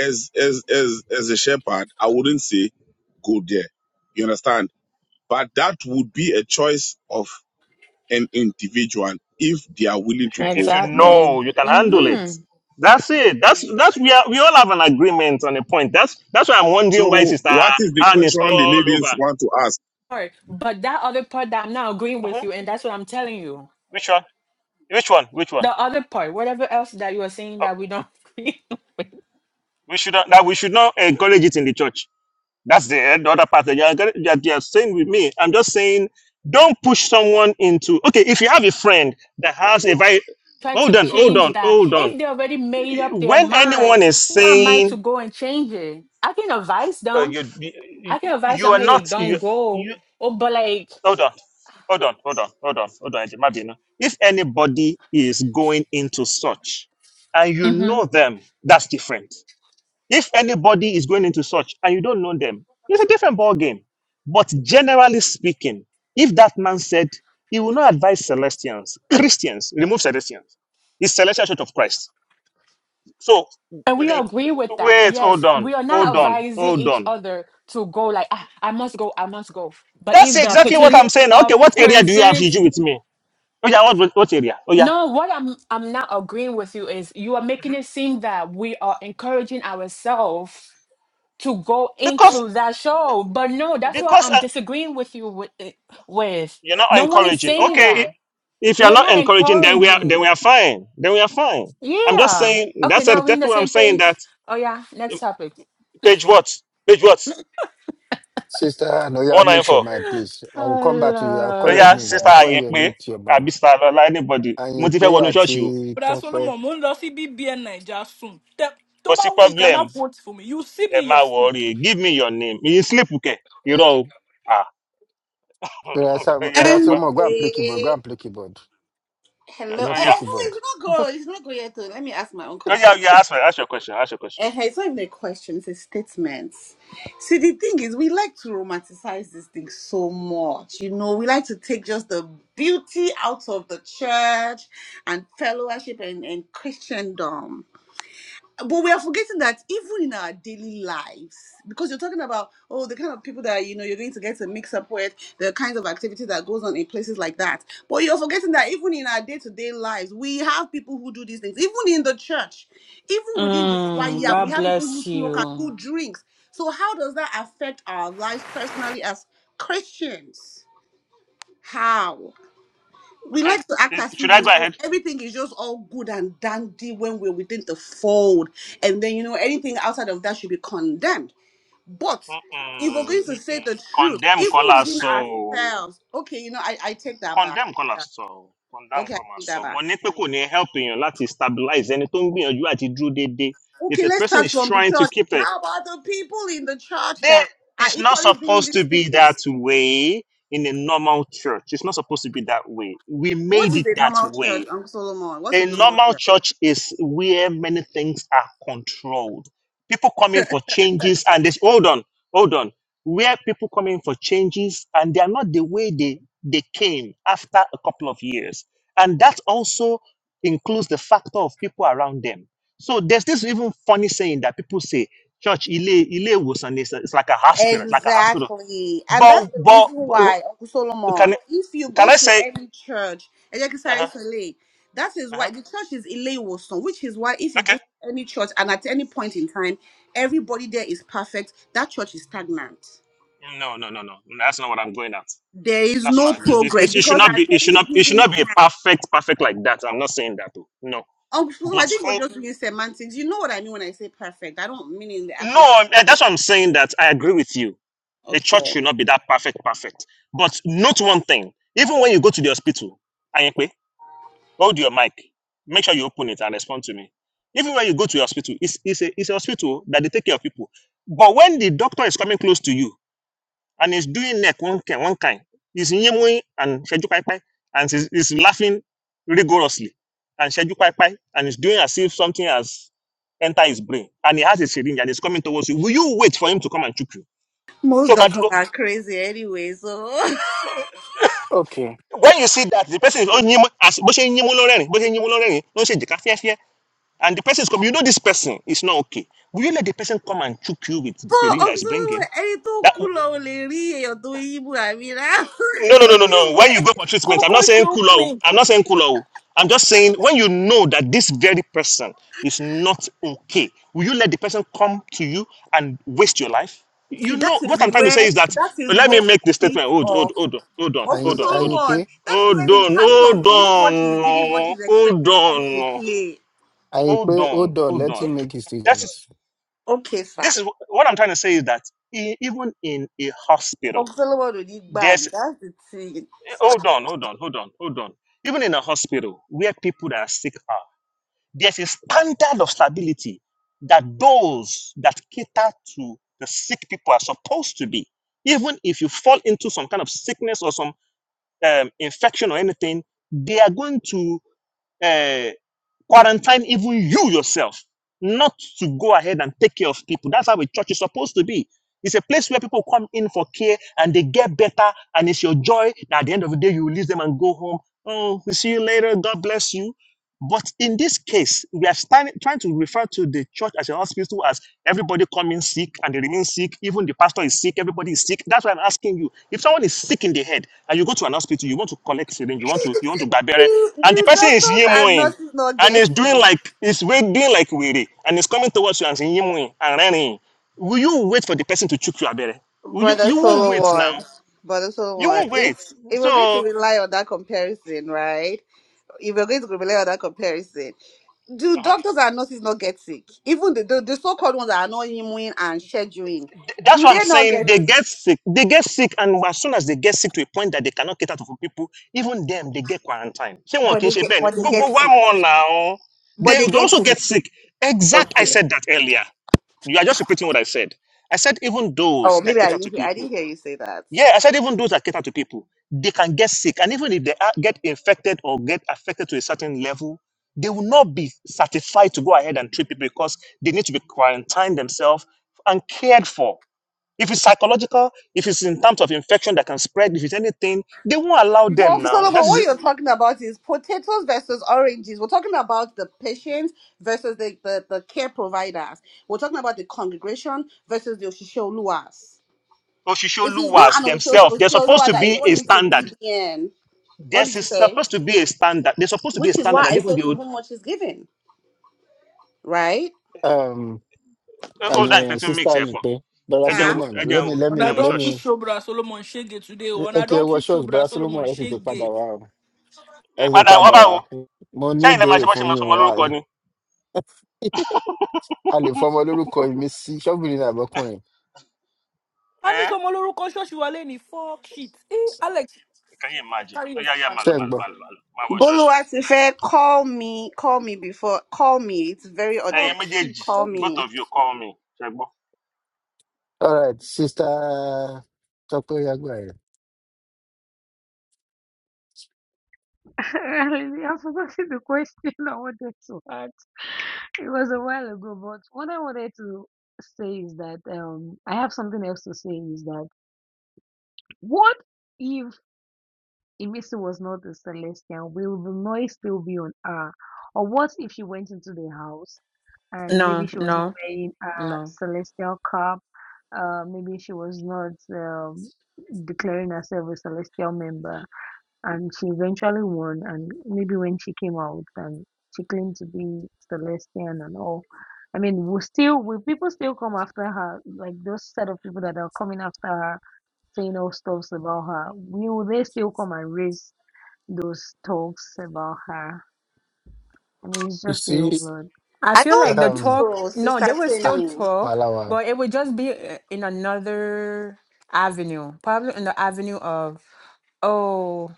Speaker 3: as as as as a shepherd, I wouldn't say go there. You understand? But that would be a choice of an individual if they are willing
Speaker 5: If
Speaker 3: to
Speaker 5: you,
Speaker 3: go
Speaker 5: if you
Speaker 3: or not.
Speaker 4: Exactly.
Speaker 5: know, you can handle it.
Speaker 4: Mm-hmm.
Speaker 5: That's it. That's that's we are we all have an agreement on a point. That's that's why I'm wondering why
Speaker 3: So
Speaker 5: Sister
Speaker 3: what is the
Speaker 5: Anne is
Speaker 3: question the
Speaker 5: all over.
Speaker 3: ladies want to ask?
Speaker 4: Part, but that other part that I'm not agreeing
Speaker 5: Mhm.
Speaker 4: with you, and that's what I'm telling you.
Speaker 5: Which one? Which one? Which one?
Speaker 4: The other part, whatever else that you are saying
Speaker 5: Uh,
Speaker 4: that we don't agree, on,
Speaker 5: we should not, that we should not encourage it in the church. That's the, the other part that you're, gonna- that you're saying with me. I'm just saying, don't push someone into. Okay, if you have a friend that has a very.
Speaker 4: try to
Speaker 5: Hold on, hold
Speaker 4: change
Speaker 5: on,
Speaker 4: that.
Speaker 5: hold on.
Speaker 4: If they already made up their
Speaker 5: When
Speaker 4: mind,
Speaker 5: anyone is
Speaker 4: who am I
Speaker 5: saying
Speaker 4: to go and change it? I can advise
Speaker 5: uh,
Speaker 4: them.
Speaker 5: you, you
Speaker 4: I can advise
Speaker 5: you
Speaker 4: them,
Speaker 5: are not
Speaker 4: hey,
Speaker 5: you
Speaker 4: don't go.
Speaker 5: you
Speaker 4: Oh, but like,
Speaker 5: hold on, hold on, hold on, hold on, hold on. Imagine if anybody is going into such, and you
Speaker 4: mhm.
Speaker 5: know them, that's different. If anybody is going into such and you don't know them, it's a different ball game. But generally speaking, if that man said he will not advise Celestians, Christians, remove Celestians, it's Celestial Church of Christ. So
Speaker 4: And we
Speaker 5: the-
Speaker 4: agree with that.
Speaker 5: wait, hold
Speaker 4: Yes,
Speaker 5: on,
Speaker 4: we are not
Speaker 5: hold on,
Speaker 4: advising
Speaker 5: hold
Speaker 4: each
Speaker 5: on.
Speaker 4: other to go like, ah, I must go, I must go. But
Speaker 5: That's
Speaker 4: if the
Speaker 5: exactly what
Speaker 4: opportunity
Speaker 5: I'm saying.
Speaker 4: are
Speaker 5: Okay, what area do you have
Speaker 4: present,
Speaker 5: issue with me? Oh yeah, what what area? Oh yeah,
Speaker 4: no, what I'm I'm not agreeing with you is you are making it seem that we are encouraging ourselves to go
Speaker 5: because
Speaker 4: into that show. But no, that's what
Speaker 5: because
Speaker 4: I'm
Speaker 5: uh,
Speaker 4: disagreeing with you with. eh, with.
Speaker 5: You're not
Speaker 4: No one is
Speaker 5: encouraging.
Speaker 4: saying
Speaker 5: Okay, i-
Speaker 4: that.
Speaker 5: if you're
Speaker 4: We are
Speaker 5: not
Speaker 4: not
Speaker 5: encouraging, then we are then
Speaker 4: encouraging.
Speaker 5: we are fine. Then we are fine. I'm just
Speaker 4: Yeah.
Speaker 5: saying
Speaker 4: Okay,
Speaker 5: that's a,
Speaker 4: now we're in
Speaker 5: that's
Speaker 4: the
Speaker 5: what I'm
Speaker 4: same
Speaker 5: saying.
Speaker 4: page.
Speaker 5: That
Speaker 4: Oh yeah, next
Speaker 5: um,
Speaker 4: topic.
Speaker 5: page what page what
Speaker 2: sister anoya
Speaker 5: one nine
Speaker 2: mute your
Speaker 5: four.
Speaker 2: mic please i will
Speaker 4: Oh,
Speaker 2: come back to you i will call
Speaker 5: So
Speaker 2: your
Speaker 5: yeah,
Speaker 4: Lord.
Speaker 2: name
Speaker 5: sister
Speaker 2: before you
Speaker 5: Ayepe,
Speaker 2: mute your mic.
Speaker 5: àbí star Lọlá, anybody. Mo ti
Speaker 2: àyìnpé
Speaker 5: fẹ́ wọnú
Speaker 2: àti
Speaker 5: ṣọ́ọ̀ṣì o.
Speaker 1: Bras
Speaker 2: tọpẹ
Speaker 1: Solomon. Mo ń lọ sí BBN Naija soon. Tẹ- Tó
Speaker 5: Kò sí
Speaker 1: bá wù yín ká má
Speaker 5: problem.
Speaker 1: vote for me. You see me
Speaker 5: Ẹ
Speaker 1: in your
Speaker 5: má
Speaker 1: sleep.
Speaker 5: worry. Give me your name. You sleep okay? Irọ́ o. Ah.
Speaker 2: bọ́dá Sam-
Speaker 5: yeah,
Speaker 2: Bọ́dá
Speaker 5: mo gbọ́.
Speaker 2: solomon go and play keyboard go
Speaker 6: Anyway,
Speaker 2: and play keyboard.
Speaker 6: hello.
Speaker 5: Oh
Speaker 6: Eh,
Speaker 2: roughly
Speaker 5: yeah.
Speaker 6: eh, no,
Speaker 2: keyboard.
Speaker 6: it's not go. It's not go yet. Though. Let me ask my own
Speaker 5: Oh
Speaker 6: question.
Speaker 5: yeah, yeah. Ask, my, ask your question. Ask your question.
Speaker 6: Eh, eh, it's not even a question. It's a statement. See, the thing is, we like to romanticize this thing so much. You know, we like to take just the beauty out of the church and fellowship and, and Christendom. but we are forgetting that even in our daily lives, because you're talking about oh the kind of people that you know you're going to get to mix up with, the kinds of activity that goes on in places like that. But you're forgetting that even in our day-to-day lives, we have people who do these things. Even in the church, even within the
Speaker 4: Mm,
Speaker 6: choir, we
Speaker 4: God
Speaker 6: have people who
Speaker 4: bless
Speaker 6: smoke and
Speaker 4: you.
Speaker 6: who drinks. So how does that affect our lives personally as Christians? How? we
Speaker 5: Okay.
Speaker 6: like to act
Speaker 5: Is,
Speaker 6: as if
Speaker 5: should
Speaker 6: you
Speaker 5: I go
Speaker 6: know
Speaker 5: ahead?
Speaker 6: everything is just all good and dandy when we're within the fold, and then you know anything outside of that should be condemned. But if we're
Speaker 5: Mm-mm,
Speaker 6: going to say
Speaker 5: mm-mm.
Speaker 6: the truth,
Speaker 5: Condemn
Speaker 6: even
Speaker 5: Kola
Speaker 6: within
Speaker 5: so.
Speaker 6: ourselves, okay, you know, I, I take that back.
Speaker 5: condemn kọ́ la sọ o, condemn
Speaker 6: Okay, I
Speaker 5: kọ́ ma
Speaker 6: take
Speaker 5: sọ
Speaker 6: that
Speaker 5: mo
Speaker 6: back.
Speaker 5: ní pé kò ní help èèyàn láti stabilize ẹni tó ń gbìyànjú àti dúró déédéé if
Speaker 6: Okay,
Speaker 5: the
Speaker 6: let's
Speaker 5: person
Speaker 6: start
Speaker 5: is
Speaker 6: from the
Speaker 5: trying to
Speaker 6: church.
Speaker 5: keep it
Speaker 6: How about the people in the church
Speaker 5: there
Speaker 6: that are
Speaker 5: it's not
Speaker 6: equally doing
Speaker 5: supposed to
Speaker 6: these
Speaker 5: be
Speaker 6: things?
Speaker 5: that way in a normal church it's not supposed to be that way we
Speaker 6: What
Speaker 5: made
Speaker 6: is
Speaker 5: it
Speaker 6: a
Speaker 5: that
Speaker 6: normal
Speaker 5: way
Speaker 6: church, Uncle Solomon? What's
Speaker 5: a
Speaker 6: a normal church?
Speaker 5: normal church is where many things are controlled. People come in for changes and this hold on, hold on. Where people come in for changes and they are not the way they, they came after a couple of years. And that also includes the factor of people around them. So there's this even funny saying that people say, church, ile, ile was and it's, it's like a hospital, it's like a hospital.
Speaker 6: Exactly. And
Speaker 5: But,
Speaker 6: that's the
Speaker 5: but
Speaker 6: reason why,
Speaker 5: but,
Speaker 6: Uncle
Speaker 5: can,
Speaker 6: Solomon, if you
Speaker 5: can
Speaker 6: go
Speaker 5: I
Speaker 6: to
Speaker 5: say,
Speaker 6: any church,
Speaker 5: uh-huh,
Speaker 6: Elekesare Sele, that is
Speaker 5: uh-huh,
Speaker 6: why the church is Ilewoson, which is why if you
Speaker 5: okay.
Speaker 6: go to any church and at any point in time, everybody there is perfect, that church is stagnant.
Speaker 5: No, no, no, no. That's not what I'm going at.
Speaker 6: There is
Speaker 5: That's
Speaker 6: no
Speaker 5: not. It,
Speaker 6: progress
Speaker 5: it it should
Speaker 6: because
Speaker 5: not
Speaker 6: at
Speaker 5: be. It should
Speaker 6: any
Speaker 5: not. It should
Speaker 6: given
Speaker 5: not be a
Speaker 6: time,
Speaker 5: perfect, perfect like that. I'm not saying that. oh, No,
Speaker 6: Uncle Solomon, I
Speaker 5: but
Speaker 6: think we're
Speaker 5: oh,
Speaker 6: just doing semantics. You know what I mean when I say perfect. I don't mean in the
Speaker 5: no.
Speaker 6: actual. sense
Speaker 5: I'm- eh,
Speaker 6: of it.
Speaker 5: That's what I'm saying. That I agree with you. A church
Speaker 6: Okay.
Speaker 5: should not be that perfect, perfect. But note one thing. Even when you go to the hospital, Ayekwe, hold your mic. Make sure you open it and respond to me. Even when you go to the hospital, it's it's a it's a hospital that they take care of people. But when the doctor is coming close to you, and he's doing neck one kind, one kind. He's yimwing and Sheju Pai Pai, and he's, he's laughing rigorously. And Sheju Pai Pai, and he's doing as if something has entered his brain. And he has a syringe and he's coming towards you. Will you wait for him to come and choke you?
Speaker 6: Most
Speaker 5: So,
Speaker 6: doctors
Speaker 5: Baduro,
Speaker 6: are crazy anyway, so.
Speaker 2: Okay.
Speaker 5: when you see that, the person is oh, yim, as bó ṣe ń yínmú ló rẹ́rìn-ín, bó ṣe ń yínmú ló and the person is coming, you know this person is not okay. Will you let the person come and choke you with the
Speaker 6: kó
Speaker 5: syringe that is
Speaker 6: ọ̀sọ́lọ́wọ́
Speaker 5: bringing?
Speaker 6: ẹni tó
Speaker 5: That
Speaker 6: kú lọ ò lè rí èèyàn tó yí bù àmì rà
Speaker 5: No, no,
Speaker 6: kò
Speaker 5: no, no,
Speaker 6: tí ì
Speaker 5: no. When
Speaker 6: wẹ̀.
Speaker 5: you go for treatment, I'm
Speaker 1: Coco
Speaker 5: not saying
Speaker 1: shook
Speaker 5: cool out.
Speaker 1: me.
Speaker 5: I'm not saying cool out. I'm just saying when you know that this very person is not okay, will you let the person come to you and waste your life? You
Speaker 6: See, that
Speaker 5: know
Speaker 6: is
Speaker 5: what I'm trying to say
Speaker 6: where
Speaker 5: is that
Speaker 6: that
Speaker 5: uh,
Speaker 6: is
Speaker 5: let me
Speaker 6: where the
Speaker 5: make the
Speaker 6: bit
Speaker 5: statement. Hold, hold,
Speaker 6: of
Speaker 5: hold on, hold on,
Speaker 6: of
Speaker 2: I
Speaker 5: hold on, hold on.
Speaker 2: I
Speaker 6: Solomon.
Speaker 2: pay.
Speaker 6: That is where
Speaker 5: Hold
Speaker 6: the
Speaker 5: on,
Speaker 6: part of
Speaker 5: hold
Speaker 6: who what is giving what
Speaker 5: on,
Speaker 6: is
Speaker 5: hold
Speaker 6: expected comes to
Speaker 5: on,
Speaker 6: play.
Speaker 2: I
Speaker 5: hold
Speaker 2: pay.
Speaker 5: on,
Speaker 2: Hold on.
Speaker 5: hold
Speaker 2: Let
Speaker 5: on.
Speaker 2: him
Speaker 6: Okay,
Speaker 2: make his
Speaker 5: That
Speaker 2: statement.
Speaker 5: is
Speaker 6: okay, sir.
Speaker 5: this is what I'm trying to say is that e- even in a
Speaker 6: Of
Speaker 5: hospital,
Speaker 6: Solomon will need bad.
Speaker 5: there's.
Speaker 6: That's the thing.
Speaker 5: Hold on, hold on, hold on, hold on. Even in a hospital where people that are sick are, there's a standard of stability that those that cater to the sick people are supposed to be. Even if you fall into some kind of sickness or some um, infection or anything, they are going to uh, quarantine even you yourself not to go ahead and take care of people. That's how a church is supposed to be. It's a place where people come in for care and they get better, and it's your joy that at the end of the day you will leave them and go home. Oh, we see you later. God bless you. But in this case, we are standing, trying to refer to the church as a hospital as everybody coming sick and they remain sick. Even the pastor is sick, everybody is sick. That's why I'm asking you. If someone is sick in the head and you go to an hospital, you want to collect syringe, you want to you want to babere,
Speaker 6: Do,
Speaker 5: and the
Speaker 6: do
Speaker 5: person is
Speaker 6: doctors and
Speaker 5: yemoing
Speaker 6: nurses not
Speaker 5: and
Speaker 6: get
Speaker 5: is doing
Speaker 6: me,
Speaker 5: like is doing like weary and is coming towards you and saying yemoing and running, will you wait for the person to choke you abere? Will you
Speaker 6: brother
Speaker 5: you won't wait
Speaker 6: Solomon?
Speaker 5: now.
Speaker 6: Brother
Speaker 5: You
Speaker 6: Solomon,
Speaker 5: won't
Speaker 6: if
Speaker 5: wait.
Speaker 6: if we're going
Speaker 5: So
Speaker 6: to rely on that comparison, right? if we're going to rely on that comparison, do
Speaker 5: uh-huh.
Speaker 6: doctors and nurses not get sick? Even the, the, the so-called ones that are not immune and scheduling,
Speaker 5: That's
Speaker 6: do
Speaker 5: what I'm
Speaker 6: they not
Speaker 5: saying.
Speaker 6: get
Speaker 5: They
Speaker 6: sick?
Speaker 5: get sick. They get sick, and as soon as they get sick to a point that they cannot cater to people, even them they get quarantine. Say one
Speaker 6: But
Speaker 5: kì í
Speaker 6: they
Speaker 5: ṣe
Speaker 6: get
Speaker 5: bẹ́ẹ̀ ni?
Speaker 6: but they get
Speaker 5: Gbogbo wa
Speaker 6: sick.
Speaker 5: now.
Speaker 6: But
Speaker 5: They,
Speaker 6: they
Speaker 5: they
Speaker 6: get
Speaker 5: also get
Speaker 6: sick.
Speaker 5: sick. Exact. I
Speaker 6: Okay.
Speaker 5: said that earlier. You are just repeating what I said. I said even
Speaker 6: Oh,
Speaker 5: those that
Speaker 6: maybe I
Speaker 5: cater
Speaker 6: didn't
Speaker 5: to
Speaker 6: hear I didn't
Speaker 5: people.
Speaker 6: hear you say that.
Speaker 5: Yeah, I said even those that cater to people, they can get sick, and even if they are, get infected or get affected to a certain level, they will not be certified to go ahead and treat people because they need to be quarantined themselves and cared for. If it's psychological, if it's in terms of infection that can spread, if it's anything, they won't allow them
Speaker 6: But
Speaker 5: now. That
Speaker 6: Solomon, what
Speaker 5: is
Speaker 6: you're talking about is potatoes versus oranges. We're talking about the patients versus the, the, the care providers. We're talking about the congregation versus the Oshishioluwas. It is
Speaker 5: Oshisholuwas
Speaker 6: not an
Speaker 5: themselves. They're supposed
Speaker 6: Oshishiolua
Speaker 5: to
Speaker 6: that is
Speaker 5: be a
Speaker 6: going into
Speaker 5: standard.
Speaker 6: BBN. What
Speaker 5: This
Speaker 6: did you
Speaker 5: is
Speaker 6: say?
Speaker 5: supposed to be a standard. They're supposed to be a
Speaker 6: which is
Speaker 5: standard
Speaker 6: why
Speaker 5: that
Speaker 6: I
Speaker 5: even
Speaker 6: said
Speaker 5: the
Speaker 6: to
Speaker 5: old
Speaker 6: whom much is given, right?
Speaker 2: Um.
Speaker 5: eh, old and
Speaker 2: I,
Speaker 5: creating
Speaker 2: sister,
Speaker 5: mix here
Speaker 2: I
Speaker 5: for.
Speaker 2: pay. Brother
Speaker 5: Again,
Speaker 6: Sir.
Speaker 2: Solomon, let
Speaker 5: again,
Speaker 2: me, let
Speaker 1: And I Ọ̀nà
Speaker 2: me,
Speaker 5: again,
Speaker 2: let
Speaker 1: don tún
Speaker 5: shush.
Speaker 2: me.
Speaker 1: show Bras Solomon ṣége today o. Ọ̀nà
Speaker 2: Okay,
Speaker 1: don
Speaker 2: well,
Speaker 1: tún show
Speaker 2: sure. Brother
Speaker 1: Bras Solomon
Speaker 2: Solomon, ẹ tètè padà
Speaker 1: ṣége.
Speaker 2: wá o. Ẹ tètè
Speaker 5: Padà wọ́n
Speaker 2: padà
Speaker 5: bá
Speaker 2: wá.
Speaker 5: wo.
Speaker 2: Mo ní
Speaker 5: Sẹ́yìn lẹ́ẹ̀ máa
Speaker 2: ìbéèrè
Speaker 5: ṣe bọ́ ṣe
Speaker 2: fún
Speaker 5: máa
Speaker 2: yín
Speaker 5: sọmọ
Speaker 2: o. A
Speaker 5: lórúkọ
Speaker 2: a lè fọmọ lórúkọ mi sí ṣọ́ọ̀bù ní àbọ̀kùnrin.
Speaker 1: A ní
Speaker 5: Eh?
Speaker 1: sọmọ lórúkọ ṣọ́ọ̀ṣì wa lẹ́ni fuck shit. Hey, Alex,
Speaker 5: Can you
Speaker 1: go
Speaker 5: imagine?
Speaker 1: carry
Speaker 5: Ó
Speaker 1: your
Speaker 5: yeah, yá
Speaker 1: sister
Speaker 2: Ṣé
Speaker 5: malu,
Speaker 2: ń
Speaker 5: malu,
Speaker 2: gbọ́?
Speaker 5: malu, màlúù màlúù ṣọ́ọ̀ṣì.
Speaker 6: Boluwatife, call me, call me before, call me. It's very
Speaker 5: Ẹ̀yin
Speaker 6: urgent.
Speaker 1: Fuck shit.
Speaker 5: méjèèjì,
Speaker 6: Call
Speaker 1: Okay.
Speaker 5: both
Speaker 6: me.
Speaker 5: of you call me.
Speaker 2: All right, sister Tọ́pẹ́ Yagbá rẹ̀.
Speaker 7: Really, i forgot the question I wanted to ask. It was a while ago, but what I wanted to say is that um, I have something else to say is that what if Emisi was not a Celestial? Will the noise still be on her? Or what if she went into the house? and maybe
Speaker 4: No,
Speaker 7: she was not
Speaker 4: no,
Speaker 7: wearing a
Speaker 4: no.
Speaker 7: celestial cap. Uh, maybe she was not um, declaring herself a celestial member, and she eventually won. And maybe when she came out, and she claimed to be celestian and all. I mean, will still will people still come after her? Like those set of people that are coming after her, saying all stuffs about her. Will they still come and raise those talks about her? I mean, it's
Speaker 2: You
Speaker 7: just a
Speaker 2: see,
Speaker 7: whole lot.
Speaker 4: I
Speaker 6: I
Speaker 4: feel
Speaker 6: don't
Speaker 4: like the
Speaker 6: think
Speaker 2: um,
Speaker 4: talk,
Speaker 6: so,
Speaker 4: no,
Speaker 6: Sister
Speaker 4: they will
Speaker 2: ah,
Speaker 4: still
Speaker 6: Timmy.
Speaker 4: talk,
Speaker 2: wàhálà wa.
Speaker 4: but it would just be uh, in another avenue, probably in the avenue of, oh,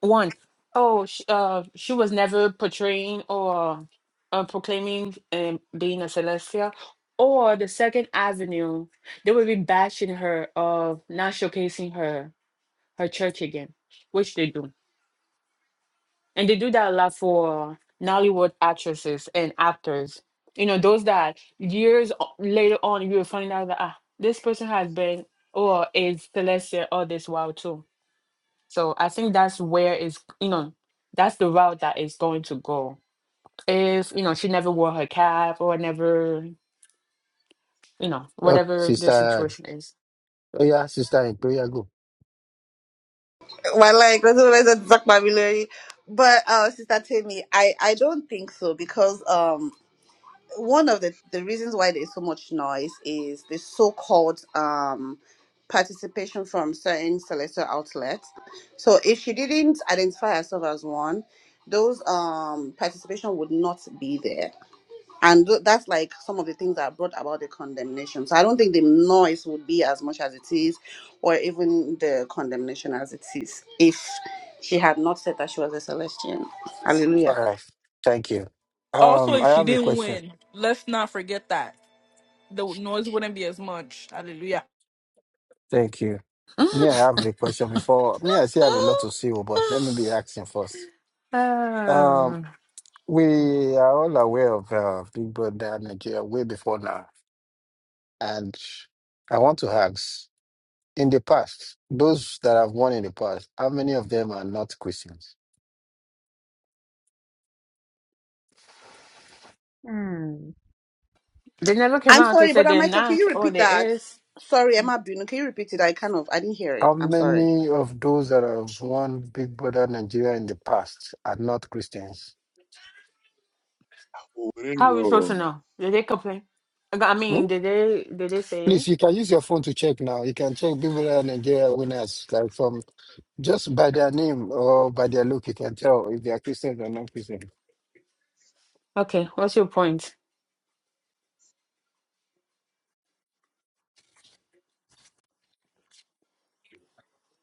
Speaker 4: one, oh, she, uh, she was never portraying or uh, proclaiming um, being a Celestia. Or the second avenue, they will be bashing her of not showcasing her her church again, which they do. And they do that a lot for Nollywood actresses and actors. You know, those that years o- later on you will find out that ah, this person has been or is Celestia all this while too. So I think that's where is you know, that's the route that is going to go. If you know she never wore her cap or never, you know,
Speaker 2: Okay,
Speaker 4: whatever the
Speaker 2: sister
Speaker 4: situation is.
Speaker 2: Oh, yeah, sister, in prayer, go.
Speaker 6: Well, like, that's what I said, Zach Babilary. But, uh, Sister Timmy, I, I don't think so because, um, one of the, the reasons why there's so much noise is the so-called um, participation from certain selector outlets. So if she didn't identify herself as one, those um, participation would not be there. And tho- that's like some of the things that brought about the condemnation. So I don't think the noise would be as much as it is, or even the condemnation as it is, if she had not said that she was a Celestian. Hallelujah.
Speaker 2: All right. Thank you.
Speaker 1: Also,
Speaker 2: Um, I
Speaker 1: if she
Speaker 2: have a
Speaker 1: didn't
Speaker 2: question.
Speaker 1: win, let's not forget that. The noise wouldn't be as much. Hallelujah.
Speaker 2: Thank you. Me, I have a question before. Me, I still have a lot to say, oh, but let me be asking first. Um,
Speaker 4: Um,
Speaker 2: we are all aware of uh, Big Brother Nigeria way before now. And I want to ask, in the past, those that have won in the past, how many of them are not Christians?
Speaker 7: Hmm.
Speaker 4: they never came
Speaker 6: I'm
Speaker 4: out to
Speaker 6: sorry,
Speaker 4: say
Speaker 6: but uh,
Speaker 4: they're
Speaker 6: Michael, can
Speaker 4: not
Speaker 6: you
Speaker 4: or
Speaker 6: repeat
Speaker 4: they
Speaker 6: that?
Speaker 4: is.
Speaker 6: Sorry, Emma Bunu, can you repeat it? I kind of I didn't hear it.
Speaker 2: How
Speaker 6: I'm sorry.
Speaker 2: many of those that have won Big Brother Nigeria in the past are not Christians?
Speaker 3: Oh, I don't
Speaker 4: How are we supposed
Speaker 3: know.
Speaker 4: to know? Did they complain? I got- I
Speaker 2: Hmm?
Speaker 4: mean, did they did they say it?
Speaker 2: Please, you can use your phone to check now. You can check people that are Nigeria winners, like from just by their name or by their look, you can tell if they are Christians or non Christian.
Speaker 4: Okay, what's your point?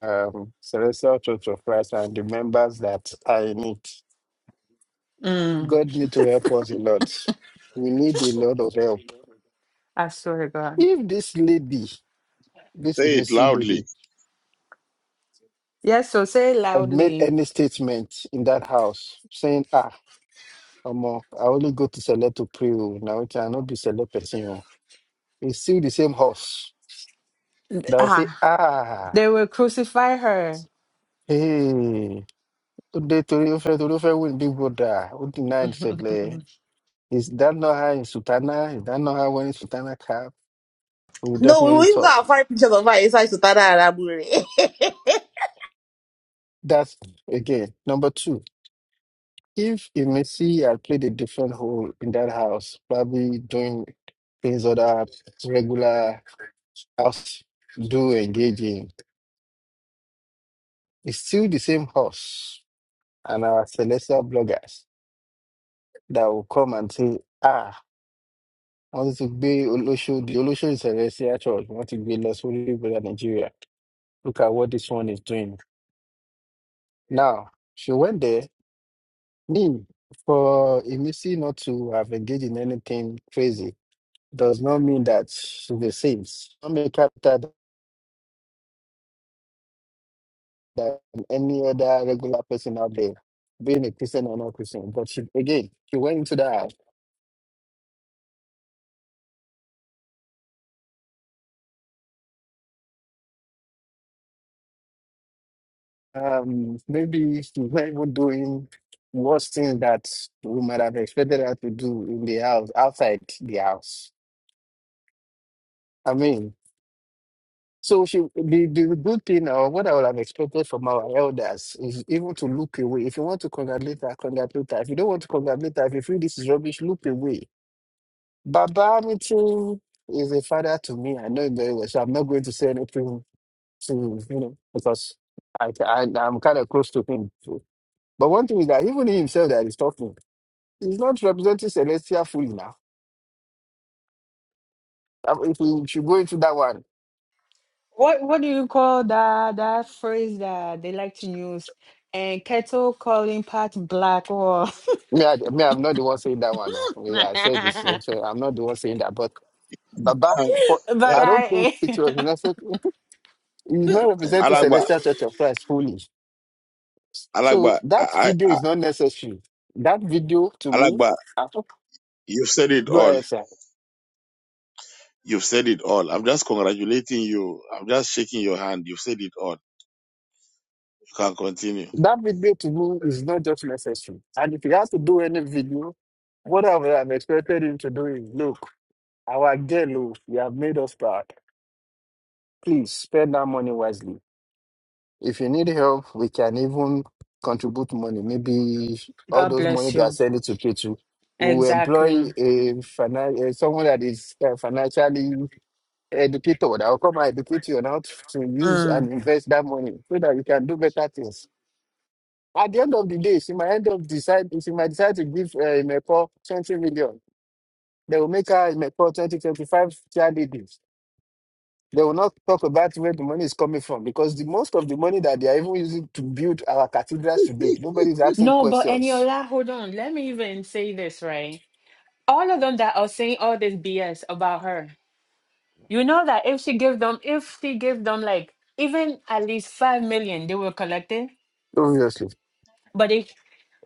Speaker 2: Um, Celestial Church of Christ and the members that are in it.
Speaker 4: Mm,
Speaker 2: God need to help us a lot. We need a lot of help.
Speaker 4: I swear to God.
Speaker 2: If this lady, this
Speaker 3: Say it
Speaker 2: Emisi
Speaker 3: loudly.
Speaker 2: lady,
Speaker 4: Yes, so say it
Speaker 2: had made
Speaker 4: loudly.
Speaker 2: any statement in that house saying, ah, Omo, I only go to Select to pray, oh, now I cannot be Select person, oh," it's still the same house will say,
Speaker 4: Ah,
Speaker 2: ah
Speaker 4: they will crucify her.
Speaker 2: hey ó dé torí ó fẹ́ torí ó fẹ́ win big brother ó deny ìṣẹ̀lẹ̀ is that not how in sultana is that not how when sultana cap we will
Speaker 6: No,
Speaker 2: definitely
Speaker 6: we've got
Speaker 2: talk
Speaker 6: five pictures of her inside Sultana Arabure.
Speaker 2: that's again number two if Emesi had played a different role in that house probably doing things other regular house do engage in it's still the same house and our celestial bloggers that will come and say ah. wọ́n ti gbé olóṣòdì olóṣòdì sí church wọ́n ti gbé lọ sí orílẹ̀-èdè Nigeria look at what this one is doing now she went there me for Emisi not to have engaged in anything crazy does not mean that she's a saint not make her better than any other regular person out there being a Christian or not Christian but she again she went into that house Um, maybe when we're even doing worse things that we might have expected her to do in the house, outside the house. I mean, so she the, the good thing or what I would have expected from our elders is even to look away. If you want to congratulate her, congratulate her. If you don't want to congratulate her, if you feel this is rubbish, look away. Baba Mitin is a father to me. I know him very well, so I'm not going to say anything to you know because I, I I'm kind of close to him. But one thing is that even he himself that is talking, he's not representing Celestia fully now. Um, If we should go into that one,
Speaker 4: What what do you call that that phrase that they like to use? And kettle calling pot black or
Speaker 2: me, I, me, I'm not the one saying that one. No, Me, I said this, eh,
Speaker 4: but
Speaker 2: so I'm not the one saying that. But Baba,
Speaker 3: Uh,
Speaker 2: for
Speaker 3: eh,
Speaker 2: I don't think
Speaker 4: I
Speaker 2: it was necessary. He's not representing
Speaker 3: Alagba,
Speaker 2: Celestial Church of Christ fully. So
Speaker 3: Alagba, I,
Speaker 2: that
Speaker 3: I,
Speaker 2: video
Speaker 3: I-
Speaker 2: is not necessary. That video to me,
Speaker 3: Alagba,
Speaker 2: I hope-
Speaker 3: you've said it
Speaker 2: go
Speaker 3: all.
Speaker 2: ahead, sir.
Speaker 3: You've said it all. I'm just congratulating you. I'm just shaking your hand. You've said it all. You can continue.
Speaker 2: That video to me is not just necessary. And if he has to do any video, what I would have expected him to do is look. Our Gelu, you have made us proud. Please spend that money wisely. If you need help, we can even contribute money. Maybe all
Speaker 4: God
Speaker 2: those money
Speaker 4: bless
Speaker 2: they are
Speaker 4: you.
Speaker 2: sending to Ketu. We will employ
Speaker 4: Exactly.
Speaker 2: a finan- uh, someone that is uh, financially educated that will come and educate you on how to use
Speaker 4: Mm.
Speaker 2: and invest that money so that you can do better things. At the end of the day, she might end up decide she might decide to give uh, Imeko 20 million. They will make her Imeko twenty twenty five 25 chair They will not talk about where the money is coming from because the most of the money that they are even using to build our cathedrals today, nobody is asking
Speaker 4: No, but
Speaker 2: questions.
Speaker 4: Eniola, hold on. Let me even say this, right? all of them that are saying all this BS about her, you know that if she give them, if she give them like even at least five million, they will collect it.
Speaker 2: Obviously.
Speaker 4: But they,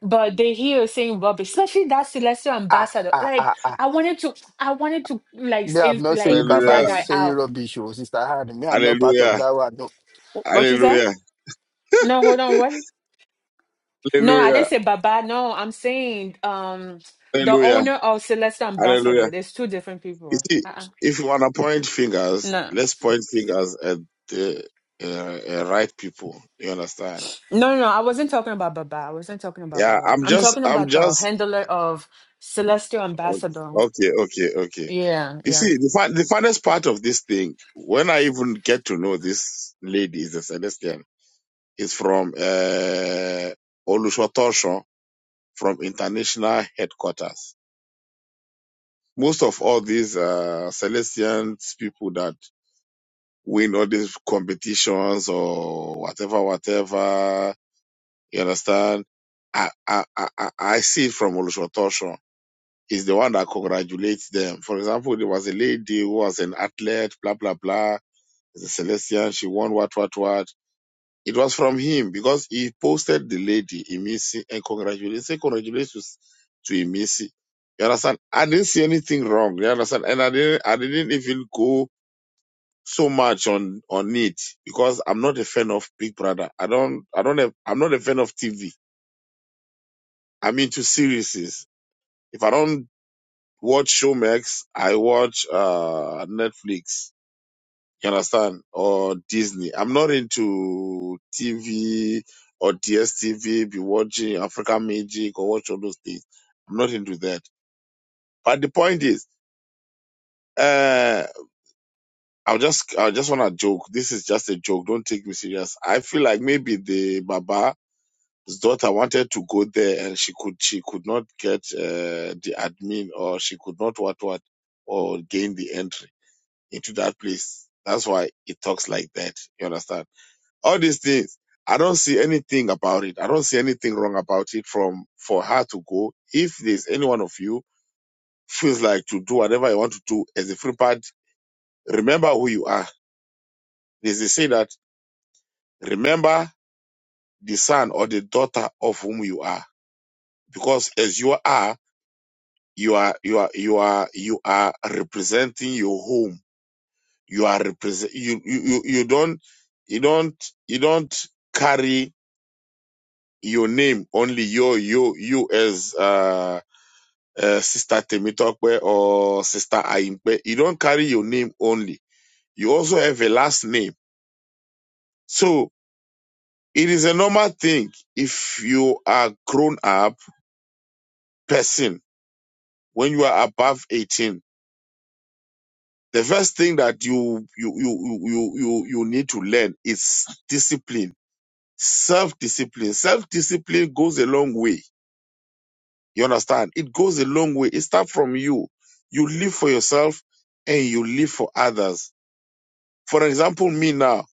Speaker 4: but they hear saying rubbish, especially that celestial
Speaker 2: Ah,
Speaker 4: ambassador.
Speaker 2: ah,
Speaker 4: Like
Speaker 2: ah, ah.
Speaker 4: I wanted to, I wanted to like
Speaker 2: Me, I'm
Speaker 4: say,
Speaker 2: not
Speaker 4: like
Speaker 2: saying
Speaker 4: curse
Speaker 2: Baba
Speaker 3: Hallelujah.
Speaker 4: that
Speaker 2: is
Speaker 4: guy
Speaker 2: saying
Speaker 4: out.
Speaker 2: rubbish, oh, Sister Han. Me, I'm not part of
Speaker 3: Hallelujah.
Speaker 2: that one. No.
Speaker 4: What you said?
Speaker 3: Hallelujah.
Speaker 4: No, hold on. What? No, I
Speaker 3: Hallelujah.
Speaker 4: didn't say Baba. No, I'm saying um the
Speaker 3: Hallelujah.
Speaker 4: owner of Celestial
Speaker 3: Hallelujah.
Speaker 4: Ambassador. There's two different
Speaker 3: You
Speaker 4: people.
Speaker 3: see, if you want to point fingers,
Speaker 4: No.
Speaker 3: let's point fingers at the uh, uh, right people. You understand?
Speaker 4: No, no, no. I wasn't talking about Baba. I wasn't talking about
Speaker 3: Yeah,
Speaker 4: Baba.
Speaker 3: I'm
Speaker 4: I'm
Speaker 3: just,
Speaker 4: talking
Speaker 3: I'm
Speaker 4: about the
Speaker 3: just,
Speaker 4: handler of Celestial Ambassador.
Speaker 3: okay, okay, okay.
Speaker 4: Yeah,
Speaker 3: You
Speaker 4: yeah.
Speaker 3: see, the, fun, the funnest part of this thing, when I even get to know this lady, is a Celestian, is from uh, Olushotosho, from international headquarters. Most of all these uh, Celestians people that win all these competitions or whatever, whatever. You understand? I I I, I I see it from Olushotosho. He's the one that congratulates them. For example, there was a lady who was an athlete, blah blah blah. As a Celestian, she won what what what. It was from him because he posted the lady Emisi and congratulated, say congratulations to Emisi. You understand? I didn't see anything wrong. You understand? And I didn't, I didn't even go so much on on it because I'm not a fan of Big Brother. I don't I don't have I'm not a fan of TV. I'm into series. If I don't watch Showmax, I watch uh Netflix. You understand? Or Disney. I'm not into TV or DSTV, be watching African Magic or watch all those things. I'm not into that. But the point is, uh I'll just I just wanna joke. This is just a joke. Don't take me serious. I feel like maybe the Baba His daughter wanted to go there and she could she could not get uh, the admin or she could not what what or gain the entry into that place. That's why it talks like that. You understand? All these things. I don't see anything about it. I don't see anything wrong about it from for her to go. If there's any one of you feels like to do whatever you want to do as a free part, remember who you are. There's a say that remember the son or the daughter of whom you are. Because as you are, you are you are you are you are representing your home you are represent you, you you you don't you don't you don't carry your name only you you you as uh, uh sister temitokwe or sister aimpe you don't carry your name only you also have a last name so it is a normal thing if you are grown up person when you are above 18 The first thing that you you you you you you need to learn is discipline, self-discipline. Self-discipline goes a long way. You understand? It goes a long way. It starts from you. You live for yourself and you live for others. For example, me now,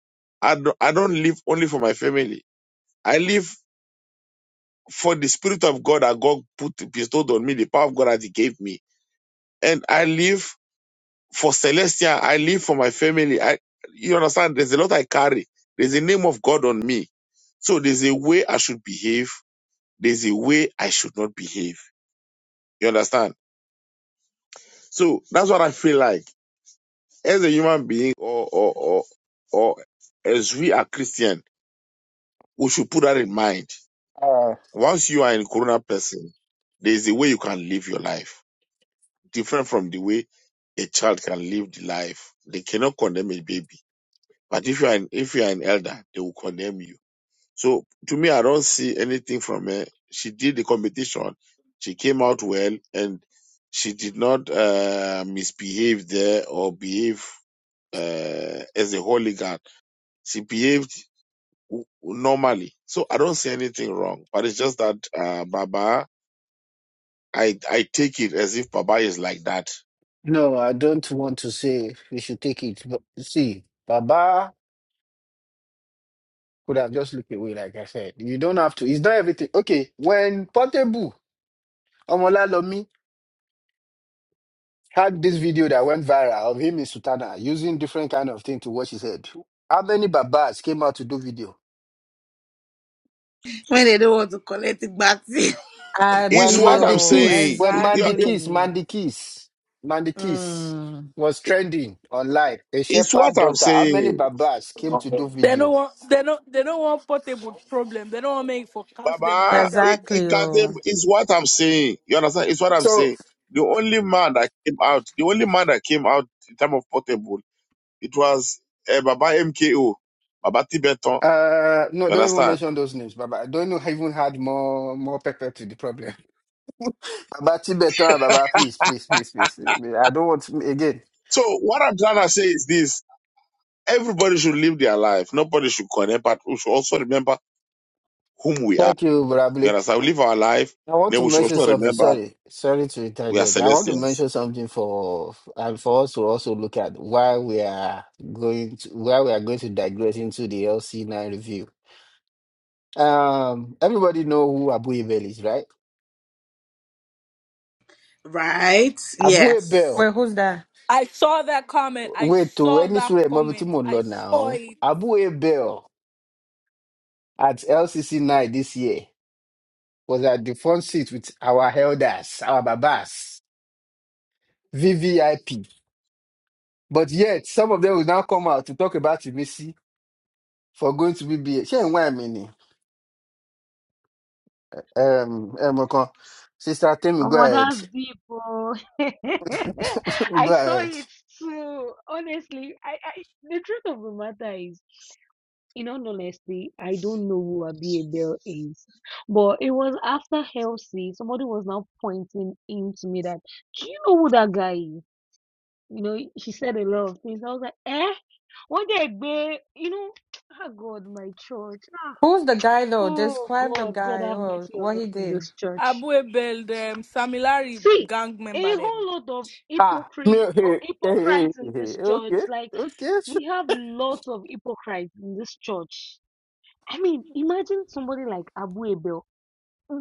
Speaker 3: I don't, I don't live only for my family. I live for the spirit of God that God put bestowed on me, the power of God that He gave me, and I live For Celestia, I live for my family. I, you understand? There's a lot I carry. There's a name of God on me. So there's a way I should behave. There's a way I should not behave. You understand? So that's what I feel like as a human being, or or or, or as we are Christian, we should put that in mind.
Speaker 2: Uh,
Speaker 3: Once you are in Corona person, there's a way you can live your life different from the way a child can live the life. They cannot condemn a baby, but if you are an, if you are an elder, they will condemn you. So to me, I don't see anything from her. She did the competition. She came out well, and she did not uh, misbehave there or behave uh, as a hooligan. She behaved w- normally. So I don't see anything wrong. But it's just that uh, Baba, I I take it as if Baba is like that.
Speaker 2: no, I don't want to say we should take it. But see, Baba could have just looked away, like I said. You don't have to. It's not everything. Okay, when Portable, Omolalomi had this video that went viral of him in Sutana using different kind of thing to wash his head. How many babas came out to do video?
Speaker 6: when they don't want to collect it back.
Speaker 3: It's
Speaker 2: When
Speaker 3: what I'm
Speaker 2: Mandy
Speaker 4: Abio,
Speaker 2: Kiss,
Speaker 3: saying.
Speaker 2: when
Speaker 3: It- you-
Speaker 2: Mandy Kiss,
Speaker 4: exactly.
Speaker 2: Mandy Kiss, Mandy Kiss
Speaker 4: Mm,
Speaker 2: was trending online, a
Speaker 3: It's
Speaker 2: shepherd
Speaker 3: what I'm
Speaker 2: daughter, how
Speaker 3: saying.
Speaker 2: many babas came to do
Speaker 1: They don't
Speaker 2: video?
Speaker 1: want they don't they don't want portable problem. They don't want make forecast them on
Speaker 3: Baba,
Speaker 1: social
Speaker 3: it
Speaker 1: media.
Speaker 3: it
Speaker 4: exactly.
Speaker 3: got them.
Speaker 4: Oh.
Speaker 3: It's what I'm saying. You understand? It's what I'm
Speaker 2: So,
Speaker 3: saying. The only man that came out, the only man that came out in time of portable, it was uh, Baba MKO, Baba Tibeton.
Speaker 2: uh, no,
Speaker 3: You
Speaker 2: don't even
Speaker 3: understand?
Speaker 2: mention those names, Baba. I don't know, I even had more, more pepper to the problem. Baba Tibetan, Baba, please, please, please, please. I don't want, again.
Speaker 3: So what I'm trying to say is this: everybody should live their life. Nobody should connect, but we should also remember whom we are.
Speaker 2: Thank you,
Speaker 3: You
Speaker 2: Brable.
Speaker 3: understand? We live our life.
Speaker 2: I want
Speaker 3: Then
Speaker 2: to
Speaker 3: we should
Speaker 2: mention
Speaker 3: also
Speaker 2: something.
Speaker 3: remember
Speaker 2: Sorry, sorry to
Speaker 3: we are
Speaker 2: interject. I want to
Speaker 3: Celestians.
Speaker 2: mention something for and for us to also look at why we are going to why we are going to digress into the LC nine review. Um, everybody know who Abu Ebel is, right?
Speaker 6: right?
Speaker 2: Abu
Speaker 6: Yes.
Speaker 2: Ebel.
Speaker 4: Wait, who's that?
Speaker 1: I saw that comment. I
Speaker 2: Wait to
Speaker 1: saw
Speaker 2: any
Speaker 1: that
Speaker 2: sure
Speaker 1: comment.
Speaker 2: Mobitimo
Speaker 1: I
Speaker 2: Lord
Speaker 1: saw
Speaker 2: now.
Speaker 1: it.
Speaker 2: Abu Ebel at LCC nine this year was at the front seat with our elders, our babas, VVIP. But yet, some of them will now come out to talk about Timisi for going to BBA. She ain't why mini. Um, um, okay. sister, tell me
Speaker 7: Oh,
Speaker 2: go
Speaker 7: well,
Speaker 2: ahead,
Speaker 7: that's deep. Oh. I
Speaker 2: go
Speaker 7: saw
Speaker 2: ahead.
Speaker 7: it too. Honestly, I, I the truth of the matter is, in all honesty, I don't know who Abia Bell is. But it was after Halsey, somebody was now pointing in to me that, do you know who that guy is? You know, she said a lot of things. I was like, eh? One day, babe, you know, ah God, my church. Ah,
Speaker 4: Who's the guy though?
Speaker 7: oh,
Speaker 4: Describe the
Speaker 7: God, God
Speaker 4: guy
Speaker 7: have
Speaker 4: or
Speaker 7: mercy on
Speaker 4: what he
Speaker 7: us in
Speaker 4: did.
Speaker 7: this church.
Speaker 1: Abu Ebel them Samilari
Speaker 7: see
Speaker 1: gang
Speaker 7: a
Speaker 1: member them.
Speaker 7: whole lot of
Speaker 2: Ah, me
Speaker 7: hypocrite oh,
Speaker 2: hey, hey, hey,
Speaker 7: hypocrites in
Speaker 2: hey.
Speaker 7: this
Speaker 2: okay,
Speaker 7: church like
Speaker 2: okay.
Speaker 7: we have lots of hypocrites in this church i mean imagine somebody like abu abel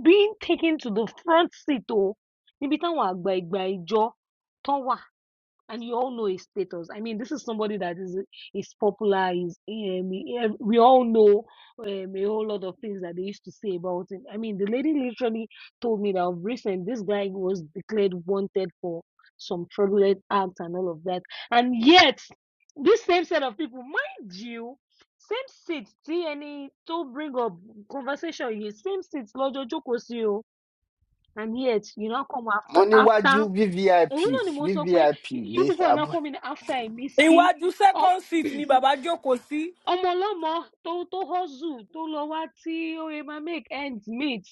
Speaker 7: being taken to the front seat oh níbi táwọn àgbà ìgbà ìjọ tán wà and you all know his status. I mean, this is somebody that is is popular. Is um, he- ev- we all know um, a whole lot of things that they used to say about him. I mean, the lady literally told me that of recent this guy was declared wanted for some fraudulent acts and all of that, and yet this same set of people, mind you. Same seats, see any to bring up conversation, you same seats, Lord Joko and yet you now come after
Speaker 2: Money what you
Speaker 7: after Òun náà
Speaker 2: VVIP,
Speaker 7: ni mò ń sọ pé
Speaker 2: VVIP.
Speaker 7: you
Speaker 2: They
Speaker 7: people are now
Speaker 2: abo-
Speaker 7: coming after èmi sí
Speaker 1: Iwaju
Speaker 7: ọ-
Speaker 1: second seat ni Baba Joko si.
Speaker 7: ọmọ ọlọ́mọ tó tó hustle tó lọ wá tí ó yẹ máa make ends meet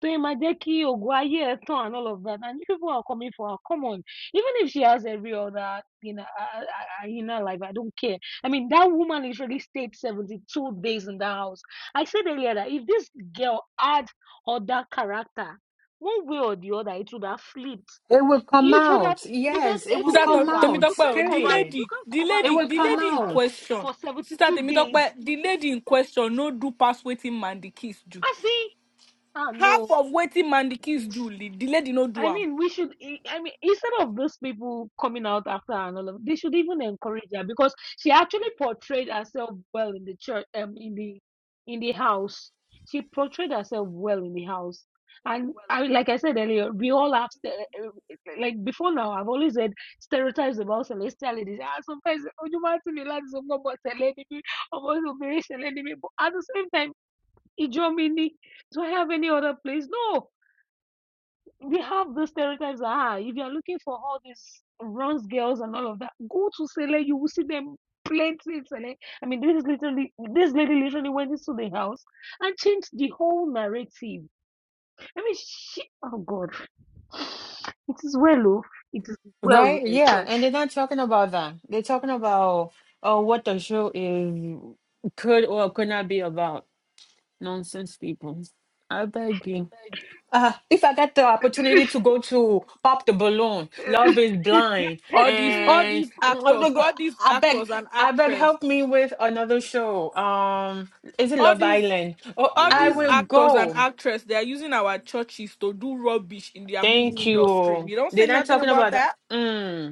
Speaker 7: tó yẹ máa jẹ́ kí ògo ayé ẹ̀ tàn and all of that and you people are coming for her come on even if she has every other in her, in her life I don't care I mean that woman literally stayed seventy two days in that house I said earlier that if this girl had other character one way or the other it would have flipped
Speaker 4: It will come
Speaker 7: it would have
Speaker 4: out.
Speaker 7: because
Speaker 4: Yes, it will
Speaker 1: Sister
Speaker 4: come
Speaker 1: Temi-
Speaker 7: Efiniwa,
Speaker 4: out.
Speaker 7: you
Speaker 1: Temitope,
Speaker 7: can
Speaker 1: o, the
Speaker 7: cover
Speaker 4: Period.
Speaker 7: you
Speaker 1: lady,
Speaker 7: can
Speaker 1: the
Speaker 4: It
Speaker 7: cover
Speaker 1: lady,
Speaker 7: your
Speaker 4: will
Speaker 1: the
Speaker 4: come
Speaker 1: lady in
Speaker 7: character
Speaker 4: out.
Speaker 1: question.
Speaker 7: for
Speaker 1: Sister
Speaker 7: 72
Speaker 1: Temitope,
Speaker 7: days.
Speaker 1: the lady in question no do pass waiting man the kiss do.
Speaker 7: I see, ah
Speaker 1: Half
Speaker 7: no.
Speaker 1: of waiting man the kiss do, the lady no do
Speaker 7: I
Speaker 1: am.
Speaker 7: mean, we should. I I mean, instead of those people coming out after her and all of, they should even encourage her because she actually portrayed herself well in the church, um, in the in the house. She portrayed herself well in the house, and I, like I said earlier, we all have ste- uh, like before now. I've always said stereotypes about celestial ladies. Ah, sometimes Ojumatimi ladies but almost But at the same time, Ijomini. Do I have any other place? No we have those stereotypes ah, if you're looking for all these runs girls and all of that, go to Sele, you will see them plenty in Sele. I mean, this is literally this lady literally went into the house and changed the whole narrative. I mean, she, oh God, it is well, oh, it is well with
Speaker 4: Right?
Speaker 7: my
Speaker 4: Yeah. And
Speaker 7: church.
Speaker 4: they're not talking about that. They're talking about oh what the show is could or could not be about. Nonsense people. I beg you. Uh, if I get the opportunity to go to Pop the Balloon, Love is Blind,
Speaker 1: all these all
Speaker 4: and
Speaker 1: these actors all these
Speaker 4: I beg,
Speaker 1: actors and
Speaker 4: I beg,
Speaker 1: actresses
Speaker 4: help me with another show. Um, is it
Speaker 1: all
Speaker 4: Love
Speaker 1: these
Speaker 4: Island? Oh,
Speaker 1: all
Speaker 4: I
Speaker 1: these
Speaker 4: will
Speaker 1: actors and
Speaker 4: go.
Speaker 1: actresses they are using our churches to do rubbish in their movie
Speaker 4: Thank
Speaker 1: industry
Speaker 4: you.
Speaker 1: you don't say
Speaker 4: They're not
Speaker 1: nothing
Speaker 4: talking
Speaker 1: about
Speaker 4: about that.
Speaker 1: that
Speaker 4: Mm.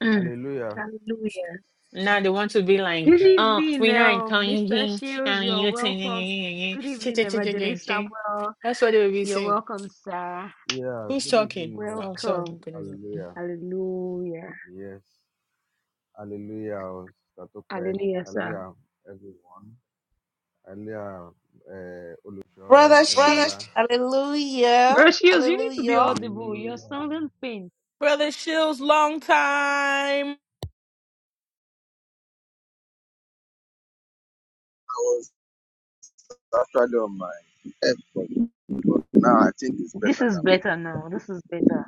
Speaker 7: Mm, Hallelujah.
Speaker 4: Now they want to be like,
Speaker 7: Good
Speaker 4: oh,
Speaker 7: evening,
Speaker 4: we're not
Speaker 7: um, Mr.
Speaker 4: counting
Speaker 7: Shields.
Speaker 4: and
Speaker 7: You're
Speaker 4: you
Speaker 7: welcome.
Speaker 4: think
Speaker 7: Good
Speaker 4: chi-
Speaker 7: evening,
Speaker 4: chi- chi- chi- chi-
Speaker 7: Evangelist
Speaker 4: chi.
Speaker 7: Samuel.
Speaker 4: that's what they will be
Speaker 7: You're
Speaker 4: saying.
Speaker 7: welcome, sir.
Speaker 4: Who's talking? Oh, sorry.
Speaker 7: Welcome.
Speaker 4: good evening.
Speaker 7: Hallelujah. Hallelujah, sir.
Speaker 6: Brother She, hallelujah.
Speaker 7: Gracious, you need to be
Speaker 6: Hallelujah.
Speaker 7: audible. You're sounding faint.
Speaker 1: brother shields long time
Speaker 7: This is better now. This is better.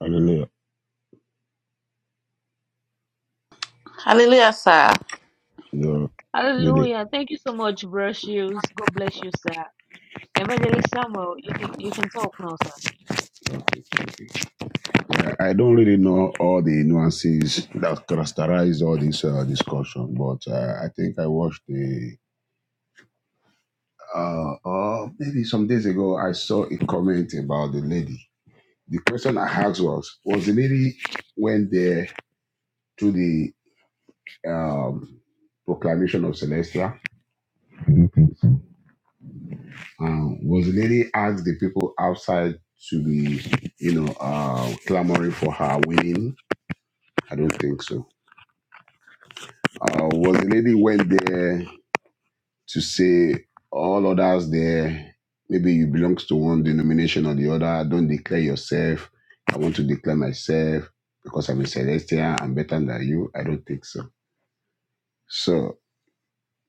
Speaker 8: Hallelujah.
Speaker 6: Hallelujah, sir.
Speaker 8: You're with it.
Speaker 7: Hallelujah. Thank you so much, Gracious. God bless you, sir. Evangelist Samuel, you can you can talk now, sir.
Speaker 8: Okay, thank you. I I don't really know all the nuances that characterize all this uh, discussion, but uh, I think I watched the, uh, uh, maybe some days ago, I saw a comment about the lady. The question I asked was, was the lady went there to the um, proclamation of Celestia? Um, was the lady asked the people outside to be, you know, uh, clamoring for her winning? I don't think so. Uh, was the lady went there to say all others there? Maybe you belong to one denomination or the other. Don't declare yourself. I want to declare myself because I'm a celestial. I'm better than you. I don't think so. So,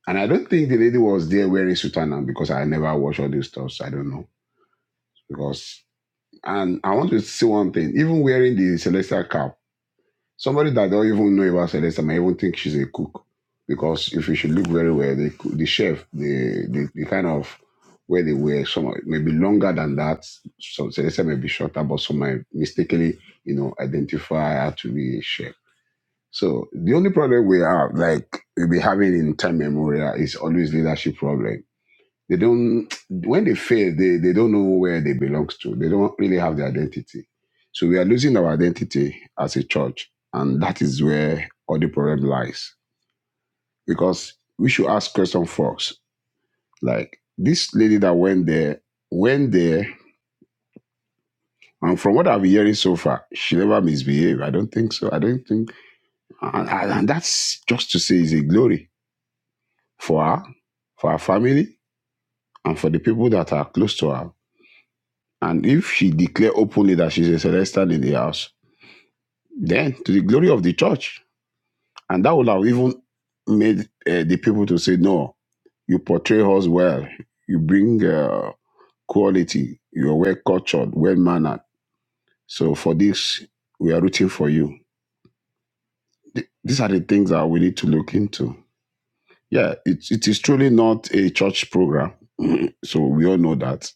Speaker 8: and I don't think the lady was there wearing sutana because I never watch all these stuff. So I don't know because. And I want to say one thing. Even wearing the celestial cap, Somebody that don't even know about Celeste might even think she's a cook because if you should look very well, the coo- the chef, the the, the kind of where they were, some maybe longer than that. So Celeste may be shorter, but some might mistakenly, you know, identify her to be a chef. So the only problem we have, like we'll be having in time memorial, is always leadership problem they don't when they fail, they, they don't know where they belong to. They don't really have their identity. So we are losing our identity as a church, and that is where all the problem lies. Because we should ask question first. Like this lady that went there, went there, and from what I've been hearing so far, she never misbehaved. I don't think so. I don't think and, and and that's just to say is a glory for her, for her family, and for the people that are close to her. And if she declare openly that she's a celestial in the house, then to the glory of the church. And that would have even made uh, the people to say, no, you portray us well. You bring uh, quality. You're well cultured, well mannered. So for this, we are rooting for you. Th- These are the things that we need to look into. Yeah, it, it is truly not a church program. so we all know that.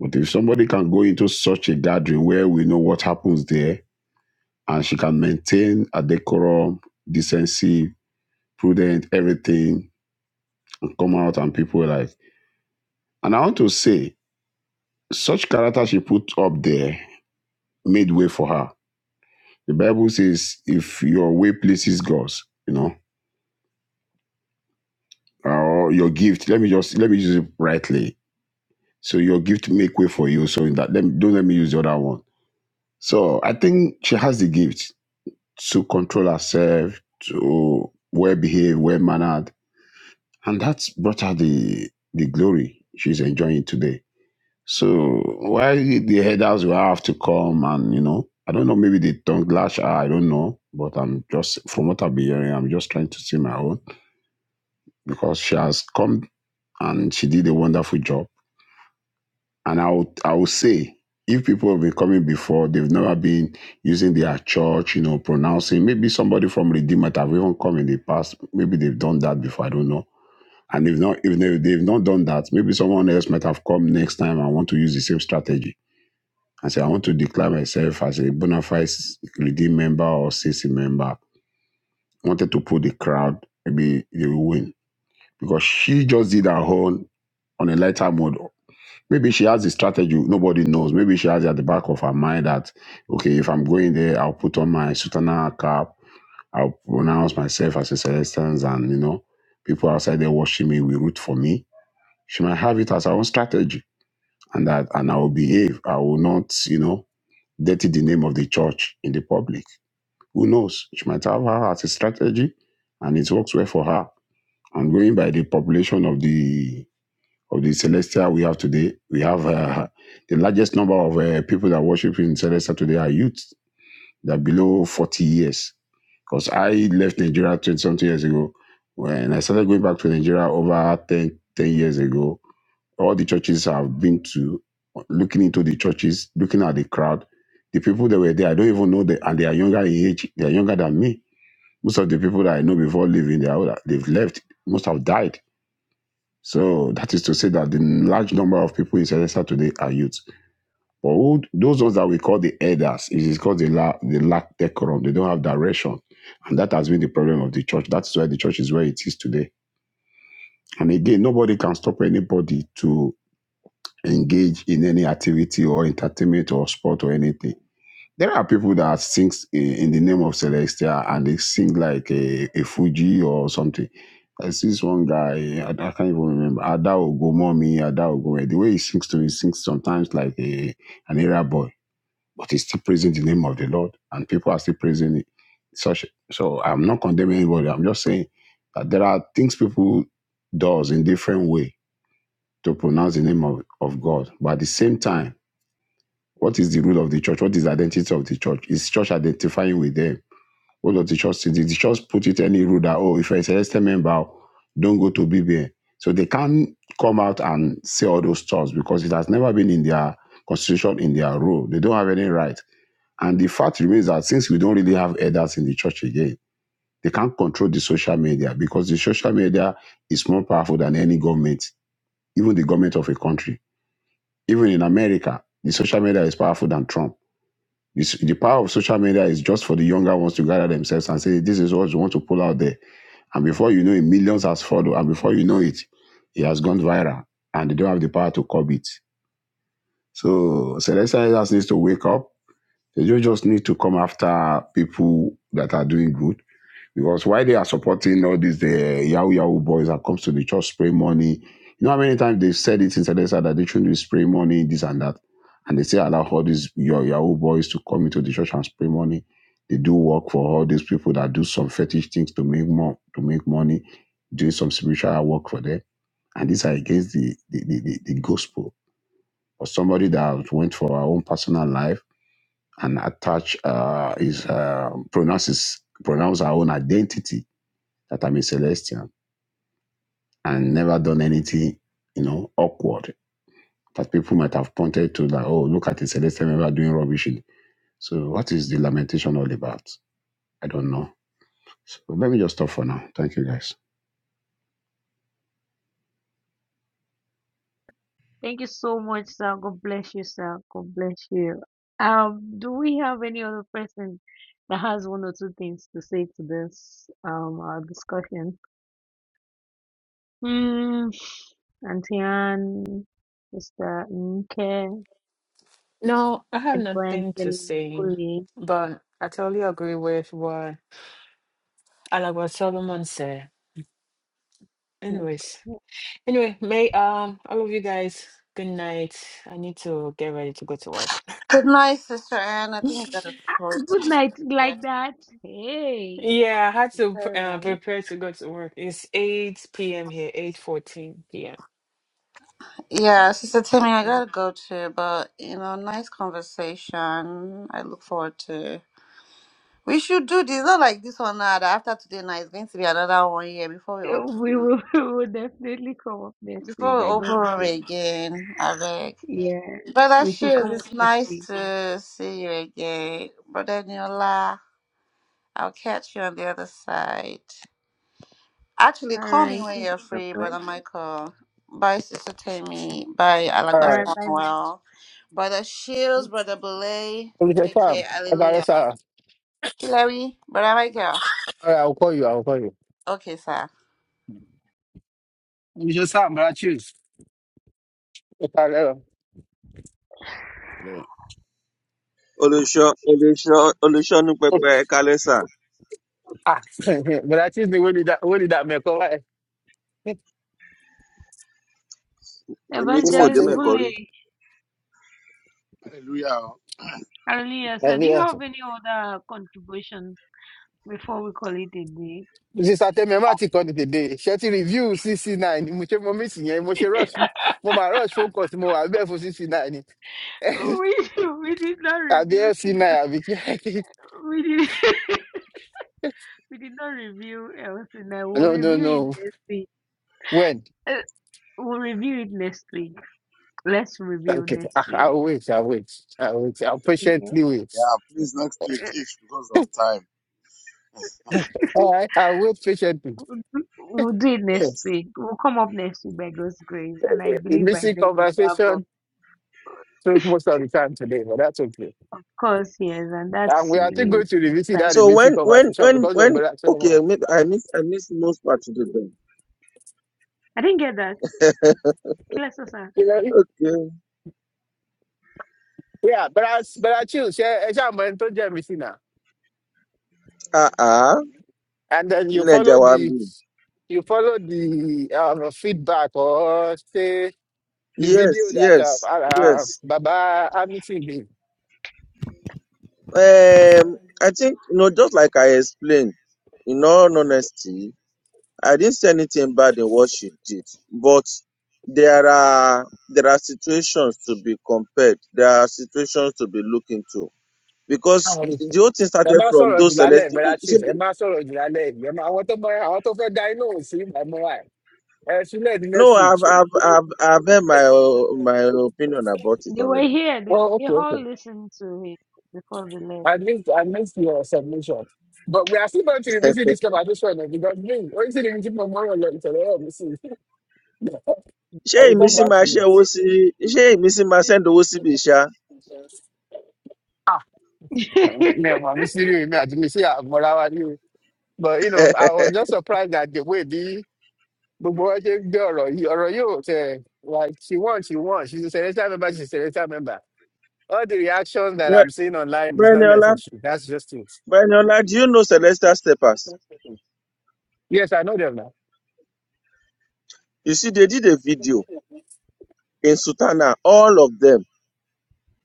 Speaker 8: But if somebody can go into such a gathering where we know what happens there, and she can maintain a decorum, decency, prudent, everything, and come out and people were like. And I want to say, such character she put up there made way for her. The Bible says, if your way pleases God, you know, or your gift, let me just let me use it rightly. So your gift make way for you. So in that, let me, don't let me use the other one. So I think she has the gift to control herself, to well behave, well mannered, and that's brought her the the glory she's enjoying today. So why the headers will have to come and you know, I don't know, maybe they tongue lash her, I don't know, but I'm just from what I've been hearing, I'm just trying to see my own because she has come and she did a wonderful job. And I would I would say if people have been coming before, they've never been using their church, you know, pronouncing. Maybe somebody from Redeemer that have even come in the past. Maybe they've done that before. I don't know And if not, if they, they've not done that, maybe someone else might have come next time and want to use the same strategy and say, I want to declare myself as a bona fide redeemed member or CC member. Wanted to put the crowd, maybe they will win. Because she just did her own on a lighter mode. Maybe she has the strategy, nobody knows. Maybe she has it at the back of her mind that, okay, if I'm going there, I'll put on my sutana cap, I'll pronounce myself as a Celestians, and, you know, people outside there watching me will root for me she might have it as her own strategy, and that and I will behave. I will not, you know, dirty the name of the church in the public. Who knows? She might have her as a strategy, and it works well for her. And going by the population of the of the Celestia we have today, we have uh, the largest number of uh, people that worship in Celestia today are youth. They're below forty years because I left Nigeria 20 something years ago. When I started going back to Nigeria over 10 10 years ago, all the churches I've been to, looking into the churches, looking at the crowd, the people that were there, I don't even know them, and they are younger in age. They are younger than me. Most of the people that I know before leaving, they are, older. they've left. Most have died. So that is to say that the large number of people in Celesta today are youth. But who, those ones that we call the elders, it is called the, la, the lack decorum. They don't have direction. And that has been the problem of the church. That's why the church is where it is today. And again, nobody can stop anybody to. engage in any activity or entertainment or sport or anything. There are people that sing in in the name of Celestia and they sing like a, a Fuji or something. I see this one guy, I, I can't even remember, Adao Gomomi, Adao Gomomi. The way he sings to me, he sings sometimes like a, an era boy, but he's still praising the name of the Lord and people are still praising it. Such, so I'm not condemning anybody. I'm just saying that there are things people does in different way to pronounce the name of, of God. But at the same time, what is the rule of the church? What is the identity of the church? Is church identifying with them? What does the church say? Did the church put it any rule that, oh, if you're a celestial member, don't go to BBN? So they can't come out and say all those thoughts because it has never been in their constitution, in their rule. They don't have any right. And the fact remains that since we don't really have elders in the church again, they can't control the social media because the social media is more powerful than any government, even the government of a country even in America, the social media is powerful than Trump. This, the power of social media is just for the younger ones to gather themselves and say, this is what you want to pull out there. And before you know it, millions has followed. And before you know it, it has gone viral and they don't have the power to curb it. So Celestial just needs to wake up. They don't just need to come after people that are doing good because why they are supporting all these the Yahoo Yahoo boys that comes to the church spray money, you know how many times they said it inside they said that they shouldn't be spray money, this and that. And they say allow all these your Yahoo boys to come into the church and spray money. They do work for all these people that do some fetish things to make more to make money, doing some spiritual work for them. And these are against the the, the, the, the gospel. Or somebody that went for our own personal life and attach uh, his uh, pronounces pronounce our own identity that I'm a celestial and never done anything, you know, awkward that people might have pointed to that, oh, look at the celestial member doing rubbish. So what is the lamentation all about? I don't know. So let me just stop for now. Thank you guys.
Speaker 7: Thank you so much, sir. God bless you, sir. God bless you. Um, do we have any other person that has one or two things to say to this um our discussion? Auntie Anne, Mr. Nke,
Speaker 4: No, I have nothing to
Speaker 7: Evangeline
Speaker 4: say,
Speaker 7: Bully.
Speaker 4: but I totally agree with what Alagwa Solomon said. Anyways,
Speaker 7: Okay.
Speaker 4: anyway, may um all of you guys, good night. I need to get ready to go to work.
Speaker 6: Good night, Sister Anne. I think I gotta go.
Speaker 7: Good
Speaker 6: to-
Speaker 7: night, like that. Hey,
Speaker 4: Yeah, I had to
Speaker 7: all
Speaker 4: uh,
Speaker 7: right,
Speaker 4: prepare to go to work. It's 8 p.m. here, 8:14 p.m.
Speaker 6: Yeah, Sister Timmy, I
Speaker 7: right.
Speaker 6: gotta go too, but you know, nice conversation. I look forward to. We should do this. Not like this one now. That after today now, it's going to be another one year before we open.
Speaker 7: We will, we will definitely come up next
Speaker 6: Before
Speaker 7: week
Speaker 6: we
Speaker 7: by
Speaker 6: open
Speaker 7: God's
Speaker 6: room
Speaker 7: grace.
Speaker 6: again, I
Speaker 7: Yeah,
Speaker 6: Brother
Speaker 7: we should
Speaker 6: Shields,
Speaker 7: come up
Speaker 6: it's
Speaker 7: next
Speaker 6: nice
Speaker 7: week.
Speaker 6: to see you again. Brother Niola, I'll catch you on the other side. Actually,
Speaker 7: All
Speaker 6: call me
Speaker 7: right,
Speaker 6: when
Speaker 7: thank
Speaker 6: you're
Speaker 7: you so
Speaker 6: free,
Speaker 7: much.
Speaker 6: Brother Michael. Bye, Sister Tammy. Bye,
Speaker 2: all
Speaker 7: All
Speaker 6: Alagba
Speaker 2: right.
Speaker 7: right, bye, ma'am.
Speaker 6: Samuel. Brother Shields, Brother Belay.
Speaker 2: Mr.
Speaker 6: Take
Speaker 2: Sam,
Speaker 6: care.
Speaker 2: okay,
Speaker 6: Hallelujah.
Speaker 2: sir.
Speaker 6: Hillary, Brother Michael.
Speaker 2: All right, I'll call you. I'll call you.
Speaker 6: Okay, sir.
Speaker 2: Mr. Sam, but I choose. Okay, hello.
Speaker 8: Yeah,
Speaker 2: Ah, but I choose the way did that. Where did that make? All right. Sister,
Speaker 7: Evangelist Bully,
Speaker 3: Hallelujah.
Speaker 7: Aurelius,
Speaker 2: tell
Speaker 7: sir, do you
Speaker 2: me.
Speaker 7: have any other contributions before we call it a day?
Speaker 2: sísá tẹ́mi ẹ̀ má ti kọ́ni tèdè ṣẹ́ ti review cc nine ni mo ṣe mo miss yẹn mo ṣe
Speaker 7: we,
Speaker 2: rush ní- mo máa rush focus. call tí mo wà bẹ́ẹ̀ fún cc nine ni
Speaker 7: we did not
Speaker 2: àbí fc
Speaker 7: review
Speaker 2: nine àbí kí
Speaker 7: We did we did not review Elsinore. We'll
Speaker 2: no no
Speaker 7: review
Speaker 2: no
Speaker 7: it next week.
Speaker 2: when
Speaker 7: Uh, we'll review it next week. Let's review
Speaker 2: okay I,
Speaker 7: next week.
Speaker 2: i'll wait i'll wait i'll wait i'll
Speaker 7: Yeah.
Speaker 2: patiently wait
Speaker 3: Yeah, please next week each because of time.
Speaker 2: all right i'll wait patiently
Speaker 7: We'll do we'll do it
Speaker 2: a
Speaker 7: next
Speaker 3: Yes.
Speaker 7: week. We'll come up next week by God's grace, and I believe by
Speaker 2: missing
Speaker 7: then we'll
Speaker 2: conversation took
Speaker 7: have a
Speaker 2: most of the time today but that's okay
Speaker 7: Of course, yes, and
Speaker 2: and
Speaker 7: that's
Speaker 2: we are still
Speaker 7: really
Speaker 2: going to revisit that
Speaker 7: exciting.
Speaker 9: So
Speaker 2: missing
Speaker 9: when
Speaker 2: conversation because of
Speaker 9: when
Speaker 2: brother
Speaker 9: okay,
Speaker 2: solomon
Speaker 7: I didn't get that. Killer
Speaker 2: you know yeah brother brother chill ṣe ẹ I mọ ẹni tó jẹ́ mi sí
Speaker 9: ah ah,
Speaker 2: and then you follow the
Speaker 9: Njawambi.
Speaker 2: you follow the um, feedback or say the video
Speaker 9: Yes,
Speaker 2: that um, uh,
Speaker 9: yes,
Speaker 2: uh,
Speaker 9: yes.
Speaker 2: Baba Hamilton did.
Speaker 9: Um, I think you know, just like I explained, in all honesty, I didn't say anything bad in what she did, but there are there are situations to be compared. There are situations to be looked into because
Speaker 2: Um,
Speaker 9: the whole thing
Speaker 2: Ẹ
Speaker 9: started
Speaker 2: má
Speaker 9: from
Speaker 2: sọ̀rọ̀ jù
Speaker 9: those
Speaker 2: lálẹ́
Speaker 9: celestial.
Speaker 2: ìgbéra chief, ẹ má sọ̀rọ̀ jù lálẹ́ ìgbéra. Àwọn tó mọ àwọn tó fẹ́ da inú òun sí ìgbà mọ́ra ẹ̀. Ẹ sílẹ̀ ní
Speaker 9: No,
Speaker 2: next
Speaker 9: I've
Speaker 2: week.
Speaker 9: I've I've I've heard my uh, my opinion about it
Speaker 7: They were
Speaker 9: already.
Speaker 7: here. They,
Speaker 2: Oh,
Speaker 7: they
Speaker 2: okay,
Speaker 7: all
Speaker 2: okay.
Speaker 7: listened to it before they
Speaker 2: I missed, I missed your submission. But we are still going to revisit this conversation because me, only the meeting tomorrow, like, so, oh, we see.
Speaker 9: ṣé
Speaker 2: I will
Speaker 9: èmi
Speaker 2: come
Speaker 9: sì
Speaker 2: back
Speaker 9: máa
Speaker 2: to
Speaker 9: ṣẹ́
Speaker 2: you.
Speaker 9: owó sí ṣé èmi sì máa send owó síbi ṣá
Speaker 2: Ah, never. I'm serious. Me, I didn't say I'm more than you. But you know, I was just surprised that the way the gbogbo wọn ṣe ń gbé ọ̀rọ̀ yìí ọ̀rọ̀ yóò tẹ̀ like she won she won she's a senator member she's a senator member all the reactions that I'm
Speaker 9: Bre-
Speaker 2: seeing online is not
Speaker 9: breniola
Speaker 2: necessary that's just it.
Speaker 9: breniola do you know celestial steppers
Speaker 2: Yes, I know them now.
Speaker 9: you see they did a video in Sutana. all of them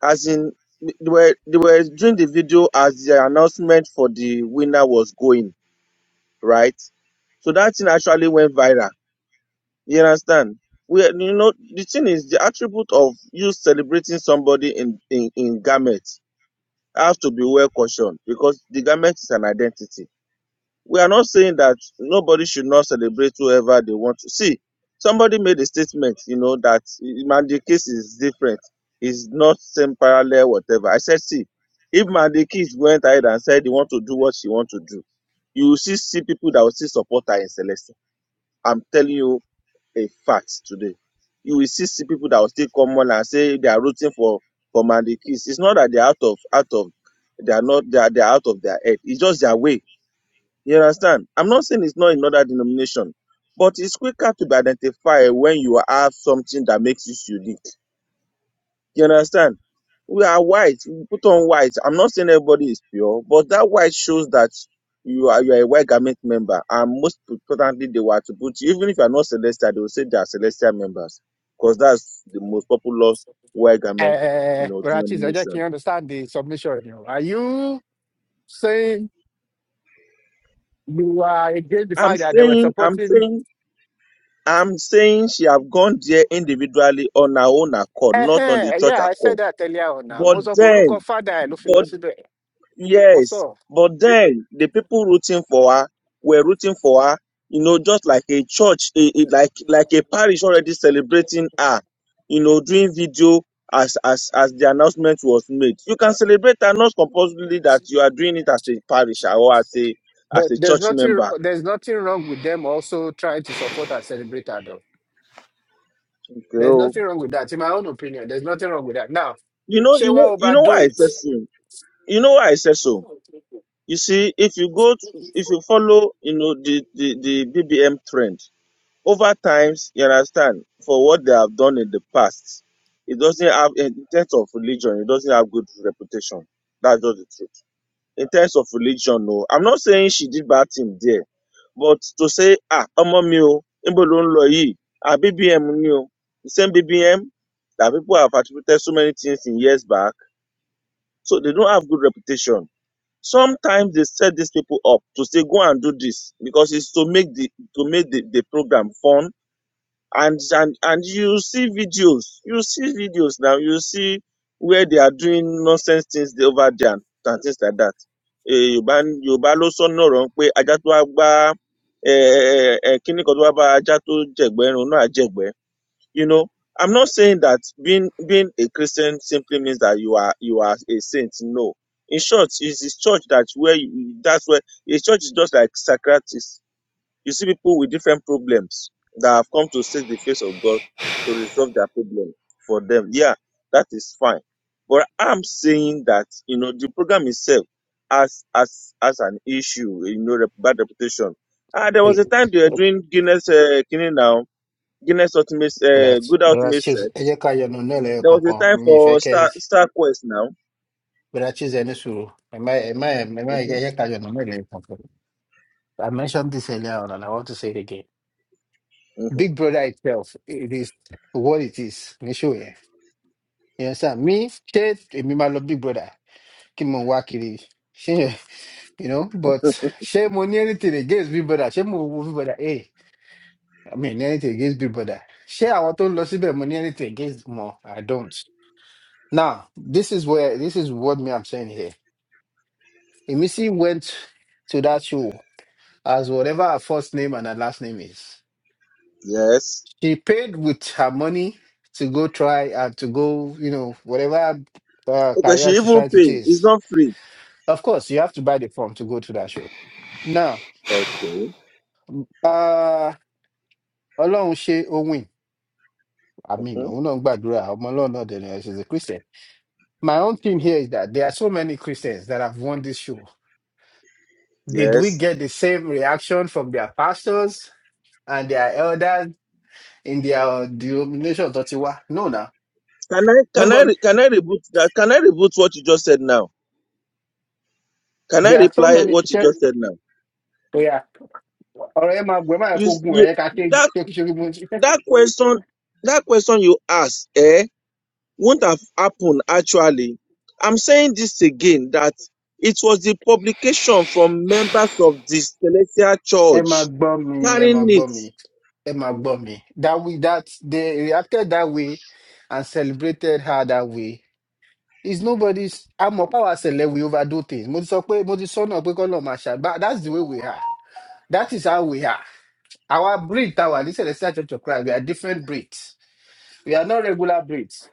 Speaker 9: as in they were they were doing the video as the announcement for the winner was going right so that thing actually went viral you understand we you know the thing is the attribute of you celebrating somebody in in in garments has to be well cautioned because the garment is an identity We are not saying that nobody should not celebrate whoever they want to. See, somebody made a statement, you know, that Mandy case is different. It's not same parallel, whatever. I said, see, if Mandy case went ahead and said he want to do what she want to do, you will see, see people that will still support her in Celeste. I'm telling you a fact today. You will see, see people that will still come on and say they are rooting for for Mandy Kiss. It's not that they're out of out of they are not they are, they are out of their head. It's just their way you understand? I'm not saying it's not in other denomination, but it's quicker to be identified when you have something that makes you unique. You understand? We are white. We put on white. I'm not saying everybody is pure, but that white shows that you are you are a white garment member. And most importantly, they were to put you, even if you are not celestial, they will say they are celestial members because that's the most popular white garment, you
Speaker 2: Uh,
Speaker 9: know,
Speaker 2: but at least I just can
Speaker 9: denomination.
Speaker 2: understand the submission. You know. Are you saying you are against the
Speaker 9: I'm
Speaker 2: fact that they were
Speaker 9: saying, I'm
Speaker 2: supporting
Speaker 9: saying I'm saying she have gone there individually on her own accord, not on
Speaker 2: Uh-huh.
Speaker 9: the church
Speaker 2: Yeah, I said
Speaker 9: accord.
Speaker 2: that earlier on now.
Speaker 9: But
Speaker 2: Most of Oruko
Speaker 9: then,
Speaker 2: father I love
Speaker 9: but
Speaker 2: philosophy.
Speaker 9: yes,
Speaker 2: Also,
Speaker 9: but then the people rooting for her were rooting for her, you know, just like a church, a, a- like like a parish already celebrating her, you know, doing video as as as the announcement was made. You can celebrate her, not compulsorily that you are doing it as a parish or as a as
Speaker 2: But
Speaker 9: a
Speaker 2: there's
Speaker 9: church
Speaker 2: nothing
Speaker 9: member.
Speaker 2: there's nothing wrong with them also trying to support and celebrate her though. There's nothing wrong with that. In my own opinion, there's nothing wrong with that. Now,
Speaker 9: You know,
Speaker 2: she
Speaker 9: you
Speaker 2: will
Speaker 9: know, you know
Speaker 2: overdo
Speaker 9: why I
Speaker 2: it.
Speaker 9: said so. You know why I said so You see, if you go, to- if you follow, you know, the, the, the BBM trend, over times, you understand, for what they have done in the past, it doesn't have, in terms of religion, it doesn't have good reputation. That's just the truth. In terms of religion, no. I'm not saying she did bad thing there, but to say, ah, ọmọ mi o, níbo ló ń lọ yìí? Ah, BBM ni o. The same BBM that people have attributed so many things in years back, so they don't have good reputation. Sometimes they set these people up to say go and do this because it's to make the to make the, the program fun and and and you see videos you see videos now you see where they are doing nonsense things they- over there and, and things like that. Eh, Yorùbá Yorùbá ló sọ́nà ọ̀rọ̀ ń pé ajá tó wá gbá eh, eh, eh, eh, kan tó wá bá ajá tó jẹ̀gbẹ́ irun náà á jẹ̀gbẹ́ you know, I'm not saying that being being a Christian simply means that you are you are a saint. No. In short, it's this church that where you, that's where a church is just like Socrates. You see people with different problems that have come to seek the face of God to resolve their problem for them. Yeah, that is fine. But I'm saying that you know the program itself as as as an issue, you know, rep- bad reputation. Ah, there was
Speaker 2: Hey,
Speaker 9: a time they were doing Guinness uh, Kini now Guinness Ultimate,
Speaker 2: brother,
Speaker 9: uh, Good
Speaker 2: brother
Speaker 9: Ultimate
Speaker 2: Chiz,
Speaker 9: Search.
Speaker 2: ẹ jẹ́ ká yọnu nílẹ̀
Speaker 9: There was a
Speaker 2: kankan.
Speaker 9: time
Speaker 2: Mi ì
Speaker 9: for
Speaker 2: fẹ́
Speaker 9: Star
Speaker 2: kẹ́
Speaker 9: Star Quest now.
Speaker 2: brother Chiz ẹni sùúrù. Ẹ má ẹ má ẹ má ẹ
Speaker 9: hmm
Speaker 2: jẹ́ ká yọnu nílẹ̀ kankan. I mentioned this earlier on and I want to say it again.
Speaker 9: hmm
Speaker 2: Big brother itself, it is what it is. Ní ṣó yẹn. Yes, sir. Me ṣé èmi máa lọ big brother kí mo wá kiri ṣé you know but ṣé mo ní anything against big brother ṣé mo wo big brother hey i mean anything against big brother ṣé àwọn tó ń lọ síbẹ̀ mo ní anything against mo i don't now this is where this is what me i'm saying here emisi went to that show as whatever her first name and her last name is
Speaker 9: Yes.
Speaker 2: she paid with her money to go try and to go you know whatever uh,
Speaker 9: Okay, she
Speaker 2: career she's
Speaker 9: even
Speaker 2: trying to
Speaker 9: pay. It's
Speaker 2: chase
Speaker 9: not free.
Speaker 2: Of course, you have to buy the form to go to that show. Now,
Speaker 9: Okay.
Speaker 2: uh, Ọlọ́run ṣe ohun I mean,
Speaker 9: hmm
Speaker 2: òun náà ń gbàdúrà, ọmọ Ọlọ́run náà dẹ̀ ni, she's a Christian. My own thing here is that there are so many Christians that have won this show. Did we
Speaker 9: Yes.
Speaker 2: get the same reaction from their pastors and their elders in their denomination tó ti wá? No, now.
Speaker 9: Can I can I
Speaker 2: Nobody.
Speaker 9: re- can I reboot that? Can I reboot what you just said now? Can I
Speaker 2: There are so
Speaker 9: reply
Speaker 2: many.
Speaker 9: what you
Speaker 2: Ṣé-
Speaker 9: just said now?
Speaker 2: Oya, ọ̀rọ̀ yẹn máa gùn, ẹ má yẹ
Speaker 9: You
Speaker 2: kó
Speaker 9: s-
Speaker 2: gùn,
Speaker 9: you
Speaker 2: ẹ yẹ ká ṣe
Speaker 9: that
Speaker 2: ṣókíṣókí.
Speaker 9: that question that question you asked, eh? would not have happened actually. I'm saying this again that it was the publication from members of the Celestial
Speaker 2: Ẹ máa
Speaker 9: Church
Speaker 2: gbọ́ mi, ẹ
Speaker 9: carrying
Speaker 2: máa gbọ́
Speaker 9: it.
Speaker 2: mi, ẹ máa gbọ́ mi. That we that they reacted that way and celebrated her that way. It's nobody's àmọ́ power ṣẹlẹ̀ we overdo things. Mo ti sọ pé mo ti sọ́nà pé kọ́nà máa ṣàgbá. That's the way we are. That is how we are. Our breed ta wà ní Celestial Church of Christ, we are different breeds. We are not regular breeds.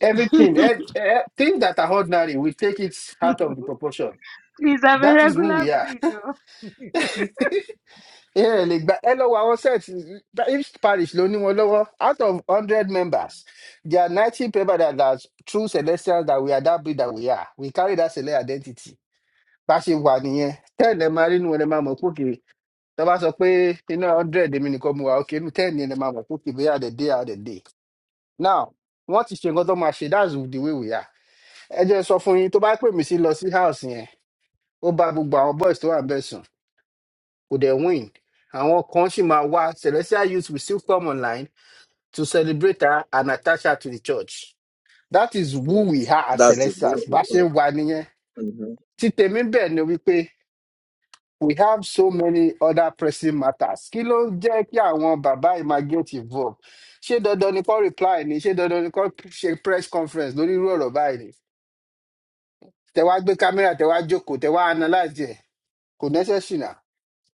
Speaker 2: Everything,
Speaker 7: left.
Speaker 2: ev- eh, things that are ordinary, we take it
Speaker 7: hmm
Speaker 2: out of the proportion.
Speaker 7: Please, I'm a
Speaker 2: That is who
Speaker 7: regular
Speaker 2: we are.
Speaker 7: breed. oh.
Speaker 2: ẹ ẹ lè gba ẹ lọ wo àwọn set each parish ló ní wọn lọwọ out of hundred members there are ninety people that are true celestials that we are that breed that we are we carry that celestial identity bá a ṣe wà nìyẹn ten ẹ máa rí inú ẹ máa mọ pókè tó bá sọ pé iná hundred èmi nìkan mu wa òkè inú ten ẹ máa mọ pókè bóyá the day are the day now wọn ti ṣe nǹkan tó máa ṣe that's the way we are ẹ jẹ́ n sọ fún yín tó bá pè mí sí lọ sí house yẹn ó bá gbogbo àwọn boys tó wà ń bẹ̀ sùn kò dẹ̀ win àwọn kan sì máa wá celestial youth will still come online to celebrate her and attach her to the church that is who we are as
Speaker 9: That's the that's
Speaker 2: celestials
Speaker 9: the
Speaker 2: bá a ṣe
Speaker 9: fact.
Speaker 2: ń wá nìyẹn
Speaker 9: Mhm.
Speaker 2: tí tèmi bẹ́ẹ̀ ni wípé we have so many other pressing matters kí ló ń jẹ́ kí àwọn bàbá yìí máa get involved ṣé dandan ni kó reply ni ṣé dandan ni kó ṣe press conference lórí irú ọ̀rọ̀ báyìí ni tẹ wá gbé kámẹ́rà tẹ wá jókòó tẹ wá analyse ẹ̀ kò necessary na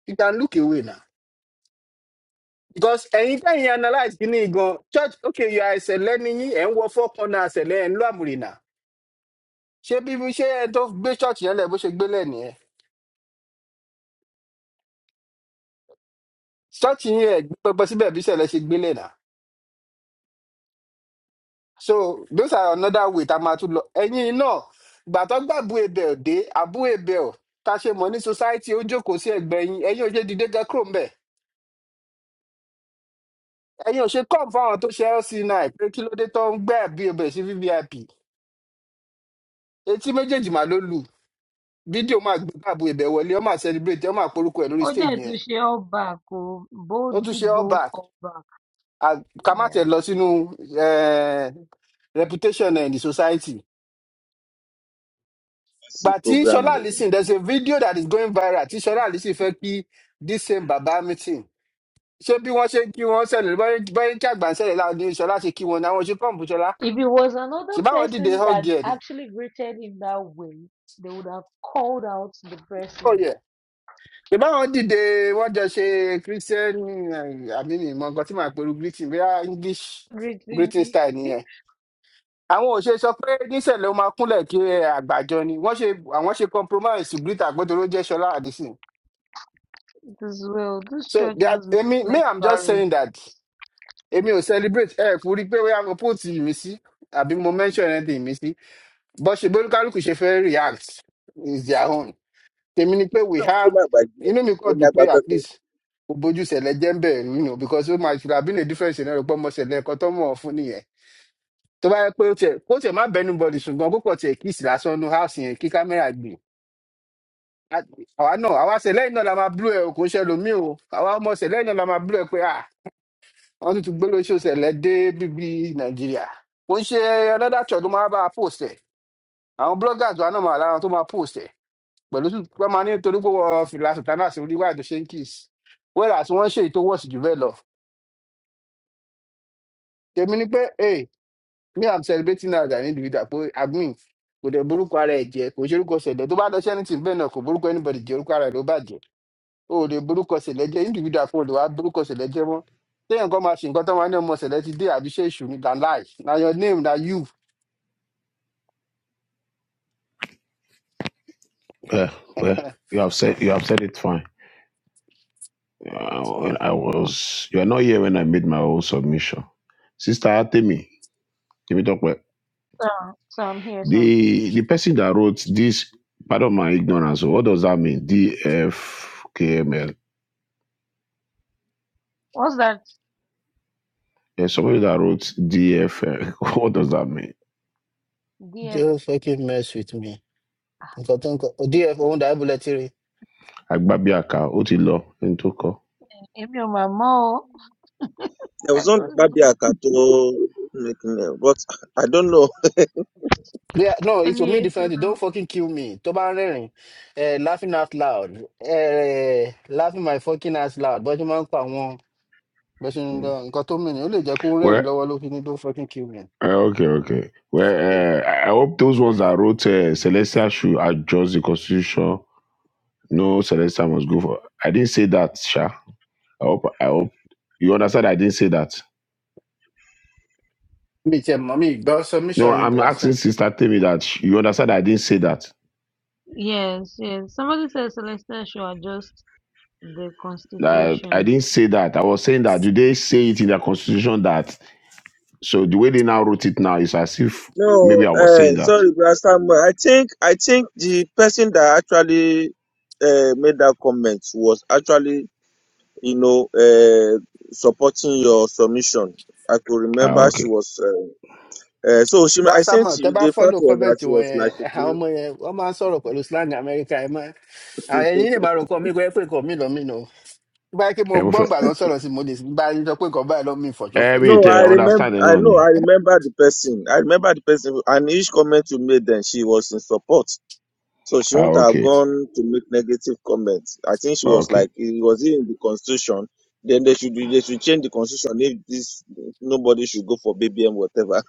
Speaker 2: you can look away na Because anytime you analyse kìíní go church okay you are ẹ̀sẹ̀lẹ̀ ni yín ẹ̀ ń wọ four corner ẹ̀sẹ̀lẹ̀ ẹ̀ ń lo àmùrìnà. Ṣé bí bí- ṣé ẹ tó gbé church yẹn lẹ̀ bó ṣe gbélé nìyẹn? Church yín ẹ̀ gbé pẹpẹ síbẹ̀ bí ṣẹlẹ̀ ṣe gbélé nà. So those are another way tá a máa tún lọ. Ẹ̀yin náà gbà tó gbà Abu Ebel dé Abu Ebel ta ṣe mọ̀ ní society ó jókòó sí ẹgbẹ́ yín ẹ̀yin ò ṣe dìde gan kúrò ńbẹ̀. Ẹ̀yin ò ṣe come fáwọn tó ṣe LC9 pé kí ló dé tó ń gbé Abu Ebel sí VVIP. Etí méjèèjì mà ló lù. fídíò máa gbé báàbò ibẹ̀ wọlé ọ máa celebrate ọ máa porúkọ ẹ̀ lórí
Speaker 7: Ó
Speaker 2: stage
Speaker 7: dẹ̀
Speaker 2: yẹn
Speaker 7: tún ṣe back oh,
Speaker 2: ó
Speaker 7: Bold,
Speaker 2: tún
Speaker 7: big
Speaker 2: ṣe all
Speaker 7: bold,
Speaker 2: back
Speaker 7: all back.
Speaker 2: À- ká má tẹ̀
Speaker 7: Yeah.
Speaker 2: lọ sínú eh, reputation ẹ̀ ní society
Speaker 9: That's
Speaker 2: gbà
Speaker 9: the
Speaker 2: tí
Speaker 9: program.
Speaker 2: ṣọlá
Speaker 9: No,
Speaker 2: alison there is a video that is going viral tí ṣọlá alison fẹ́ kí this same baba meeting ṣé bí wọ́n ṣe ń kí wọ́n sẹ̀lẹ̀ bọ́yìn bọ́yìn kí àgbà ń sẹ̀lẹ̀ láwọn ní ṣọlá ṣe kí wọn ní àwọn ṣe pọ́ǹpù ṣọlá
Speaker 7: If it was another
Speaker 2: ṣèbáwọn dìde
Speaker 7: person
Speaker 2: hug
Speaker 7: that
Speaker 2: ẹ̀ ni
Speaker 7: actually greeted him that way, they would have called out the
Speaker 2: oh
Speaker 7: person.
Speaker 2: yeah ṣèbáwọn dìde wọ́n jọ ṣe christian eh, àmì mi mọ̀ nǹkan tí màá pẹ̀lú greeting bí english
Speaker 7: Greeting
Speaker 2: greeting
Speaker 7: me
Speaker 2: style nìyẹn àwọn ò ṣe sọ pé níṣẹlẹ ó máa kúnlẹ kí eh, àgbàjọ ni wọn ṣe àwọn ṣe compromise ṣùgbọn àgbẹtọrọ jẹ ṣọlá àdìsìn
Speaker 7: as well. This
Speaker 2: so
Speaker 7: church
Speaker 2: they are-
Speaker 7: has
Speaker 2: èmi me
Speaker 7: less
Speaker 2: i'm just saying that
Speaker 7: barrenness.
Speaker 2: èmi ò celebrate ẹ kú rí pé wíyá mo put mi sí àbí mo mention anything mi sí bó ṣe bó ṣe fẹ́ react is their own tèmi ni pé we
Speaker 9: Náà kúkú
Speaker 2: have
Speaker 9: lágbàájú ẹ̀.
Speaker 2: inú mi
Speaker 9: Ó
Speaker 2: kàn dùn
Speaker 9: lágbá
Speaker 2: pé at
Speaker 9: pẹ́pẹ́.
Speaker 2: least kò bójú ṣẹlẹ jẹ ń bẹrẹ you know because ó máa ṣùgbọn àbínú difference náà rẹ pé ọmọ ṣẹlẹ ẹkọ tó mọ ọ fún nìyẹn tó bá yẹ pé ó tiẹ kó tiẹ má bẹnu bọdì ṣùgbọn kó kọ tiẹ kíìsì lásán nu house yẹn kí kámẹrà gbìn a- àwa náà àwa ṣẹlẹ́yìn náà la máa blú ẹ o kò ń ṣe ẹlòmíì o àwa ọmọ ṣẹlẹ́yìn náà la máa blú ẹ pé à wọ́n tún ti gbé lóṣù ṣẹlẹ̀ dé bíbí nàìjíríà kò ń ṣe another to ló máa bá a post ẹ̀ àwọn bloggers wa náà máa lára wọn tó máa post ẹ̀ pẹ̀lú tó wọ́n máa ní torí pé wọ́n fìlà sùtánà sí orí wáìdù ṣéńkìs wẹ́rẹ́ àti wọ́n ṣe èyí tó wọ̀sì jù bẹ́ẹ̀ lọ tèmi ni pé hey me i'm celebrating now as an individual pé admin kò dẹ̀ borúkọ ara ẹ̀ jẹ́ kò ṣe orúkọ ṣẹlẹ̀ tó bá lọ ṣẹ́ni tì bẹ́ẹ̀ náà kò borúkọ anybody jẹ́ orúkọ ara ẹ̀ ló bàjẹ́ o ò lè borúkọ ṣẹ̀lẹ̀ jẹ́ individual kan ò lè wá borúkọ ṣẹ̀lẹ̀ jẹ́ mọ́ téèyàn kan máa ṣe nǹkan tó máa ní ọmọ ṣẹ̀lẹ̀ ti dé àbí ṣe èṣù ni than life na your name na you.
Speaker 8: yeah. yeah. You have said you have said it fine. Uh, when I was you are not here when I made my own submission. Sister Atemi, give it up. Well,
Speaker 7: So, so I'm here, sir.
Speaker 8: The the person that wrote this, pardon my ignorance, what does that mean? DFKML.
Speaker 7: What's that?
Speaker 8: There's somebody that wrote DFL. what does that mean?
Speaker 7: DF,
Speaker 2: Don't fucking mess with me. Nǹkan tó ń kọ. DF òun dàbí bullet rí.
Speaker 8: Agbabiaka, Otilo, Intoko.
Speaker 7: Emil Mamo.
Speaker 9: There
Speaker 7: I
Speaker 9: was only
Speaker 7: don't know.
Speaker 9: Babia Kato making it, but I don't know.
Speaker 2: They no it's for
Speaker 7: Any
Speaker 2: me
Speaker 7: eight to
Speaker 2: differently
Speaker 7: know.
Speaker 2: don't fucking kill me tó bá ń rẹ́rìn eh, laughing out loud eh, laughing my fucking ass loud bọ́jú máa ń pa àwọn bẹ́sẹ̀
Speaker 8: Hmm.
Speaker 2: nǹkan tó mìíràn ó lè jẹ́ pé ó rẹ́rìn
Speaker 8: Well,
Speaker 2: lọ́wọ́ ló fi ní don't fucking kill me.
Speaker 8: uh, okay, okay. Well,
Speaker 2: So,
Speaker 8: uh, I I hope those ones that wrote uh, Celestia should adjust the constitution. No, Celestia must go for. I didn't say that, Sha. I hope. I hope you understand. I didn't say that.
Speaker 2: mi tiẹ̀ mọ̀ mi gbọ́ submission
Speaker 8: No,
Speaker 2: yìí
Speaker 8: I'm asking
Speaker 2: bẹ̀rẹ̀
Speaker 8: Sister Tell me that sh- you understand. I didn't say that.
Speaker 7: Yes, yes. Somebody says Celeste should adjust The
Speaker 8: That I
Speaker 7: Constitution.
Speaker 8: didn't say that. I was saying that. Do they say it in the constitution that? So the way they now wrote it now is as if maybe
Speaker 9: No,
Speaker 8: I was saying
Speaker 9: uh,
Speaker 8: that.
Speaker 9: sorry, Brother Samuel. I think I think the person that actually uh, made that comment was actually, you know, uh, supporting your submission. I could
Speaker 8: Ah,
Speaker 9: remember she
Speaker 8: okay.
Speaker 9: was. Uh, uh, so she, I think
Speaker 2: Rasamọ, tẹ
Speaker 9: she,
Speaker 2: bá
Speaker 9: the fact
Speaker 2: fọ́lò
Speaker 9: was that
Speaker 2: kọ́mẹ̀ntì
Speaker 9: she
Speaker 2: wọn
Speaker 9: was
Speaker 2: yẹn, eh, àwọn ọmọ
Speaker 9: like,
Speaker 2: yẹn, wọ́n máa ń sọ̀rọ̀ pẹ̀lú slang Amẹ́ríkà ẹ̀ mọ́. Àwọn ẹ̀yin lè máa rò kọ́ mi kọ́ ẹ pé nǹkan mi lọ́ mi nù. Bí báyìí kí mo gbọ́
Speaker 8: Everything,
Speaker 2: ǹgbà tó ń sọ̀rọ̀ sí mo lè bá yín sọ pé nǹkan báyìí lọ́ mi fọ̀jọ́fọ̀jọ́
Speaker 9: No,
Speaker 8: everything,
Speaker 9: I
Speaker 2: but
Speaker 9: remember.
Speaker 8: understanding
Speaker 9: I know.
Speaker 8: only.
Speaker 9: I remember the person. I remember the person, and each comment you made, then she was in support, so she
Speaker 8: Ah,
Speaker 9: wouldn't have
Speaker 8: okay.
Speaker 9: gone to make negative comments. I think she
Speaker 8: Ah,
Speaker 9: was
Speaker 8: okay.
Speaker 9: like, it was in the constitution. Then they should they should change the constitution if this nobody should go for BBM whatever.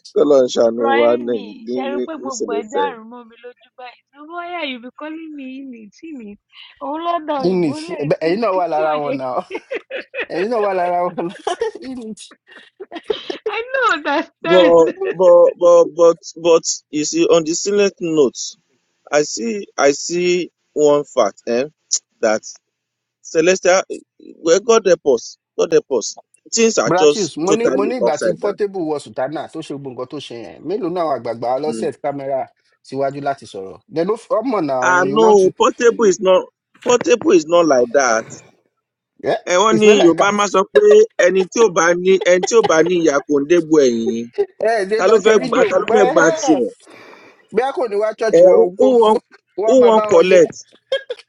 Speaker 9: Colon Shanu and,
Speaker 7: Blimey,
Speaker 9: eh,
Speaker 7: ṣe rí i
Speaker 9: eh, eh,
Speaker 7: pé
Speaker 9: Miss
Speaker 7: gbogbo ẹ̀
Speaker 9: Celestine.
Speaker 7: dàrú mọ́ mi lójú báyìí. So why you be calling me Initini? Òun lọ́dọ̀ òyìnbó
Speaker 2: init
Speaker 7: lẹ̀
Speaker 2: ẹ̀bẹ̀-
Speaker 7: tí
Speaker 2: ẹ̀yin náà
Speaker 7: kí
Speaker 2: wà
Speaker 7: tí
Speaker 2: lára
Speaker 7: ò
Speaker 2: wọn
Speaker 7: yẹ.
Speaker 2: náà ẹ̀yin náà wà lára wọn init.
Speaker 7: I don't understand.
Speaker 9: But but but but but you see on the silent note, I see I see one fact, eh, that Celestial, well, God help us. God help us. Things are
Speaker 2: Brachius,
Speaker 9: just
Speaker 2: mo ní mo
Speaker 9: totally
Speaker 2: ní ìgbà tí
Speaker 9: upside down.
Speaker 2: Portable wọ Sùtánà tó ṣe gbogbo nǹkan tó ṣe yẹn, mélòó náà àwọn àgbààgbà
Speaker 9: Mm.
Speaker 2: ọlọ́sẹ̀ kámẹ́rà síwájú láti sọ̀rọ̀. Then ó f- ọmọ náà
Speaker 9: Ah
Speaker 2: you want to,
Speaker 9: no, portable is not portable is not like that.
Speaker 2: yeah,
Speaker 9: Ẹ wọ́n
Speaker 2: it's
Speaker 9: ní
Speaker 2: not like
Speaker 9: Yorùbá
Speaker 2: a-
Speaker 9: máa sọ pé ẹni tí ò bá ní ẹni tí ò bá ní ìyá kò ń dégbò ẹ̀yìn.
Speaker 2: ẹ ẹ̀ lè
Speaker 9: Ta
Speaker 2: lọ
Speaker 9: ló
Speaker 2: ṣe
Speaker 9: fẹ́ gba
Speaker 2: fídíò
Speaker 9: ta ló
Speaker 2: gbogbo
Speaker 9: fẹ́ gba
Speaker 2: ẹ̀
Speaker 9: tiẹ̀?
Speaker 2: bí a kò ní wá
Speaker 9: Ẹ
Speaker 2: ṣọ́ọ̀ṣì wọ
Speaker 9: who
Speaker 2: kó
Speaker 9: wan
Speaker 2: kó kó wá
Speaker 9: who
Speaker 2: máa
Speaker 9: wan
Speaker 2: bá wọn ṣe
Speaker 9: collect?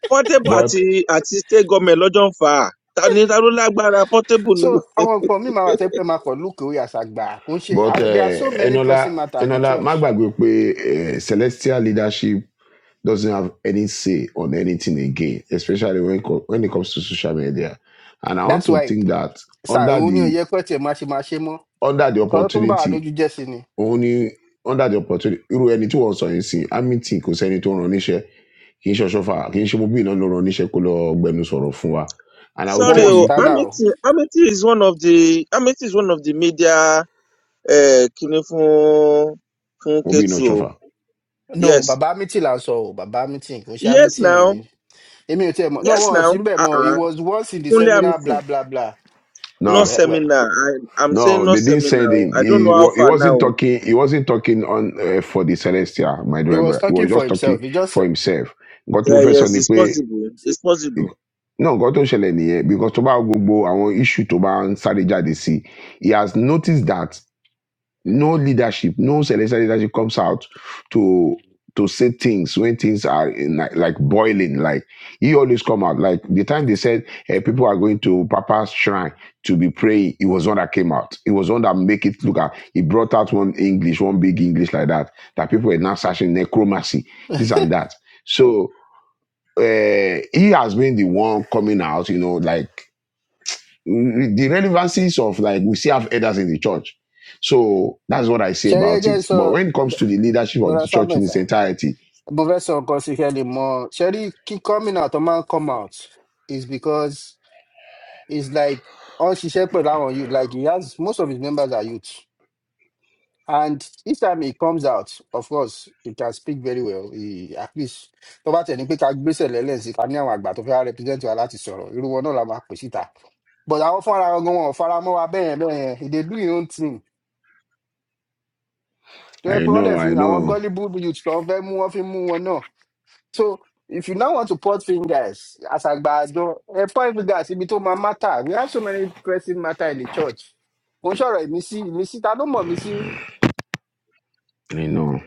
Speaker 9: Portable àti
Speaker 8: But,
Speaker 9: àti state government lọ́jọ́ ń fà á. Ta ni ta ló lágbára portable
Speaker 2: so
Speaker 9: nínú?
Speaker 2: àwọn nǹkan mi máa wà tẹ́ pé máa kọ̀ lókè orí àṣàgbà kò ń ṣe
Speaker 8: but,
Speaker 2: àwọn there are
Speaker 8: uh,
Speaker 2: so many
Speaker 8: Enola,
Speaker 2: pressing matters ní
Speaker 8: Enola,
Speaker 2: church
Speaker 8: má pé, eh, celestial leadership doesn't have any say on anything again, especially when, co- when it comes to social media. And I want
Speaker 2: that's
Speaker 8: to
Speaker 2: why
Speaker 8: think that
Speaker 2: sir
Speaker 8: under
Speaker 2: òun ni
Speaker 8: the,
Speaker 2: òye pẹ́ tiẹ̀ máa ṣe máa ṣe mọ́
Speaker 8: under the
Speaker 2: nǹkan tó tún bà wá
Speaker 8: opportunity,
Speaker 2: lójú jẹ́ sí ni
Speaker 8: only under the opportunity, irú ẹni tí wọ́n sọ yìí sí, àmì tí kò sẹ́ni tó ràn níṣẹ́, kì í ṣe ọ̀ṣọ́fà, kì í ṣe mo bí iná ló ràn níṣẹ́ kó lọ gbẹnu sọ̀rọ̀ fún wa. And I will
Speaker 2: wọ́n
Speaker 9: Sorry
Speaker 8: tell
Speaker 2: wọ
Speaker 9: o,
Speaker 8: you
Speaker 2: sùtánà o
Speaker 9: Amity Amity is one of the Amity is one of the media uh, kíní fún fún
Speaker 8: Obi no
Speaker 9: Ketu o.
Speaker 8: chauffeur.
Speaker 2: no
Speaker 9: Yes.
Speaker 2: bàbá mítì là ń sọ o bàbá mítì kò ń ṣe
Speaker 9: Yes
Speaker 2: mítì
Speaker 9: now.
Speaker 2: èmi ò tiẹ̀ mọ̀ no
Speaker 9: Yes
Speaker 2: wọn ò sí
Speaker 9: now.
Speaker 2: bẹ́ẹ̀ mọ́ he
Speaker 9: Uh-uh.
Speaker 2: was once in the
Speaker 9: Kunle
Speaker 2: seminar bla
Speaker 9: Hamilton.
Speaker 2: bla bla Eh,
Speaker 9: No
Speaker 8: No,
Speaker 2: well, well,
Speaker 9: seminar. I, I'm saying
Speaker 8: no,
Speaker 9: no
Speaker 8: they didn't
Speaker 9: seminar.
Speaker 8: send
Speaker 9: o.
Speaker 8: him.
Speaker 9: I don't
Speaker 8: He
Speaker 9: know how
Speaker 8: wa- he
Speaker 9: far now.
Speaker 8: wasn't
Speaker 9: o.
Speaker 8: talking. He wasn't talking on uh, for the Celestia, my
Speaker 2: he was
Speaker 8: driver. He was
Speaker 2: talking for
Speaker 8: just
Speaker 2: himself
Speaker 8: talking
Speaker 2: he just
Speaker 8: for himself. Got to
Speaker 9: Yeah,
Speaker 8: first on
Speaker 9: yes,
Speaker 8: the
Speaker 9: it's
Speaker 8: way.
Speaker 9: possible. It's possible.
Speaker 8: No, got to ṣẹlẹ̀ nìyẹn because tó bá wo gbogbo àwọn issue tó bá ń sáré jáde sí, he has noticed that no leadership, no celestial leadership comes out to to say things when things are in like, like boiling. Like he always come out. Like the time they said eh, people are going to Papa's shrine to be praying, it was one that came out. It was one that make it look at. He brought out one English, one big English like that. That people were now searching necromancy, this and that. So uh, he has been the one coming out. You know, like the relevancies of like we still have elders in the church. So that's what I say
Speaker 2: ṣẹ́rí
Speaker 8: about
Speaker 2: ẹjẹ́
Speaker 8: it.
Speaker 2: sọ
Speaker 8: But when it comes to the leadership of
Speaker 2: bọ́lá
Speaker 8: the church
Speaker 2: samuel
Speaker 8: in
Speaker 2: sir
Speaker 8: its entirety,
Speaker 2: But fẹ́ sọ nǹkan sí kẹ́ lè mọ̀ ṣe rí kí coming out ọ máa ń come out is because it's like ó ń ṣiṣẹ́ pẹ̀lú àwọn youth like he has most of his members are youth and each time he comes out of course he can speak very well he, at least tó bá tẹ̀ ní pé ká gbéṣẹ̀ lẹ́lẹ̀ sí i, ká ní àwọn àgbà tó fẹ́ represent wa láti sọ̀rọ̀ irú wọn náà la máa pè síta but àwọn fúnra wọn gan wọn ò fara mọ́ wa bẹ́ẹ̀ yẹn bẹ́ẹ̀ yẹn he dey do his own thing tó yẹ
Speaker 8: I
Speaker 2: pé wọ́n dẹ̀
Speaker 8: know,
Speaker 2: fi
Speaker 8: I
Speaker 2: àwọn
Speaker 8: know,
Speaker 2: gullible youth tó ń fẹ́ mú wọn fi mú wọn náà So if you now want to point fingers as àgbàdo, ẹ point fingers ibi tó máa matter. We have so many pressing matter in the church. Mo ń sọ̀rọ̀ ìmísí, ìmísí ta ló mọ̀ mí sí rí?
Speaker 8: I know.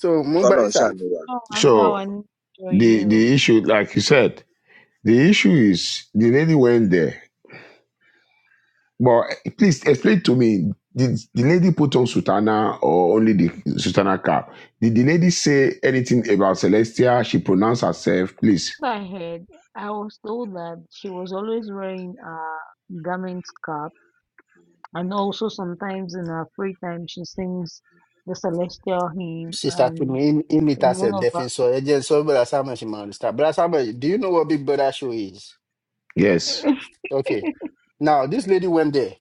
Speaker 2: So mo ń
Speaker 9: Call
Speaker 2: gbẹ́yìn
Speaker 9: on
Speaker 2: sà.
Speaker 9: Shanuwa.
Speaker 7: Ọlọ́run á gbà wá
Speaker 8: So
Speaker 7: nínú ìjọ yìí
Speaker 8: the
Speaker 7: o.
Speaker 8: the issue, like you said, the issue is the lady went there. But please explain to me, did the lady put on sutana or only the sutana cap? Did the lady say anything about Celestia? She pronounced herself, please.
Speaker 7: What I heard, I was told that she was always wearing a garment cap and also sometimes in her free time she sings the celestial hymn
Speaker 2: Sista to
Speaker 7: um,
Speaker 2: me,
Speaker 7: in
Speaker 2: imita
Speaker 7: one
Speaker 2: said,
Speaker 7: of her...
Speaker 2: defin so, agent, sọ brother Samuel she máa understand. Brother Samuel, do you know what Big Brother show is?
Speaker 8: Yes.
Speaker 2: Okay. Now this lady went there,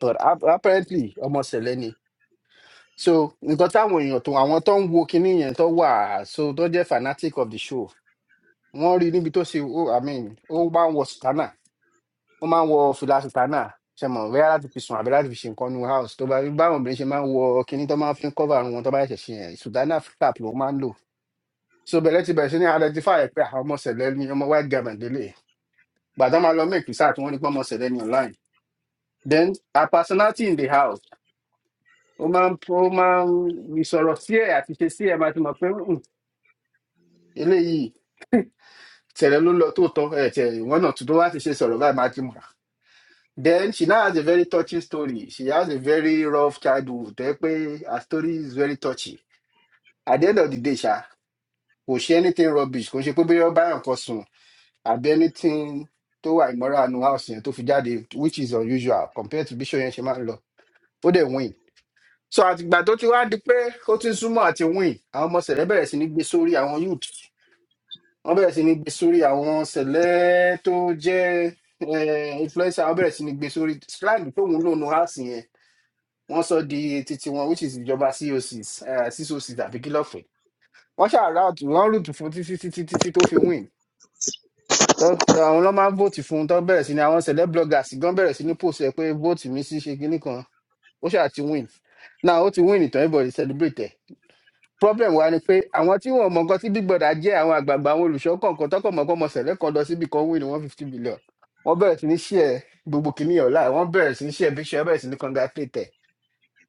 Speaker 2: but ap- apparently almost Seleni. So nǹkan táwọn èèyàn tó àwọn tó ń wo kinní yẹn tó wà so tó jẹ́ fanatic of the show wọ́n rí i níbi tó ṣe ó i mean ó máa ń wọ sùtánà ó máa ń wọ fìlà sùtánà ṣe mọ̀ bẹ́ẹ̀ láti fi sùn àbí láti fi ṣe nǹkan nu house tó bá báwọn obìnrin ṣe máa ń wọ kinní tó máa ń fi ń cover àrùn wọn tó bá ṣẹ̀ṣẹ̀ ṣe yẹn sùtánà flap ló máa ń lò so bẹ̀rẹ̀ ti bẹ̀rẹ̀ sí ní identify ẹ̀ pé àwọn ọmọ sẹ̀lẹ̀ ni ọmọ white garment délé gbàdá máa lọ make research wọn nípa ọmọ sẹ̀lẹ̀ ni online then her personality in the house ó máa ń ó máa ń ìsọ̀rọ̀ sí ẹ̀ àti ṣe sí ẹ̀ máa ti mọ̀ pé "Hmm, eléyìí sẹ̀lẹ̀ ló lọ tó tọ́ ẹ̀ tẹ̀ wọ́n náà tó tó wá ti ṣe sọ̀rọ̀ báyìí máa ti mọ̀ Then she now has a very touching story. She has a very rough childhood. Tó jẹ́ pé her story is very touchy. At the end of the day, ṣá, kò ṣe anything rubbish. Kò ṣe pé bóyá ó bá yàn kan sùn àbí anything tó wà immoral nu house yẹn tó fi jáde which is unusual compared to bí show yẹn ṣe máa ń lọ. Ó dẹ̀ win. So àtìgbà tó ti wá di pé ó ti ń súnmọ́ àti win, àwọn ọmọ sẹ̀lẹ̀ bẹ̀rẹ̀ sí ní gbé sórí àwọn youth. Wọ́n bẹ̀rẹ̀ sí ní gbé sórí àwọn sẹ̀lẹ̀ tó jẹ́ eh, influencer. Wọ́n bẹ̀rẹ̀ sí ní gbé sórí slang tóun lò nu house yẹn wọ́n sọ di titi wọn which is ìjọba cocs eh, cocs àbí kí lọ́ọ̀fẹ́ wọ́n ṣàrà wọ́n rúùtù fún títí títí títí tó fi win Tọ́- tọ́ àwọn ló máa ń vóòtì fún un tó bẹ̀rẹ̀ sí ni àwọn celeb bloggers gan bẹ̀rẹ̀ sí ní post ẹ̀ pé vóòtì mi sí ṣe kinní kan ó ṣáà ti win now ó ti win ìtàn everybody celebrate ẹ̀ problem wa ni pé àwọn tí wọn mọ nǹkan tí big brother jẹ́ àwọn àgbààgbà àwọn olùṣọ́ kọ̀ọ̀kan tọ́kọ̀ mọ̀ pọ́nmọ sẹ̀lẹ̀ kan lọ síbi kan win one fifty billion wọ́n bẹ̀rẹ̀ sí ní ṣí ẹ̀ gbogbo kìnìyàn láì wọ́n bẹ̀rẹ̀ sí ní ṣí ẹ̀ bí ṣe bẹ̀rẹ̀ sí ní congratulate ẹ̀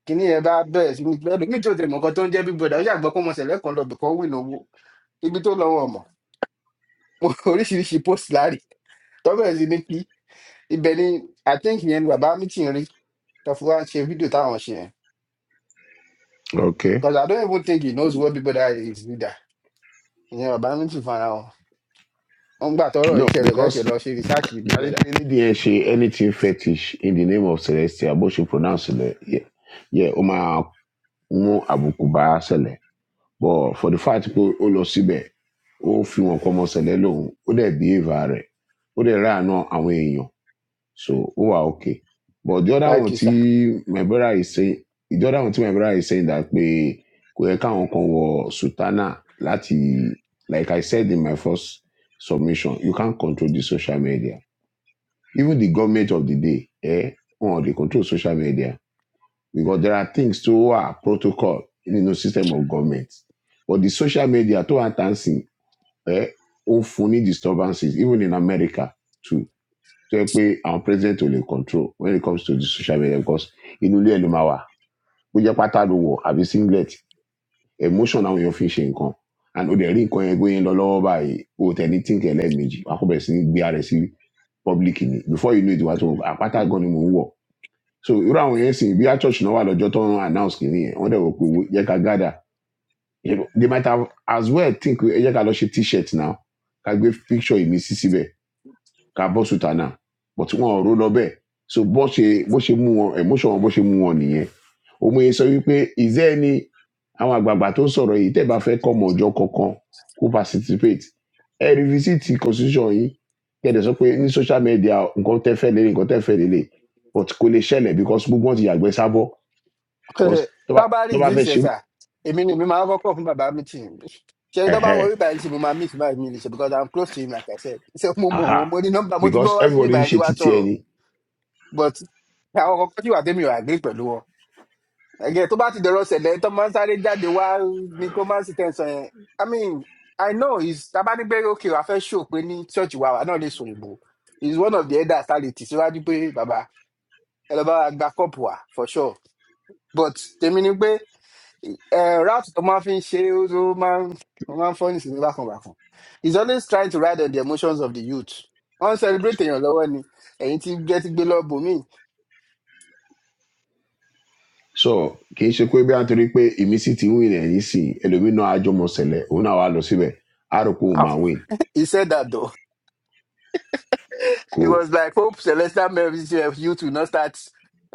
Speaker 2: kíní ẹ bá bẹ̀rẹ̀ sí ní ẹlòmíì tí ò tẹ̀ mọ̀ nǹkan tó ń jẹ́ big brother ó ṣàgbọ́ pé ọmọ ṣẹ̀lẹ̀ kan lọ bìkan wìn owó ibi tó lọ́wọ́ ọmọ mo oríṣiríṣi post láàrì tó bẹ̀rẹ̀ sí ní kí ibẹ̀ ni i think yẹn ni bàbá mi ti rí tó fi wá ṣe fídíò táwọn ṣe yẹn
Speaker 8: Okay.
Speaker 2: because i don't even think he knows what big brother is either ìyẹn bàbá mi ti fara wọn wọn gbà tọrọ
Speaker 8: No,
Speaker 2: ìṣẹ̀lẹ̀ bẹ́ẹ̀ ṣe
Speaker 8: because
Speaker 2: lọ ṣe research with big
Speaker 8: That is
Speaker 2: brother
Speaker 8: any day she anything fetish in the name of Celestia, but she pronounce it. Yeah, yeah, Oma Umo Abukuba Sele. But for the fact people all sibe, all few of common Sele alone, all their behavior, all their run on away you. So, oh, ah, okay. But the other
Speaker 2: thank
Speaker 8: one,
Speaker 2: you sir.
Speaker 8: tí my brother is saying, the other one, tí my brother is saying that we we can't for Sultana Lati, like I said in my first submission, you can't control the social media even the government of the day, eh, or they control social media because there are things to our protocol in the you know, system of government. But the social media to our dancing, eh, ó funny disturbances, even in America too. So pé our president will control when it comes to the social media because inú ilé ẹ̀ ló máa wà. Bó jẹ́ pátá ló wọ̀ àbí singlet, emotion àwọn èèyàn fi ń ṣe nǹkan. And ó dẹ̀ rí nǹkan yẹn gbóyè ń lọ lọ́wọ́ báyìí, o ò tẹ̀ ní tíǹkì ẹlẹ́ẹ̀mejì, te kó bẹ̀rẹ̀ sí ní gbé ara rẹ̀ sí public ni. Before you know it, wàá tó àpáta gan ni mò ń wọ̀ so irú àwọn yẹn sìn bí a church náà wà lọ́jọ́ tó ń announce kìíní yẹn wọ́n dẹ̀ wò pé wo- yẹ ká gádà they might have as well think pé ẹ jẹ́ ká lọ ṣe t-shirt now ká gbé picture ìmísí síbẹ̀ Kabosutana, but wọn ò ró lọ so bó ṣe bó ṣe mú wọn emotion wọn bó ṣe mú wọn nìyẹn òmòye sọ wípé àwọn àgbààgbà tó sọ̀rọ̀ yìí tẹ́ bá fẹ́ kọ́ ọjọ́ kankan kó participate ẹ revisit constitution yìí kẹ́ẹ̀dẹ̀ sọ pé ní social media nǹkan tẹ́ fẹ́ lélẹ̀ nǹkan tẹ́ fẹ́ lélẹ̀ but kò lè ṣẹlẹ̀ because gbogbo wọn ti yàgbẹ́ sábọ̀ because tó bá
Speaker 2: tá a bá rí
Speaker 8: tó bá
Speaker 2: ìlú
Speaker 8: fẹ́ ṣe
Speaker 2: ìṣẹ̀ṣà èmi ni èmi máa ń kọ́kọ́ fún bàbá mi tì í ṣe tó bá
Speaker 8: ẹ̀hẹ́
Speaker 2: wọ bíbá yìí tí mo máa miss báyìí mi lè ṣe because i'm close to him like i said ṣe mo mọ̀
Speaker 8: aha
Speaker 2: wọ́n mo ní nọ́mbà mo ti
Speaker 8: because
Speaker 2: gbọ́ wá sí
Speaker 8: everybody
Speaker 2: bíbá
Speaker 8: ń
Speaker 2: yìí
Speaker 8: ṣe
Speaker 2: wá
Speaker 8: títí
Speaker 2: sọ̀rọ̀
Speaker 8: ẹni
Speaker 2: but àwọn kọ̀ọ̀kan tí wà tẹ́mi ò àgbé pẹ̀lú wọn ẹ̀gẹ́ tó bá ti dọ̀rọ̀ ṣẹlẹ̀ tó máa ń sáré jáde wá ní kó máa ń sì tẹ̀sán yẹn i mean i know he's tábà ní pé okay wàá fẹ́ ṣò pé ní ṣọ́ọ̀ṣì wa wà náà lè sùn ìbò is one of the elders tá a lè tì síwájú pé bàbá ẹ lọ bá wa gba cup wa for sure but tèmi ni pé uh, route to máa fi oh man, é, ó máa ń ó back. ń fọ́nì sí he's always trying to ride on the emotions of the youth On celebrating your èèyàn lọ́wọ́ ni ẹ̀yìn tí jẹ́ getting below. ti lọ́ọ̀bù
Speaker 8: so kì í ṣe pé bí a torí pé èmi sì ti win ẹ̀ yìí sì ẹlòmínà àjọmọ̀sẹ̀lẹ̀ òun náà wà lọ síbẹ̀ á rò pé òun
Speaker 2: ah
Speaker 8: máa win
Speaker 2: he said that though he
Speaker 8: kò
Speaker 2: was like hope celestial melvins youth will not start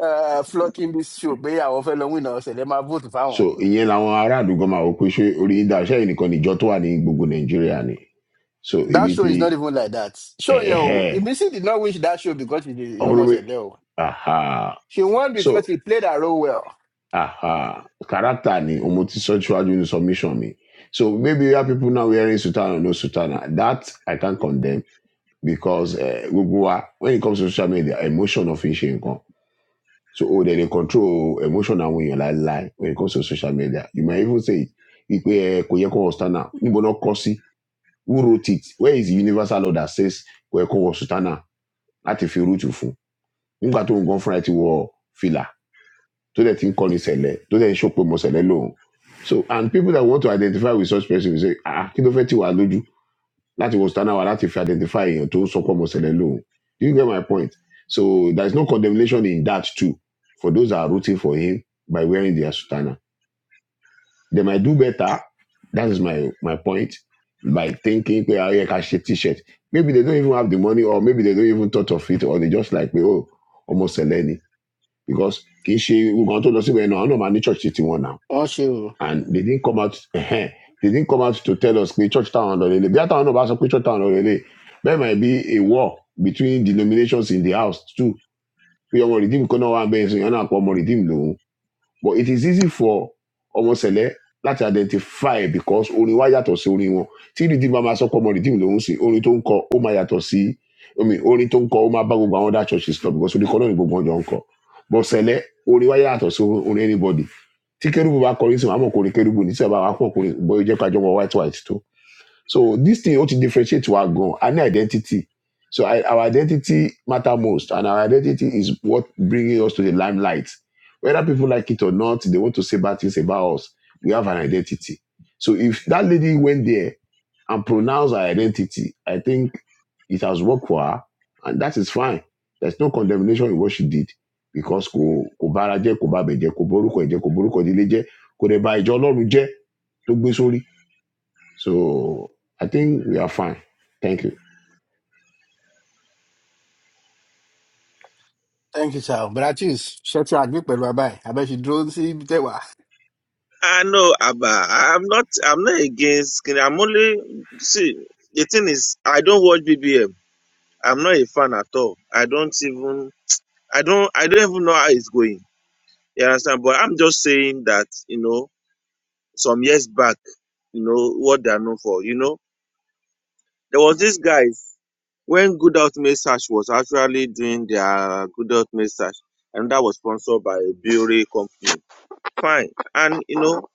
Speaker 2: uh, flocking this show pé àwọn fẹ́ lọ win náà ṣẹlẹ̀ máa vote
Speaker 8: so
Speaker 2: fáwọn.
Speaker 8: ìyẹn làwọn aráàlú gan máa wò pé ṣé orí yín dá ṣé ẹ̀yin nìkan níjọ tó wà ní gbogbo nàìjíríà ni so
Speaker 2: that
Speaker 8: ibi
Speaker 2: show
Speaker 8: tí
Speaker 2: is not even like that show you,
Speaker 8: ẹ̀ẹ́
Speaker 2: Missy did not wish that show because she dey
Speaker 8: ọ̀hún
Speaker 2: ọmọ
Speaker 8: ló wé
Speaker 2: ṣẹlẹ o
Speaker 8: aha
Speaker 2: she won because
Speaker 8: so
Speaker 2: she played her role well.
Speaker 8: aha character ni òun mo ti sọ síwájú ní submission mi so maybe you have people now wearing sutana or no sutana that i can condemn because eh, gbogbo wa when it comes to social media emotion of n ṣe nǹkan So oh, they, they control emotion and when you lie lie when it comes to social media. You might even say it. Ikwe Koyeko Ostana, Nibono Kosi, who wrote it? Where is the universal law that says Koyeko Ostana? Láti fi rútù fún. Nígbà tó ń gan fúnra ẹ̀ ti wọ fìlà tó dẹ̀ ti ń kọ́ni ṣẹlẹ̀ tó dẹ̀ ń ṣòpin mọ̀ ṣẹlẹ̀ lóhùn. So and people that want to identify with such person will say ah kí ló fẹ́ tì wá lójú? láti wo stand out láti fi identify èèyàn tó ń sọ pé ọmọ ṣẹlẹ lóhùn do you get my point so there is no condemnation in that too for those that are rooting for him by wearing their sutana they might do better that is my my point by thinking pé ayé ká ṣe t-shirt maybe they don't even have the money or maybe they don't even thought of it or they just like pé oh ọmọ ṣẹlẹ ni because kì í ṣe nǹkan tó lọ síbẹ̀ náà àwọn náà máa ní church ti tiwọn náà
Speaker 2: Oh, she. o.
Speaker 8: and they didn't come out they didn't come out to tell us pé church town lọ lélẹ̀ bí àtàwọn náà bá sọ pé church town lọ lélẹ̀ there might be a war between denominations in the house too pé ọmọ redeem kan náà wà bẹ́ẹ̀ sìn yẹn náà pọ̀ ọmọ redeem lòun but it is easy for ọmọ sẹlẹ láti identify because orin wa yàtọ̀ sí orin wọn tí rìdìmù máa sọ pé ọmọ rìdìmù lòún sìn orin tó ń kọ ó máa yàtọ̀ sí omi orin tó ń kọ ó máa bá gbogbo àwọn other churches lọ because orin kan náà ni gbogbo wọn jọ ń kọ but sẹlẹ orin wa yàtọ̀ sí orin anybody tí kérúbù bá kọrin sí wọn àmọ̀ kọrin kérúbù ní sábà wà á pọ̀ kọrin bóyá ó jẹ́ ká jọ wọ white white tó so this thing ought to differentiate to our goal and identity. So I, our identity matter most, and our identity is what bringing us to the limelight. Whether people like it or not, they want to say bad things about us. We have an identity. So if that lady went there and pronounced her identity, I think it has worked for her, and that is fine. There's no condemnation in what she did because kò kò bára jẹ́ kò bá bẹ̀ jẹ́ kò borúkọ ẹ̀ jẹ́ kò borúkọ ìdílé jẹ́ kò dẹ̀ ba ìjọ ọlọ́run jẹ́ tó gbé sórí so I think we are fine. Thank you.
Speaker 2: thank you sir bratis ṣé ti àgbẹ̀ pẹ̀lú wa báyìí àbẹ́ ṣe dúró sí ibi tẹ́wà
Speaker 9: I know, Abba. I- I'm not. I'm not against. Kini. I'm only see. The thing is, I don't watch BBM. I'm not a fan at all. I don't even. I don't. I don't even know how it's going. You understand? But I'm just saying that you know. some years back, you know, what they are known for. You know, there was this guys when Good Health Message was actually doing their Good Health Message, and that was sponsored by a brewery company. Fine. And you know,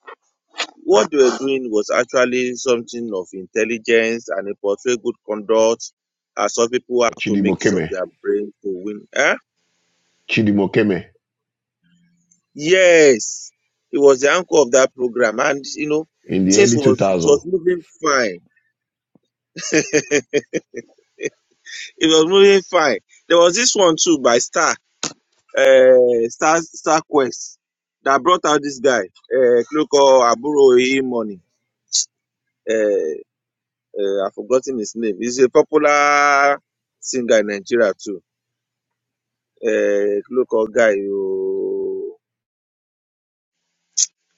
Speaker 9: what they were doing was actually something of intelligence and it portrayed good conduct as some people have to make use of
Speaker 8: Chidimokeme.
Speaker 9: their brain to win. Eh?
Speaker 8: Chidimokeme
Speaker 9: Yes. It was the anchor of that program. And you know,
Speaker 8: in the
Speaker 9: things
Speaker 8: early
Speaker 9: was it
Speaker 8: 2000.
Speaker 9: was moving fine It was moving fine. There was this one too by Star, uh, Star, Star Quest that brought out this guy, uh, Kloko Aburo Money. Uh, uh, I've forgotten his name. He's a popular singer in Nigeria too. Uh, Kloko guy. oh.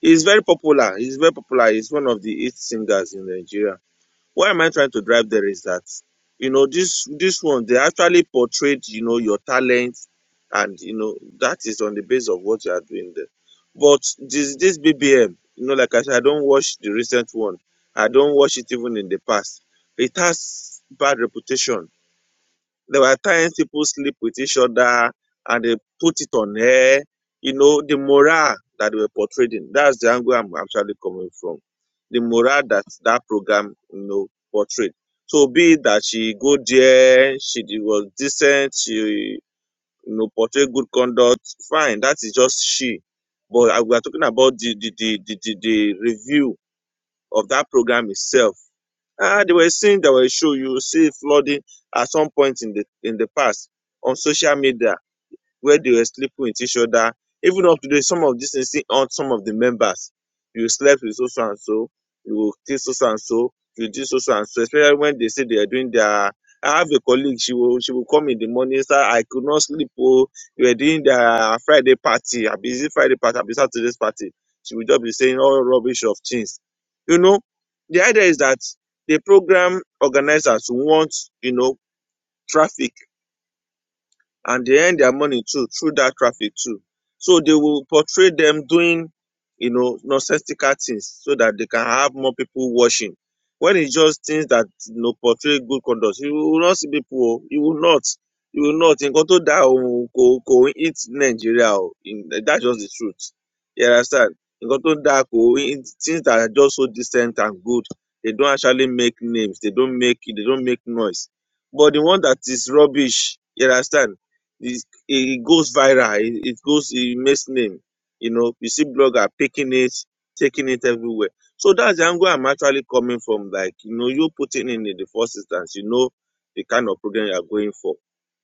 Speaker 9: He's very popular. He's very popular. He's one of the eight singers in Nigeria. Where am I trying to drive there is that, you know, this this one they actually portrayed, you know, your talent, and you know that is on the basis of what you are doing there. But this this BBM, you know, like I said, I don't watch the recent one. I don't watch it even in the past. It has bad reputation there were times people sleep with each other and they put it on air. You know, the morale that they were portraying. That's the angle I'm actually coming from. The morale that that program, you know, portrayed. So be it that she go there, she d- was decent, she you know portrayed good conduct, fine. That is just she. But I- we are talking about the the the the, the, the review of that program itself Ah, they were scenes that were shown. You see flooding at some point in the in the past on social media where they were sleeping with each other. Even up to date, some of these things still haunt some of the members. You slept with so so and so, you kissed so so and so, you did so so and so, especially when they say they are doing their I have a colleague, she will she will come in the morning, sir. I could not sleep. Oh, we were doing the Friday party. I busy Friday party, I be Saturday's party. She will just be saying all rubbish of things. You know, the idea is that the program organizers want, you know, traffic and they earn their money too through that traffic too. So they will portray them doing, you know, nonsensical things so that they can have more people watching. When it's just things that you know portray good conduct, you will not see people. oh, You will not. You will not. In to that ko ko eat Nigeria. oh, In, that's just the truth. You understand? In to that ko things that are just so decent and good. They don't actually make names. They don't make. They don't make noise. But the one that is rubbish. You understand? It, it goes viral. It, it goes, it makes name. You know, you see blogger picking it, taking it everywhere. So that's the angle I'm actually coming from. Like, you know, you putting in in the first instance, you know, the kind of program you are going for.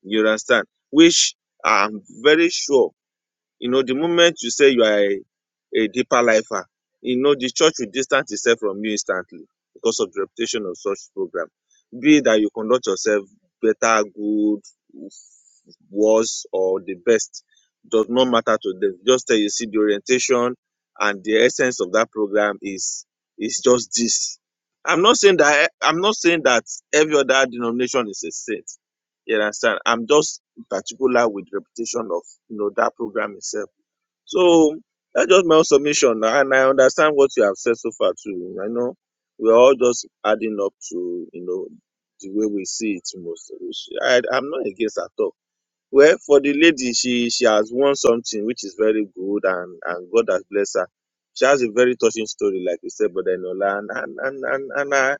Speaker 9: You understand? Which I'm very sure, you know, the moment you say you are a, a deeper lifer, you know, the church will distance itself from you instantly because of the reputation of such program. Be it that you conduct yourself better, good, worst or the best does not matter to them. Just tell you see the orientation and the essence of that program is is just this. I'm not saying that I'm not saying that every other denomination is a saint. You understand? I'm just particular with reputation of you know that program itself. So that's just my own submission, and I understand what you have said so far too. I know we're all just adding up to you know the way we see it most. I, I'm not against at all well, for the lady, she she has won something which is very good and and God has blessed her. She has a very touching story, like you said, Brother Enola, and and and and, and I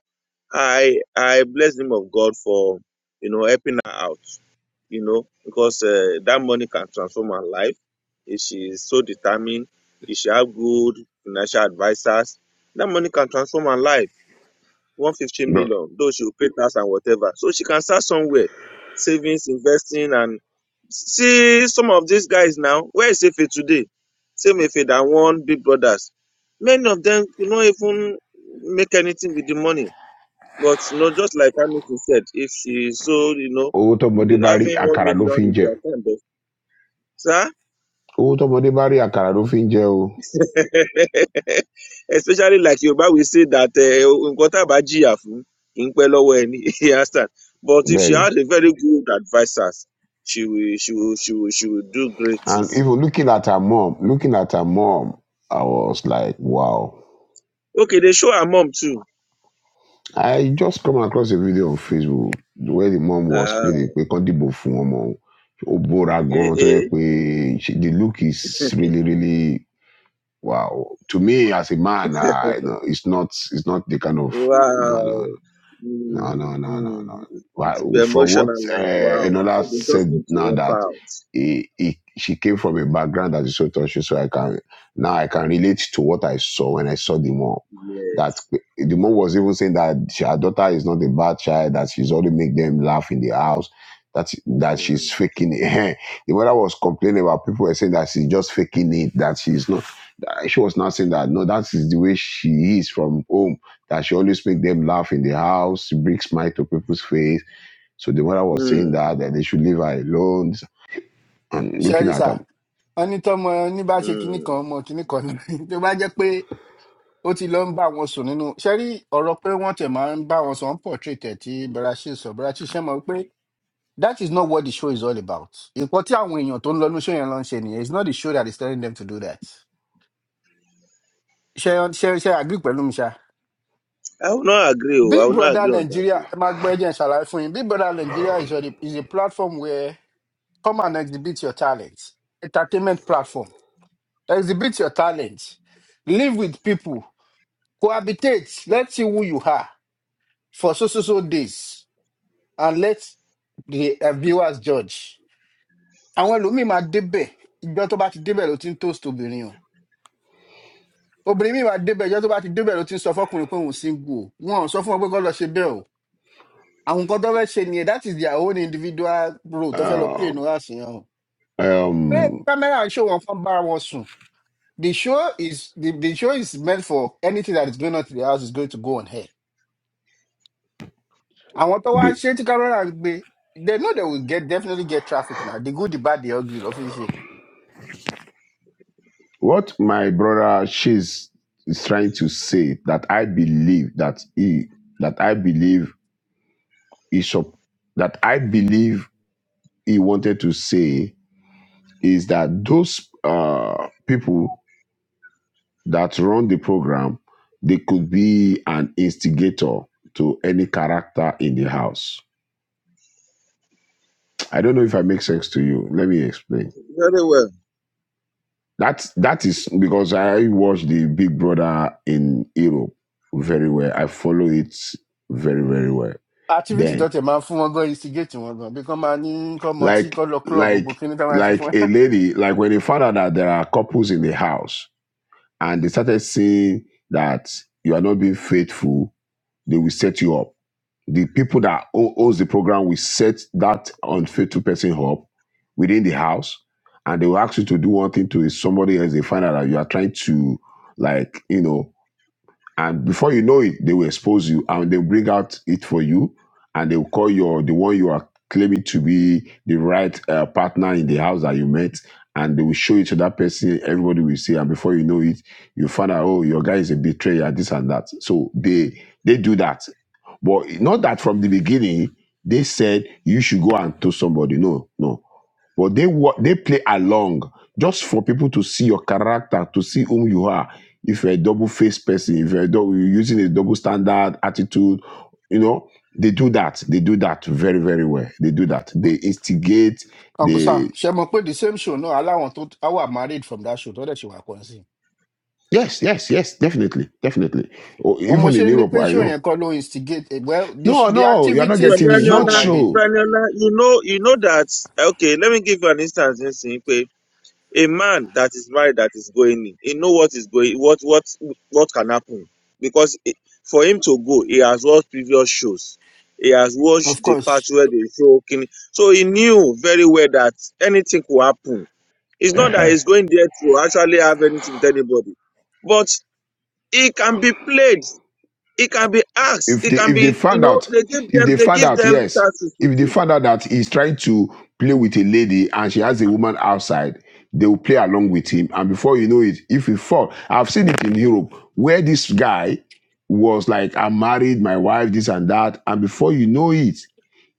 Speaker 9: I I bless the name of God for you know helping her out, you know, because uh, that money can transform her life if she is so determined. If she have good financial advisors, that money can transform her life. One fifty
Speaker 8: But
Speaker 9: million, though she will pay tax and whatever, so she can start somewhere, savings, investing, and See some of these guys now, where is Efe today? Same Efe that won Big Brothers. Many of them could not even make anything with the money. But you know, just like Hamilton said, if she sold, you know,
Speaker 8: owó tọmọdé bá rí
Speaker 9: having one
Speaker 8: àkàrà ló
Speaker 9: million
Speaker 8: fi ń
Speaker 9: in
Speaker 8: jẹ.
Speaker 9: their account, but sir,
Speaker 8: Owó tọmọdé bá rí àkàrà ló fi ń jẹ o.
Speaker 9: especially like Yoruba, we say that uh, nǹkan tá a bá jìyà fún kì í pẹ́ lọ́wọ́ ẹni. You understand? But if
Speaker 8: Bẹ́ẹ̀
Speaker 9: she
Speaker 8: ni.
Speaker 9: had a very good advisors, she will, she will, she will, she will do great
Speaker 8: And
Speaker 9: things.
Speaker 8: even looking at her mom, looking at her mom, I was like, wow.
Speaker 9: Okay, they show her mom too
Speaker 8: I just come across a video on Facebook where the mom was
Speaker 9: Ah,
Speaker 8: pleading pé kán dìbò fún ọmọ òun. Ó bóra
Speaker 9: eh,
Speaker 8: gan-an tó yẹ
Speaker 9: eh.
Speaker 8: pé she- the look is really really Wow. To me, as a man, I, you know, it's not, it's not the kind of, no, no, no.
Speaker 9: Wow.
Speaker 8: No, no,
Speaker 9: Mm,
Speaker 8: no, no, no.
Speaker 9: mm. It will be
Speaker 8: Well, From what
Speaker 9: emotional,
Speaker 8: uh,
Speaker 9: like, wow. So
Speaker 8: another
Speaker 9: they just
Speaker 8: said
Speaker 9: need to
Speaker 8: now
Speaker 9: help
Speaker 8: that
Speaker 9: out.
Speaker 8: he, he, she came from a background that is so touchy, so I can now I can relate to what I saw when I saw the mom. That
Speaker 9: Yes.
Speaker 8: the mom was even saying that she- her daughter is not a bad child, that she's only make them laugh in the house, that that
Speaker 9: Mm,
Speaker 8: she's faking it. the mother was complaining about people were saying that she's just faking it, that she's not. that She was not saying that no, that is the way she is from home that she always make them laugh in the house, she brings smile to people's face. So the mother was saying
Speaker 9: mm,
Speaker 8: that that they should leave her alone and looking
Speaker 2: ṣẹ́rí
Speaker 8: at
Speaker 2: sà
Speaker 8: them.
Speaker 2: wọ́n ní tọ́mọ ní bá ṣe kinní
Speaker 9: mm.
Speaker 2: kan ọmọ kinní kan náà ni tó bá jẹ́ pé ó ti lọ ń bá wọn sùn nínú ṣẹ́rí ọ̀rọ̀ pé wọ́n tẹ̀ máa ń bá wọn sọ ń portrait ẹ̀ tí bratis sọ bratis ṣe mọ̀ pé that is not what the show is all about nǹkan tí àwọn èèyàn tó ń lọ ní show yẹn lọ ń ṣe nìyẹn it's not the show that is telling them to do that ṣe ṣe ṣe agree pẹ̀lú mi ṣá
Speaker 9: I will not agree. oh. I
Speaker 2: Big
Speaker 9: will not
Speaker 2: Brother
Speaker 9: agree on that.
Speaker 2: Nigeria,
Speaker 9: oh.
Speaker 2: ẹ máa gbọ́ ẹ jẹ́ n ṣàlàyé fún yín. Big Brother Nigeria is a, is a platform where Come and exhibit your talents. Entertainment platform. Exhibit your talents. Live with people. Cohabitate. Let's see who you are for so so so days. And let the uh, viewers judge. Àwọn ẹlòmíì máa débẹ̀ ìjọ tó bá ti débẹ̀ ló ti ń toast obìnrin o. Obìnrin míì máa débẹ̀ ìjọ tó bá ti débẹ̀ ló ti ń sọ fọkùnrin pé òun single o. Wọ́n ò sọ fún wọn pé kọ́ lọ ṣe bẹ́ẹ̀ o. Àwọn nǹkan tó fẹ́ ṣe nìyẹn that is their own individual role tó fẹ́ lọ play
Speaker 8: Uh,
Speaker 2: nù àṣeyàn o. Pé
Speaker 8: um,
Speaker 2: kámẹ́rà ń ṣó wọn fún bára wọn sùn. The show is the, the show is meant for anything that is going on to the house is going to go on here. And what I
Speaker 8: the,
Speaker 2: ṣe tí Carola and be they know they will get definitely get traffic now. The good, the bad, the ugly ló fi ń ṣe.
Speaker 8: what my brother she's is trying to say that I believe that he that I believe he sup- that I believe he wanted to say is that those uh, people that run the program, they could be an instigator to any character in the house. I don't know if I make sense to you. Let me explain.
Speaker 9: Very well.
Speaker 8: That that is because I watch the Big Brother in Europe very well. I follow it very very well.
Speaker 2: Activity tó
Speaker 8: Then,
Speaker 2: tẹ̀ máa ń fún wọn gan instigate wọn gan bí kán máa ní kán mọ tí
Speaker 8: like
Speaker 2: kán lọ club gbogbo
Speaker 8: like
Speaker 2: kí ní tá a ṣe fún
Speaker 8: like
Speaker 2: ẹ.
Speaker 8: a lady, like when they found out that there are couples in the house and they started seeing that you are not being faithful, they will set you up The people that o- owns the program will set that unfaithful person up within the house, and they will ask you to do one thing to somebody else. They find out that you are trying to, like, you know, and before you know it they will expose you and they'll bring out it for you and they'll call your the one you are claiming to be the right uh, partner in the house that you met and they will show it to that person everybody will see and before you know it you find out oh your guy is a betrayer this and that so they they do that but not that from the beginning they said you should go and tell somebody no no but they wa- they play along just for people to see your character to see whom you are if you're a double-faced person, if you're, a dou- you're using a double-standard attitude, you know, they do that. They do that very, very well. They do that. They instigate.
Speaker 2: Uncle Sam,
Speaker 8: They
Speaker 2: ṣe mọ̀ pé the same show náà aláwọn tó á wà married from that show tó dẹ̀ ṣe wà kàn sí.
Speaker 8: yes, yes, yes, definitely, definitely. Or
Speaker 2: Òun mo
Speaker 8: even in
Speaker 2: ṣe ní
Speaker 8: Europe,
Speaker 2: pé
Speaker 8: I
Speaker 2: show yẹn
Speaker 8: know.
Speaker 2: kọ́ ló instigate well the, sh-
Speaker 8: No,
Speaker 2: the
Speaker 8: no, you're not
Speaker 9: Bra-
Speaker 2: activities in
Speaker 8: getting
Speaker 2: the
Speaker 8: me.
Speaker 2: show
Speaker 8: Not
Speaker 9: Braniola,
Speaker 2: might be
Speaker 8: sure.
Speaker 9: Braniola, you know, you know that. Okay, let me give you an instance. A man that is married that is going in, he know what is going, what what what can happen, because he- for him to go, he has watched previous shows, he has
Speaker 2: of
Speaker 9: watched the
Speaker 2: course
Speaker 9: part where they show king, so he knew very well that anything could happen. It's not that he's going there to actually have anything with anybody, but he can be played, he can be asked,
Speaker 8: if
Speaker 9: he
Speaker 8: they
Speaker 9: can
Speaker 8: if they
Speaker 9: be, you
Speaker 8: found
Speaker 9: know,
Speaker 8: out
Speaker 9: they give
Speaker 8: if
Speaker 9: them
Speaker 8: they
Speaker 9: they
Speaker 8: found
Speaker 9: give
Speaker 8: out
Speaker 9: them
Speaker 8: yes
Speaker 9: chances to
Speaker 8: if they
Speaker 9: do.
Speaker 8: found out that he's trying to play with a lady and she has a woman outside they will play along with him and before you know it if he fall i've seen it in europe where this guy was like i'm married my wife this and that and before you know it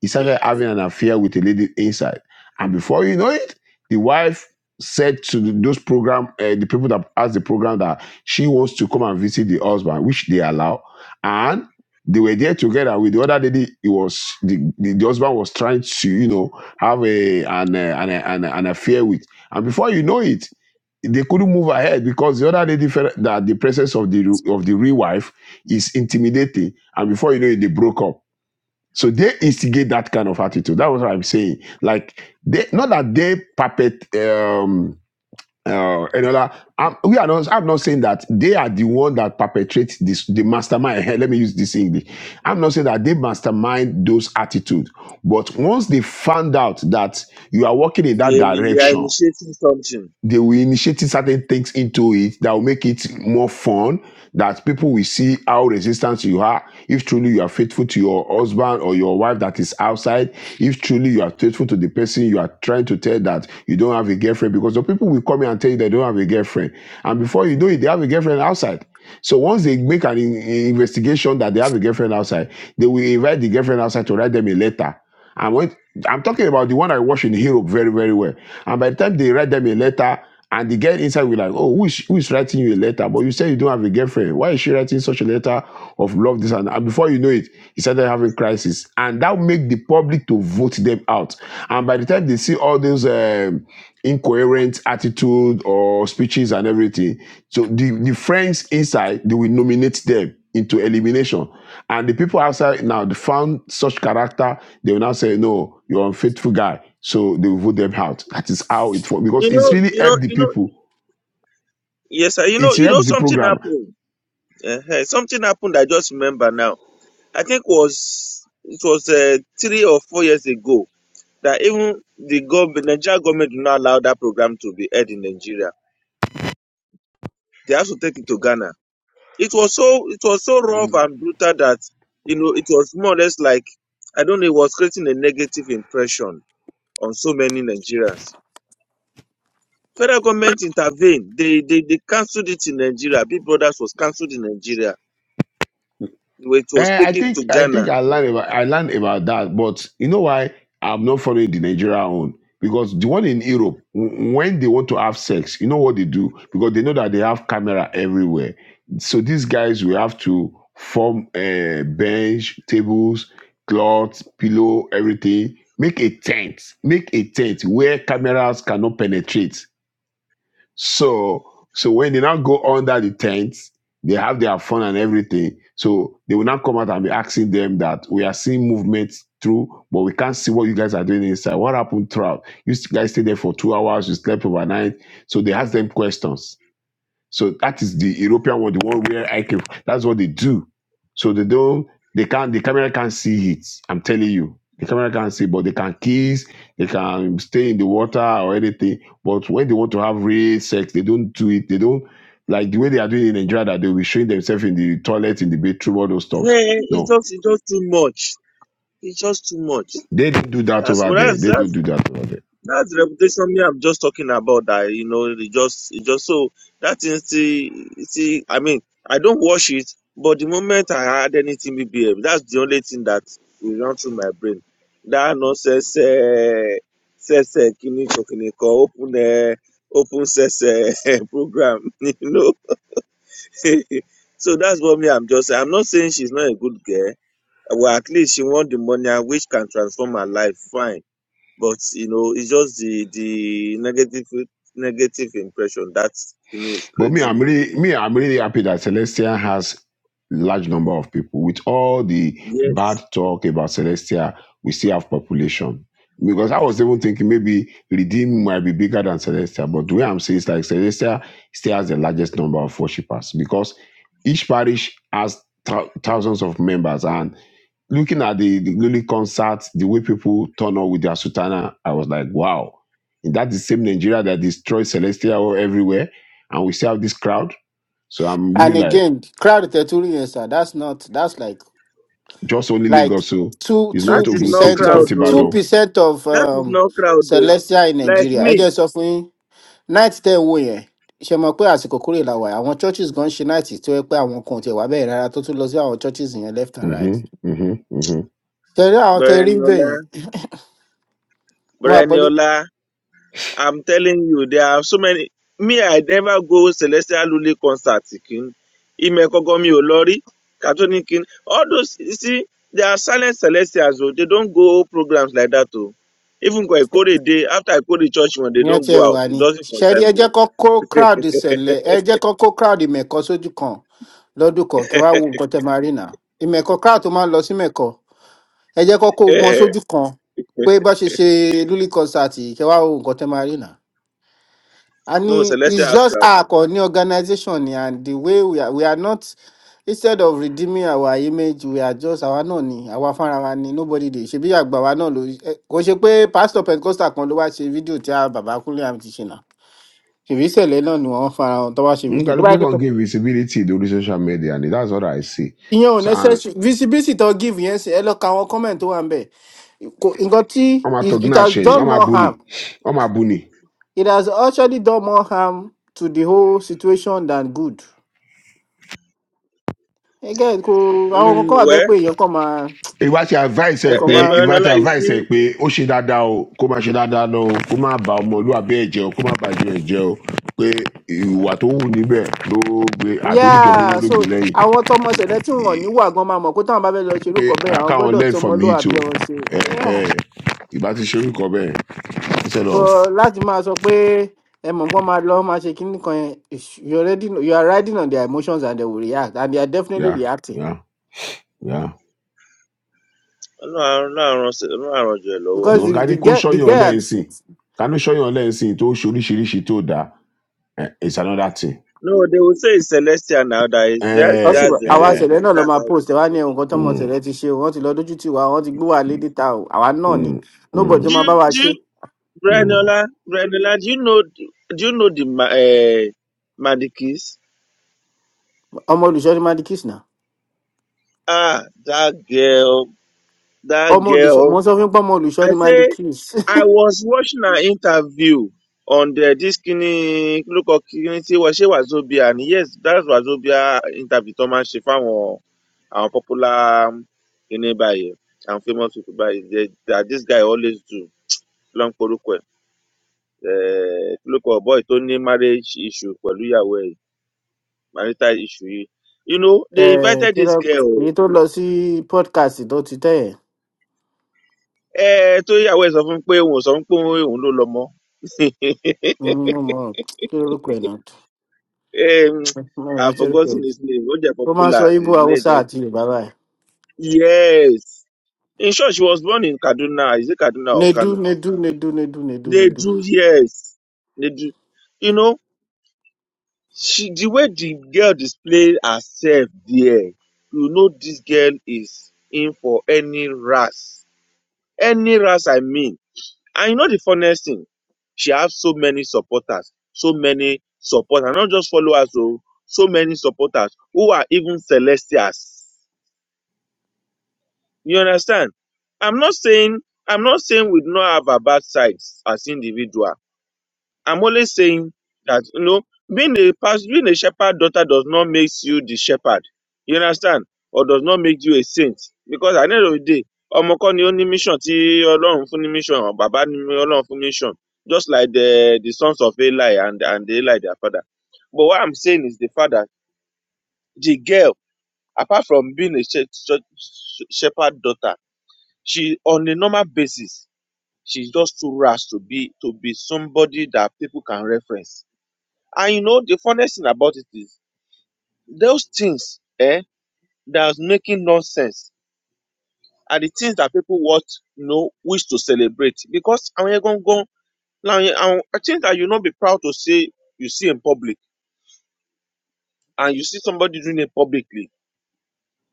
Speaker 8: he started having an affair with a lady inside and before you know it the wife said to the- those program uh, the people that asked the program that she wants to come and visit the husband which they allow and. They were there together with the other lady. It was the, the, the husband was trying to, you know, have a an, uh, an, uh, an, uh, an affair with. And before you know it, they couldn't move ahead because the other lady felt that the presence of the of the real wife is intimidating. And before you know it, they broke up. So they instigate that kind of attitude. That was what I'm saying. Like they not that they puppet. Um, uh, and other. I'm, we are not. I'm not saying that they are the one that perpetrates this, the mastermind. Let me use this English. I'm not saying that they mastermind those attitude, but once they found out that you are working in that
Speaker 9: They, they are
Speaker 8: direction,
Speaker 9: initiating something.
Speaker 8: they will initiate certain things into it that will make it more fun that people will see how resistant you are if truly you are faithful to your husband or your wife that is outside if truly you are faithful to the person you are trying to tell that you don't have a girlfriend because the people will come in and tell you they don't have a girlfriend and before you know it they have a girlfriend outside so once they make an in- investigation that they have a girlfriend outside they will invite the girlfriend outside to write them a letter and when I'm talking about the one I watched in Europe very, very well. And by the time they write them a letter, and the girl inside will like, oh, who is, who is writing you a letter? But you say you don't have a girlfriend. Why is she writing such a letter of love? This and, that? and before you know it, he started having crisis, and that make the public to vote them out. And by the time they see all those um, incoherent attitude or speeches and everything, so the the friends inside they will nominate them into elimination, and the people outside now they found such character they will now say, no, you're an unfaithful guy. So they will vote them out. That is how it works. Because
Speaker 9: You
Speaker 8: it's
Speaker 9: know,
Speaker 8: really
Speaker 9: you know,
Speaker 8: helped the
Speaker 9: you know.
Speaker 8: people.
Speaker 9: Yes, sir. You know,
Speaker 8: It's
Speaker 9: you know
Speaker 8: helped the
Speaker 9: something
Speaker 8: program.
Speaker 9: happened. uh Something happened. I just remember now. I think was it was uh, three or four years ago that even the government, Nigeria government, did not allow that program to be aired in Nigeria. They have to take it to Ghana. It was so it was so rough and brutal that you know it was more or less like I don't know. It was creating a negative impression on so many Nigerians. Federal government intervened. They they, they cancelled it in Nigeria. Big Brothers was cancelled in Nigeria which was
Speaker 8: Eh, I
Speaker 9: taken to
Speaker 8: think I think
Speaker 9: Ghana.
Speaker 8: I learned about I learned about that, but you know why I'm not following the Nigeria one because the one in Europe, w- when they want to have sex, you know what they do because they know that they have camera everywhere. So these guys will have to form a bench, tables, cloths, pillow, everything. Make a tent, make a tent where cameras cannot penetrate so, so when they now go under the tents, they have their fun and everything. So they will now come out and be asking them that we are seeing movement through, but we can't see what you guys are doing inside. What happened throughout? You guys stayed there for two hours, you slept overnight. So they ask them questions so that is the European one, the one where I came. from. That's what they do. So they don't, they can't, the camera can't see it. I'm telling you. The camera can't see, but they can kiss, they can stay in the water or anything. But when they want to have real sex, they don't do it. They don't, like the way they are doing in Nigeria, that they'll be showing themselves in the toilet, in the bedroom, all those stuffs.
Speaker 9: Hey, it's
Speaker 8: No,
Speaker 9: just it's just too much. It's just too much.
Speaker 8: they don't do that
Speaker 9: That's
Speaker 8: over
Speaker 9: what
Speaker 8: there.
Speaker 9: that's
Speaker 8: They don't
Speaker 9: that's
Speaker 8: do that over there.
Speaker 9: that's the reputation me I'm just talking about that you know it just it just so that is see see I mean I don't watch it but the moment I had anything BBM that's the only thing that will run through my brain. That nonsense eh, sese kini kokiniko open eh, open sese program you know so that's what me I'm just saying. I'm not saying she's not a good girl. Well, at least she want the money and which can transform her life. Fine, but you know, it's just the the negative negative impression that thing is
Speaker 8: But me,
Speaker 9: creating
Speaker 8: I'm
Speaker 9: in
Speaker 8: really
Speaker 9: the
Speaker 8: me, I'm really happy that Celestia has large number of people. With all the
Speaker 9: yes.
Speaker 8: bad talk about Celestia, we still have population. Because I was even thinking maybe Redeem might be bigger than Celestia, but the way I'm saying is like Celestia still has the largest number of worshippers because each parish has thou- thousands of members, and looking at the, the Lily concerts, the way people turn up with their sutana, I was like, wow. And that's the same Nigeria that destroys Celestia everywhere. And we still have this crowd. So I'm really
Speaker 2: And
Speaker 8: like,
Speaker 2: again, crowd tertullian, yes, sir. That's not. That's like
Speaker 8: just only
Speaker 2: like
Speaker 8: Lagos. So
Speaker 2: two
Speaker 8: it's
Speaker 9: That
Speaker 2: two
Speaker 8: not
Speaker 9: is
Speaker 8: Ogun
Speaker 9: not
Speaker 8: State,
Speaker 2: percent
Speaker 8: it's
Speaker 2: of
Speaker 9: crowd
Speaker 8: not
Speaker 2: two
Speaker 9: though.
Speaker 8: Ibadan.
Speaker 2: percent of
Speaker 9: That is
Speaker 2: um
Speaker 9: not crowd though.
Speaker 2: celestia in
Speaker 9: Like
Speaker 2: Nigeria. I
Speaker 9: me,
Speaker 2: just often night tẹ wo yẹn. ṣe mọ̀ pé àsìkò kúrè la wà yìí, àwọn churches gan ṣe night tó yẹ pé àwọn kan ò tiẹ̀ wá bẹ́ẹ̀ rárá tó tún lọ sí àwọn churches yẹn left and right.
Speaker 8: Mm-hmm, mm-hmm, mm-hmm.
Speaker 2: ṣẹ̀rí àwọn tẹ rí bẹ́ẹ̀
Speaker 9: Bereniola,
Speaker 2: yẹn mo àpọ́lé
Speaker 9: Bereniola. I'm telling you, there are so many. Me, I never go Celestial Lule concert. King. Imekogomi Olori, Catholic King. All those, you see, they are silent Celestials. Oh. They don't go programs like that. Oh. Even when I call a day, after I call the church, when they
Speaker 2: yẹn
Speaker 9: don't
Speaker 2: tiẹ̀
Speaker 9: go out,
Speaker 2: wà
Speaker 9: it
Speaker 2: ní.
Speaker 9: doesn't
Speaker 2: ṣẹ̀rí
Speaker 9: concern
Speaker 2: ẹ jẹ́
Speaker 9: them.
Speaker 2: kó kó crowd ṣẹlẹ̀ ẹ jẹ́ kó kó crowd mẹ̀kọ́ sójú kan lọ́dún kan kẹ́ wá wo nǹkan tẹ máa rí nà. ìmẹ̀kọ crowd tó máa ń lọ sí mẹ̀kọ ẹ jẹ́ kọ́kọ́
Speaker 9: Eh,
Speaker 2: mọ
Speaker 9: eh. eh.
Speaker 2: sójú kan pé bá ṣe ṣe lulí concert yìí, kẹ́ wá wo nǹkan tẹ́ máa rí nà. a ní
Speaker 9: No, Celestial
Speaker 2: it's just
Speaker 9: Astral.
Speaker 2: our ní organisation ni and the way we are, we are not instead of redeeming our image we are just àwa náà ni àwa fúnra wa ni nobody dey ṣe bí àgbà wa náà ló ẹ, kò ṣe pé pastor pentecostal kan ló wá ṣe fídíò tí a bàbá kúnlé àmì ti ṣe nà ṣèbí ìṣẹ̀lẹ̀ náà ni wọ́n fara hàn tó wá ṣe fídíò tó bá yẹ
Speaker 8: Ngaluku
Speaker 2: pé
Speaker 8: can give visibility to the social media, and that's what I see.
Speaker 2: ìyẹn ò
Speaker 8: So and
Speaker 2: necessary visibility tó give yẹn sí ẹ lọ ka àwọn comment tó wà ń bẹ̀ Kò- nǹkan tí
Speaker 8: I'm a
Speaker 2: it it has
Speaker 8: Tognasheni,
Speaker 2: done
Speaker 8: I'm a
Speaker 2: more harm
Speaker 8: Buni, I'm a Buni.
Speaker 2: it has actually done more harm to the whole situation than good. Again, kò àwọn kan kọ́
Speaker 9: Mm,
Speaker 2: wà bẹ́ẹ̀
Speaker 9: well,
Speaker 2: pé èèyàn kàn máa
Speaker 8: ìwà ti advice
Speaker 9: eh,
Speaker 8: ẹ
Speaker 2: ẹ̀kọ́
Speaker 8: pé
Speaker 9: eh,
Speaker 2: máa.
Speaker 9: but no,
Speaker 8: ìwà ti
Speaker 9: like, you
Speaker 8: advice ẹ
Speaker 9: see,
Speaker 8: pé ó ṣe dáadáa o kó má ṣe dáadáa náà o kó má ba ọmọlúwàbí ẹ jẹ o kó má ba jẹ ẹ jẹ o pé ìwà tó wù níbẹ ló gbé àtòlùjọ mímọ
Speaker 2: Yeah,
Speaker 8: ló
Speaker 2: so
Speaker 8: gbé lẹyìn
Speaker 2: àwọn tọmọ ṣẹ̀lẹ̀ tí wọn ò ní
Speaker 8: Ì-
Speaker 2: wà gan máa mọ̀ pé táwọn bá fẹ́ lọ ṣe irú
Speaker 8: pé
Speaker 2: nǹkan bẹ́ẹ̀ àwọn
Speaker 8: àkáwọn
Speaker 2: gbọ́dọ̀ tí
Speaker 8: learn
Speaker 2: ọmọ
Speaker 8: from
Speaker 2: ló
Speaker 8: it o
Speaker 2: àbí ọmọ ṣe. Yeah,
Speaker 8: Ẹhẹ́. ìbá ti ṣe orúkọ bẹẹ instead of
Speaker 2: but láti máa sọ pé ẹ mọ̀ nǹkan máa lọ máa ṣe kíní kan yẹn ish, you already know- you are riding on their emotions and they will react and they are definitely
Speaker 8: ya
Speaker 2: reacting
Speaker 8: ya ya
Speaker 9: no, I don't know. No, I don't know.
Speaker 2: because
Speaker 8: lòun
Speaker 2: the
Speaker 8: ká ní
Speaker 2: the
Speaker 8: kó
Speaker 2: girl the
Speaker 8: ṣọyàn
Speaker 2: girl
Speaker 8: lẹ́yìn
Speaker 2: had
Speaker 8: sìn ká ní ṣọyàn lẹ́yìn sìn tó ṣe oríṣiríṣi tó dáa eh, it's another thing.
Speaker 9: no, they will say it's celestial now. That is that's
Speaker 2: wọ́n
Speaker 8: Eh,
Speaker 2: sì
Speaker 9: that's
Speaker 2: wá- àwa
Speaker 8: eh,
Speaker 9: that's
Speaker 2: ṣẹ̀lẹ̀ náà lọ́
Speaker 9: that's
Speaker 2: máa
Speaker 9: how they
Speaker 2: post ẹ̀ wá ní
Speaker 9: behave.
Speaker 2: ẹ̀wọ̀n kan tọ́mọ
Speaker 8: mm,
Speaker 2: ṣẹ̀lẹ̀ ti ṣe o wọ́n ti lọ dójú tì wá wọ́n ti gbé wà lédè ta o àwa náà ni
Speaker 8: mm,
Speaker 2: nobody tó
Speaker 8: mm,
Speaker 9: Do
Speaker 2: máa bá
Speaker 9: you,
Speaker 2: wa
Speaker 9: do
Speaker 2: ṣe
Speaker 9: you,
Speaker 8: mm.
Speaker 9: Granola, Granola, do you know, do you know the uh, Madikis?
Speaker 2: ọmọ olùṣọ́ ni mandy kiss náà
Speaker 9: Ah, that girl, that
Speaker 2: ọmọ olùṣọ́ mo
Speaker 9: girl.
Speaker 2: sọ fún yín pé ọmọ olùṣọ́
Speaker 9: I
Speaker 2: ni mandy
Speaker 9: say,
Speaker 2: kiss
Speaker 9: I was watching her interview on the this kini look of kini ti wa se wazobia and yes that was wazobia interview Thomas máa ń ṣe fáwọn àwọn popular um, kini báyìí àwọn famous people báyìí they- that this guy always do Long ń porúkọ Eh, look boy Tony marriage issue pẹ̀lú ìyàwó ẹ̀ marital issue yìí you know
Speaker 2: ẹ̀
Speaker 9: they invited
Speaker 2: kí ló
Speaker 9: this
Speaker 2: pe-
Speaker 9: girl o
Speaker 2: èyí tó lọ sí podcast tó ti tẹ̀ ẹ̀
Speaker 9: ẹ tó yàwó ẹ sọ fún pé òun ò sọ fún pé òun òun ló lọmọ
Speaker 2: nínú mọ́ kí lórúkọ ẹ̀ náà tó
Speaker 9: Eh, mm,
Speaker 2: mo
Speaker 9: i
Speaker 2: rẹ̀ ṣe orúkọ
Speaker 9: forgotten
Speaker 2: ẹ̀
Speaker 9: his name ó jẹ
Speaker 2: ó máa ń sọ
Speaker 9: popular
Speaker 2: ibo
Speaker 9: his name
Speaker 2: haúsá
Speaker 9: just
Speaker 2: àti yorùbá báyìí
Speaker 9: yes in short she was born in kaduna is it kaduna or
Speaker 2: nedu
Speaker 9: kano
Speaker 2: nedu nedu nedu nedu
Speaker 9: they
Speaker 2: nedu
Speaker 9: do yes they do you know she the way the girl displayed herself there you know this girl is in for any ras any ras i mean And you know the funniest thing? She has so many supporters, so many supporters, not just followers, oh, so many supporters who are even celestials. You understand? I'm not saying I'm not saying we do not have our bad sides as individuals I'm only saying that you know, being a pastor, being a shepherd daughter does not make you the shepherd. You understand? Or does not make you a saint. Because at the end of the day, ọmọ kọ́ ni ó ní mission tí Ọlọ́run fún ní mission, or bàbá ni Ọlọ́run fún mission. Just like the the sons of Eli and and Eli their father. But what I'm saying is the father, the girl, apart from being a she she- shepherd daughter, she on a normal basis, she's just too rash to be to be somebody that people can reference and you know, the funniest thing about it is those things eh, that was making nonsense are the things that people want, you know, wish to celebrate. Because àwọn yẹn gangan làwọn yẹn- àwọn things that you not be proud to say you see in public and you see somebody doing it publicly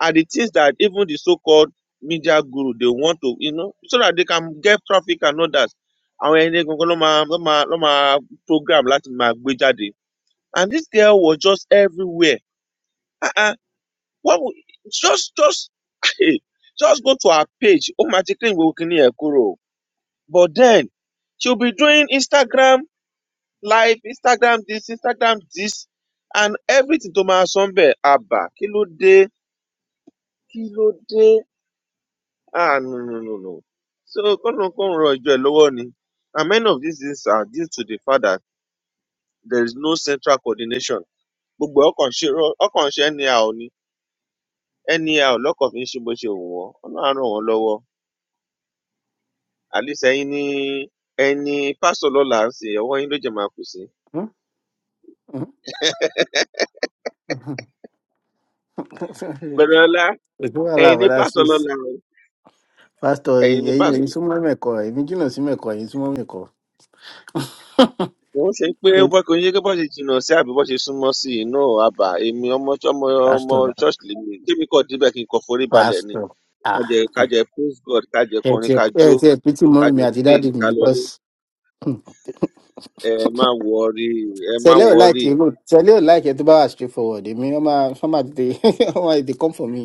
Speaker 9: are the things that even the so-called media guru they want to, you know, so that they can get traffic and others. Àwọn ẹni gangan ló máa ló máa ló máa program láti máa gbé jáde. And this girl was just everywhere. Ah, ah, What we, just just just go to her page. Oh my Ekuro. But then she'll be doing Instagram live, Instagram this, Instagram this, and everything to my sonbe abba. Kilo de kilo de. Ah no no no no. So come on, come on, Joy Lowoni. And many of these things are due to the fact that there is no central coordination. Gbogbo ọkàn ṣe anyhow ni anyhow lọ́kàn fi ń ṣe bó ṣe wù wọ́n. Ọlọ́run á ràn wọ́n lọ́wọ́. at least ẹ̀yin ni ẹ̀yin ni pásítọ̀ lọ́la ń sìn ọwọ́ yín ló jẹ̀ máa kù sí.
Speaker 2: Hmm? Hmm?
Speaker 9: bẹ̀rẹ̀ ọlá
Speaker 2: ètò wà
Speaker 9: ẹ̀yin ni
Speaker 2: láàbàdà
Speaker 9: pásítọ̀
Speaker 2: sí
Speaker 9: lọ́la o
Speaker 2: Pastor,
Speaker 9: ẹ̀yin ni
Speaker 2: ẹ̀yin lè
Speaker 9: pásítọ̀ lọ́la.
Speaker 2: súnmọ́ mẹ́kọ, èmi jìnnà sí mẹ́kọ, ẹ̀yin súnmọ́ mẹ́kọ.
Speaker 9: kò ń ṣe pé ó
Speaker 2: Mm.
Speaker 9: bọ́ kò ń ṣe pé bọ́ ṣe jìnnà sí àbí bọ́ ṣe súnmọ́ sí i náà àbá èmi ọmọ ọmọ ọmọ
Speaker 2: Pastor, na-
Speaker 9: church lèmi tèmi kọ̀ débẹ̀ kí n kọ̀ forí balẹ̀ ni
Speaker 2: pastor,
Speaker 9: kájẹ sunmo
Speaker 2: ah,
Speaker 9: si i aba emi omo omo omo church lemi temi ko debe ki n ko fori bale ni kaje kaje praise god kájẹ
Speaker 2: ẹ ti
Speaker 9: kọrin
Speaker 2: ẹ
Speaker 9: kájó
Speaker 2: ti ẹ pítí mọ́ mi
Speaker 9: kájẹ
Speaker 2: àti
Speaker 9: pray
Speaker 2: dáàdi mi
Speaker 9: kálọlé
Speaker 2: because
Speaker 9: ẹ má wọrí ẹ má
Speaker 2: sẹ̀lẹ̀ ò
Speaker 9: wọrí
Speaker 2: láìkì irú sẹ̀lẹ̀ ò láìkì ẹ tó bá wà straight forward èmi wọ́n máa wọ́n máa tètè wọ́n máa tètè come for me.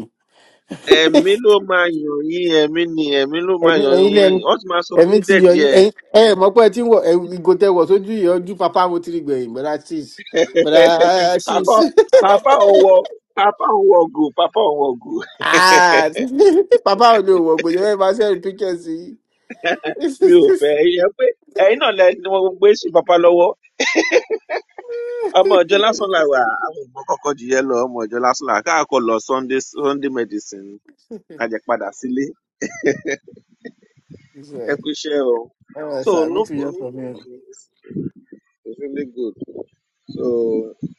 Speaker 9: ẹ̀mí ló máa yàn yín ẹ̀mí ni ẹ̀mí ló máa
Speaker 2: Ẹ̀mí
Speaker 9: yàn
Speaker 2: ẹ̀yin
Speaker 9: yín
Speaker 2: lẹ́nu
Speaker 9: wọ́n ti máa sọ fún
Speaker 2: ẹ̀mí
Speaker 9: yín
Speaker 2: ti yọ yín
Speaker 9: dẹ̀díẹ̀
Speaker 2: ẹ̀yin ẹ̀ mọ̀ pé ẹ ti ń wọ̀ ẹ̀ ìgò tẹ wọ̀ sójú yìí ojú papa mo ti rí gbẹ̀yìn bọ́dá six bọ́dá six
Speaker 9: papa papa ọwọ papa ọwọ gò papa ọwọ gò
Speaker 2: ah papa ò lè wọ̀ gbòjọ́ ẹ̀ máa sẹ́yìn pictures yìí.
Speaker 9: mi ò fẹ yẹ pé ẹyin náà lẹ ni wọn gbé sí papa lọwọ ọmọ ọjọ lásán là wà àwọn ọmọ kọkọ jìyẹ lọ ọmọ ọjọ lásán là wà. káàkó lọ sunday sunday medicine kájẹ padà sílé
Speaker 2: It's
Speaker 9: ẹ
Speaker 2: uh,
Speaker 9: kú iṣẹ o
Speaker 2: oh,
Speaker 9: so
Speaker 2: sir,
Speaker 9: no
Speaker 2: good to hear
Speaker 9: problem.
Speaker 2: from you.
Speaker 9: it's really good so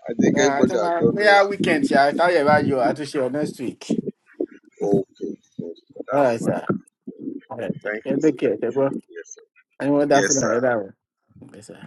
Speaker 9: I think
Speaker 2: Uh, tomorrow, we are weekend, sir. I tell you about you. I to share next week. All right, sir. All right, sir. Yeah, Take care, sir. bro. I want that for another one. Yes, sir.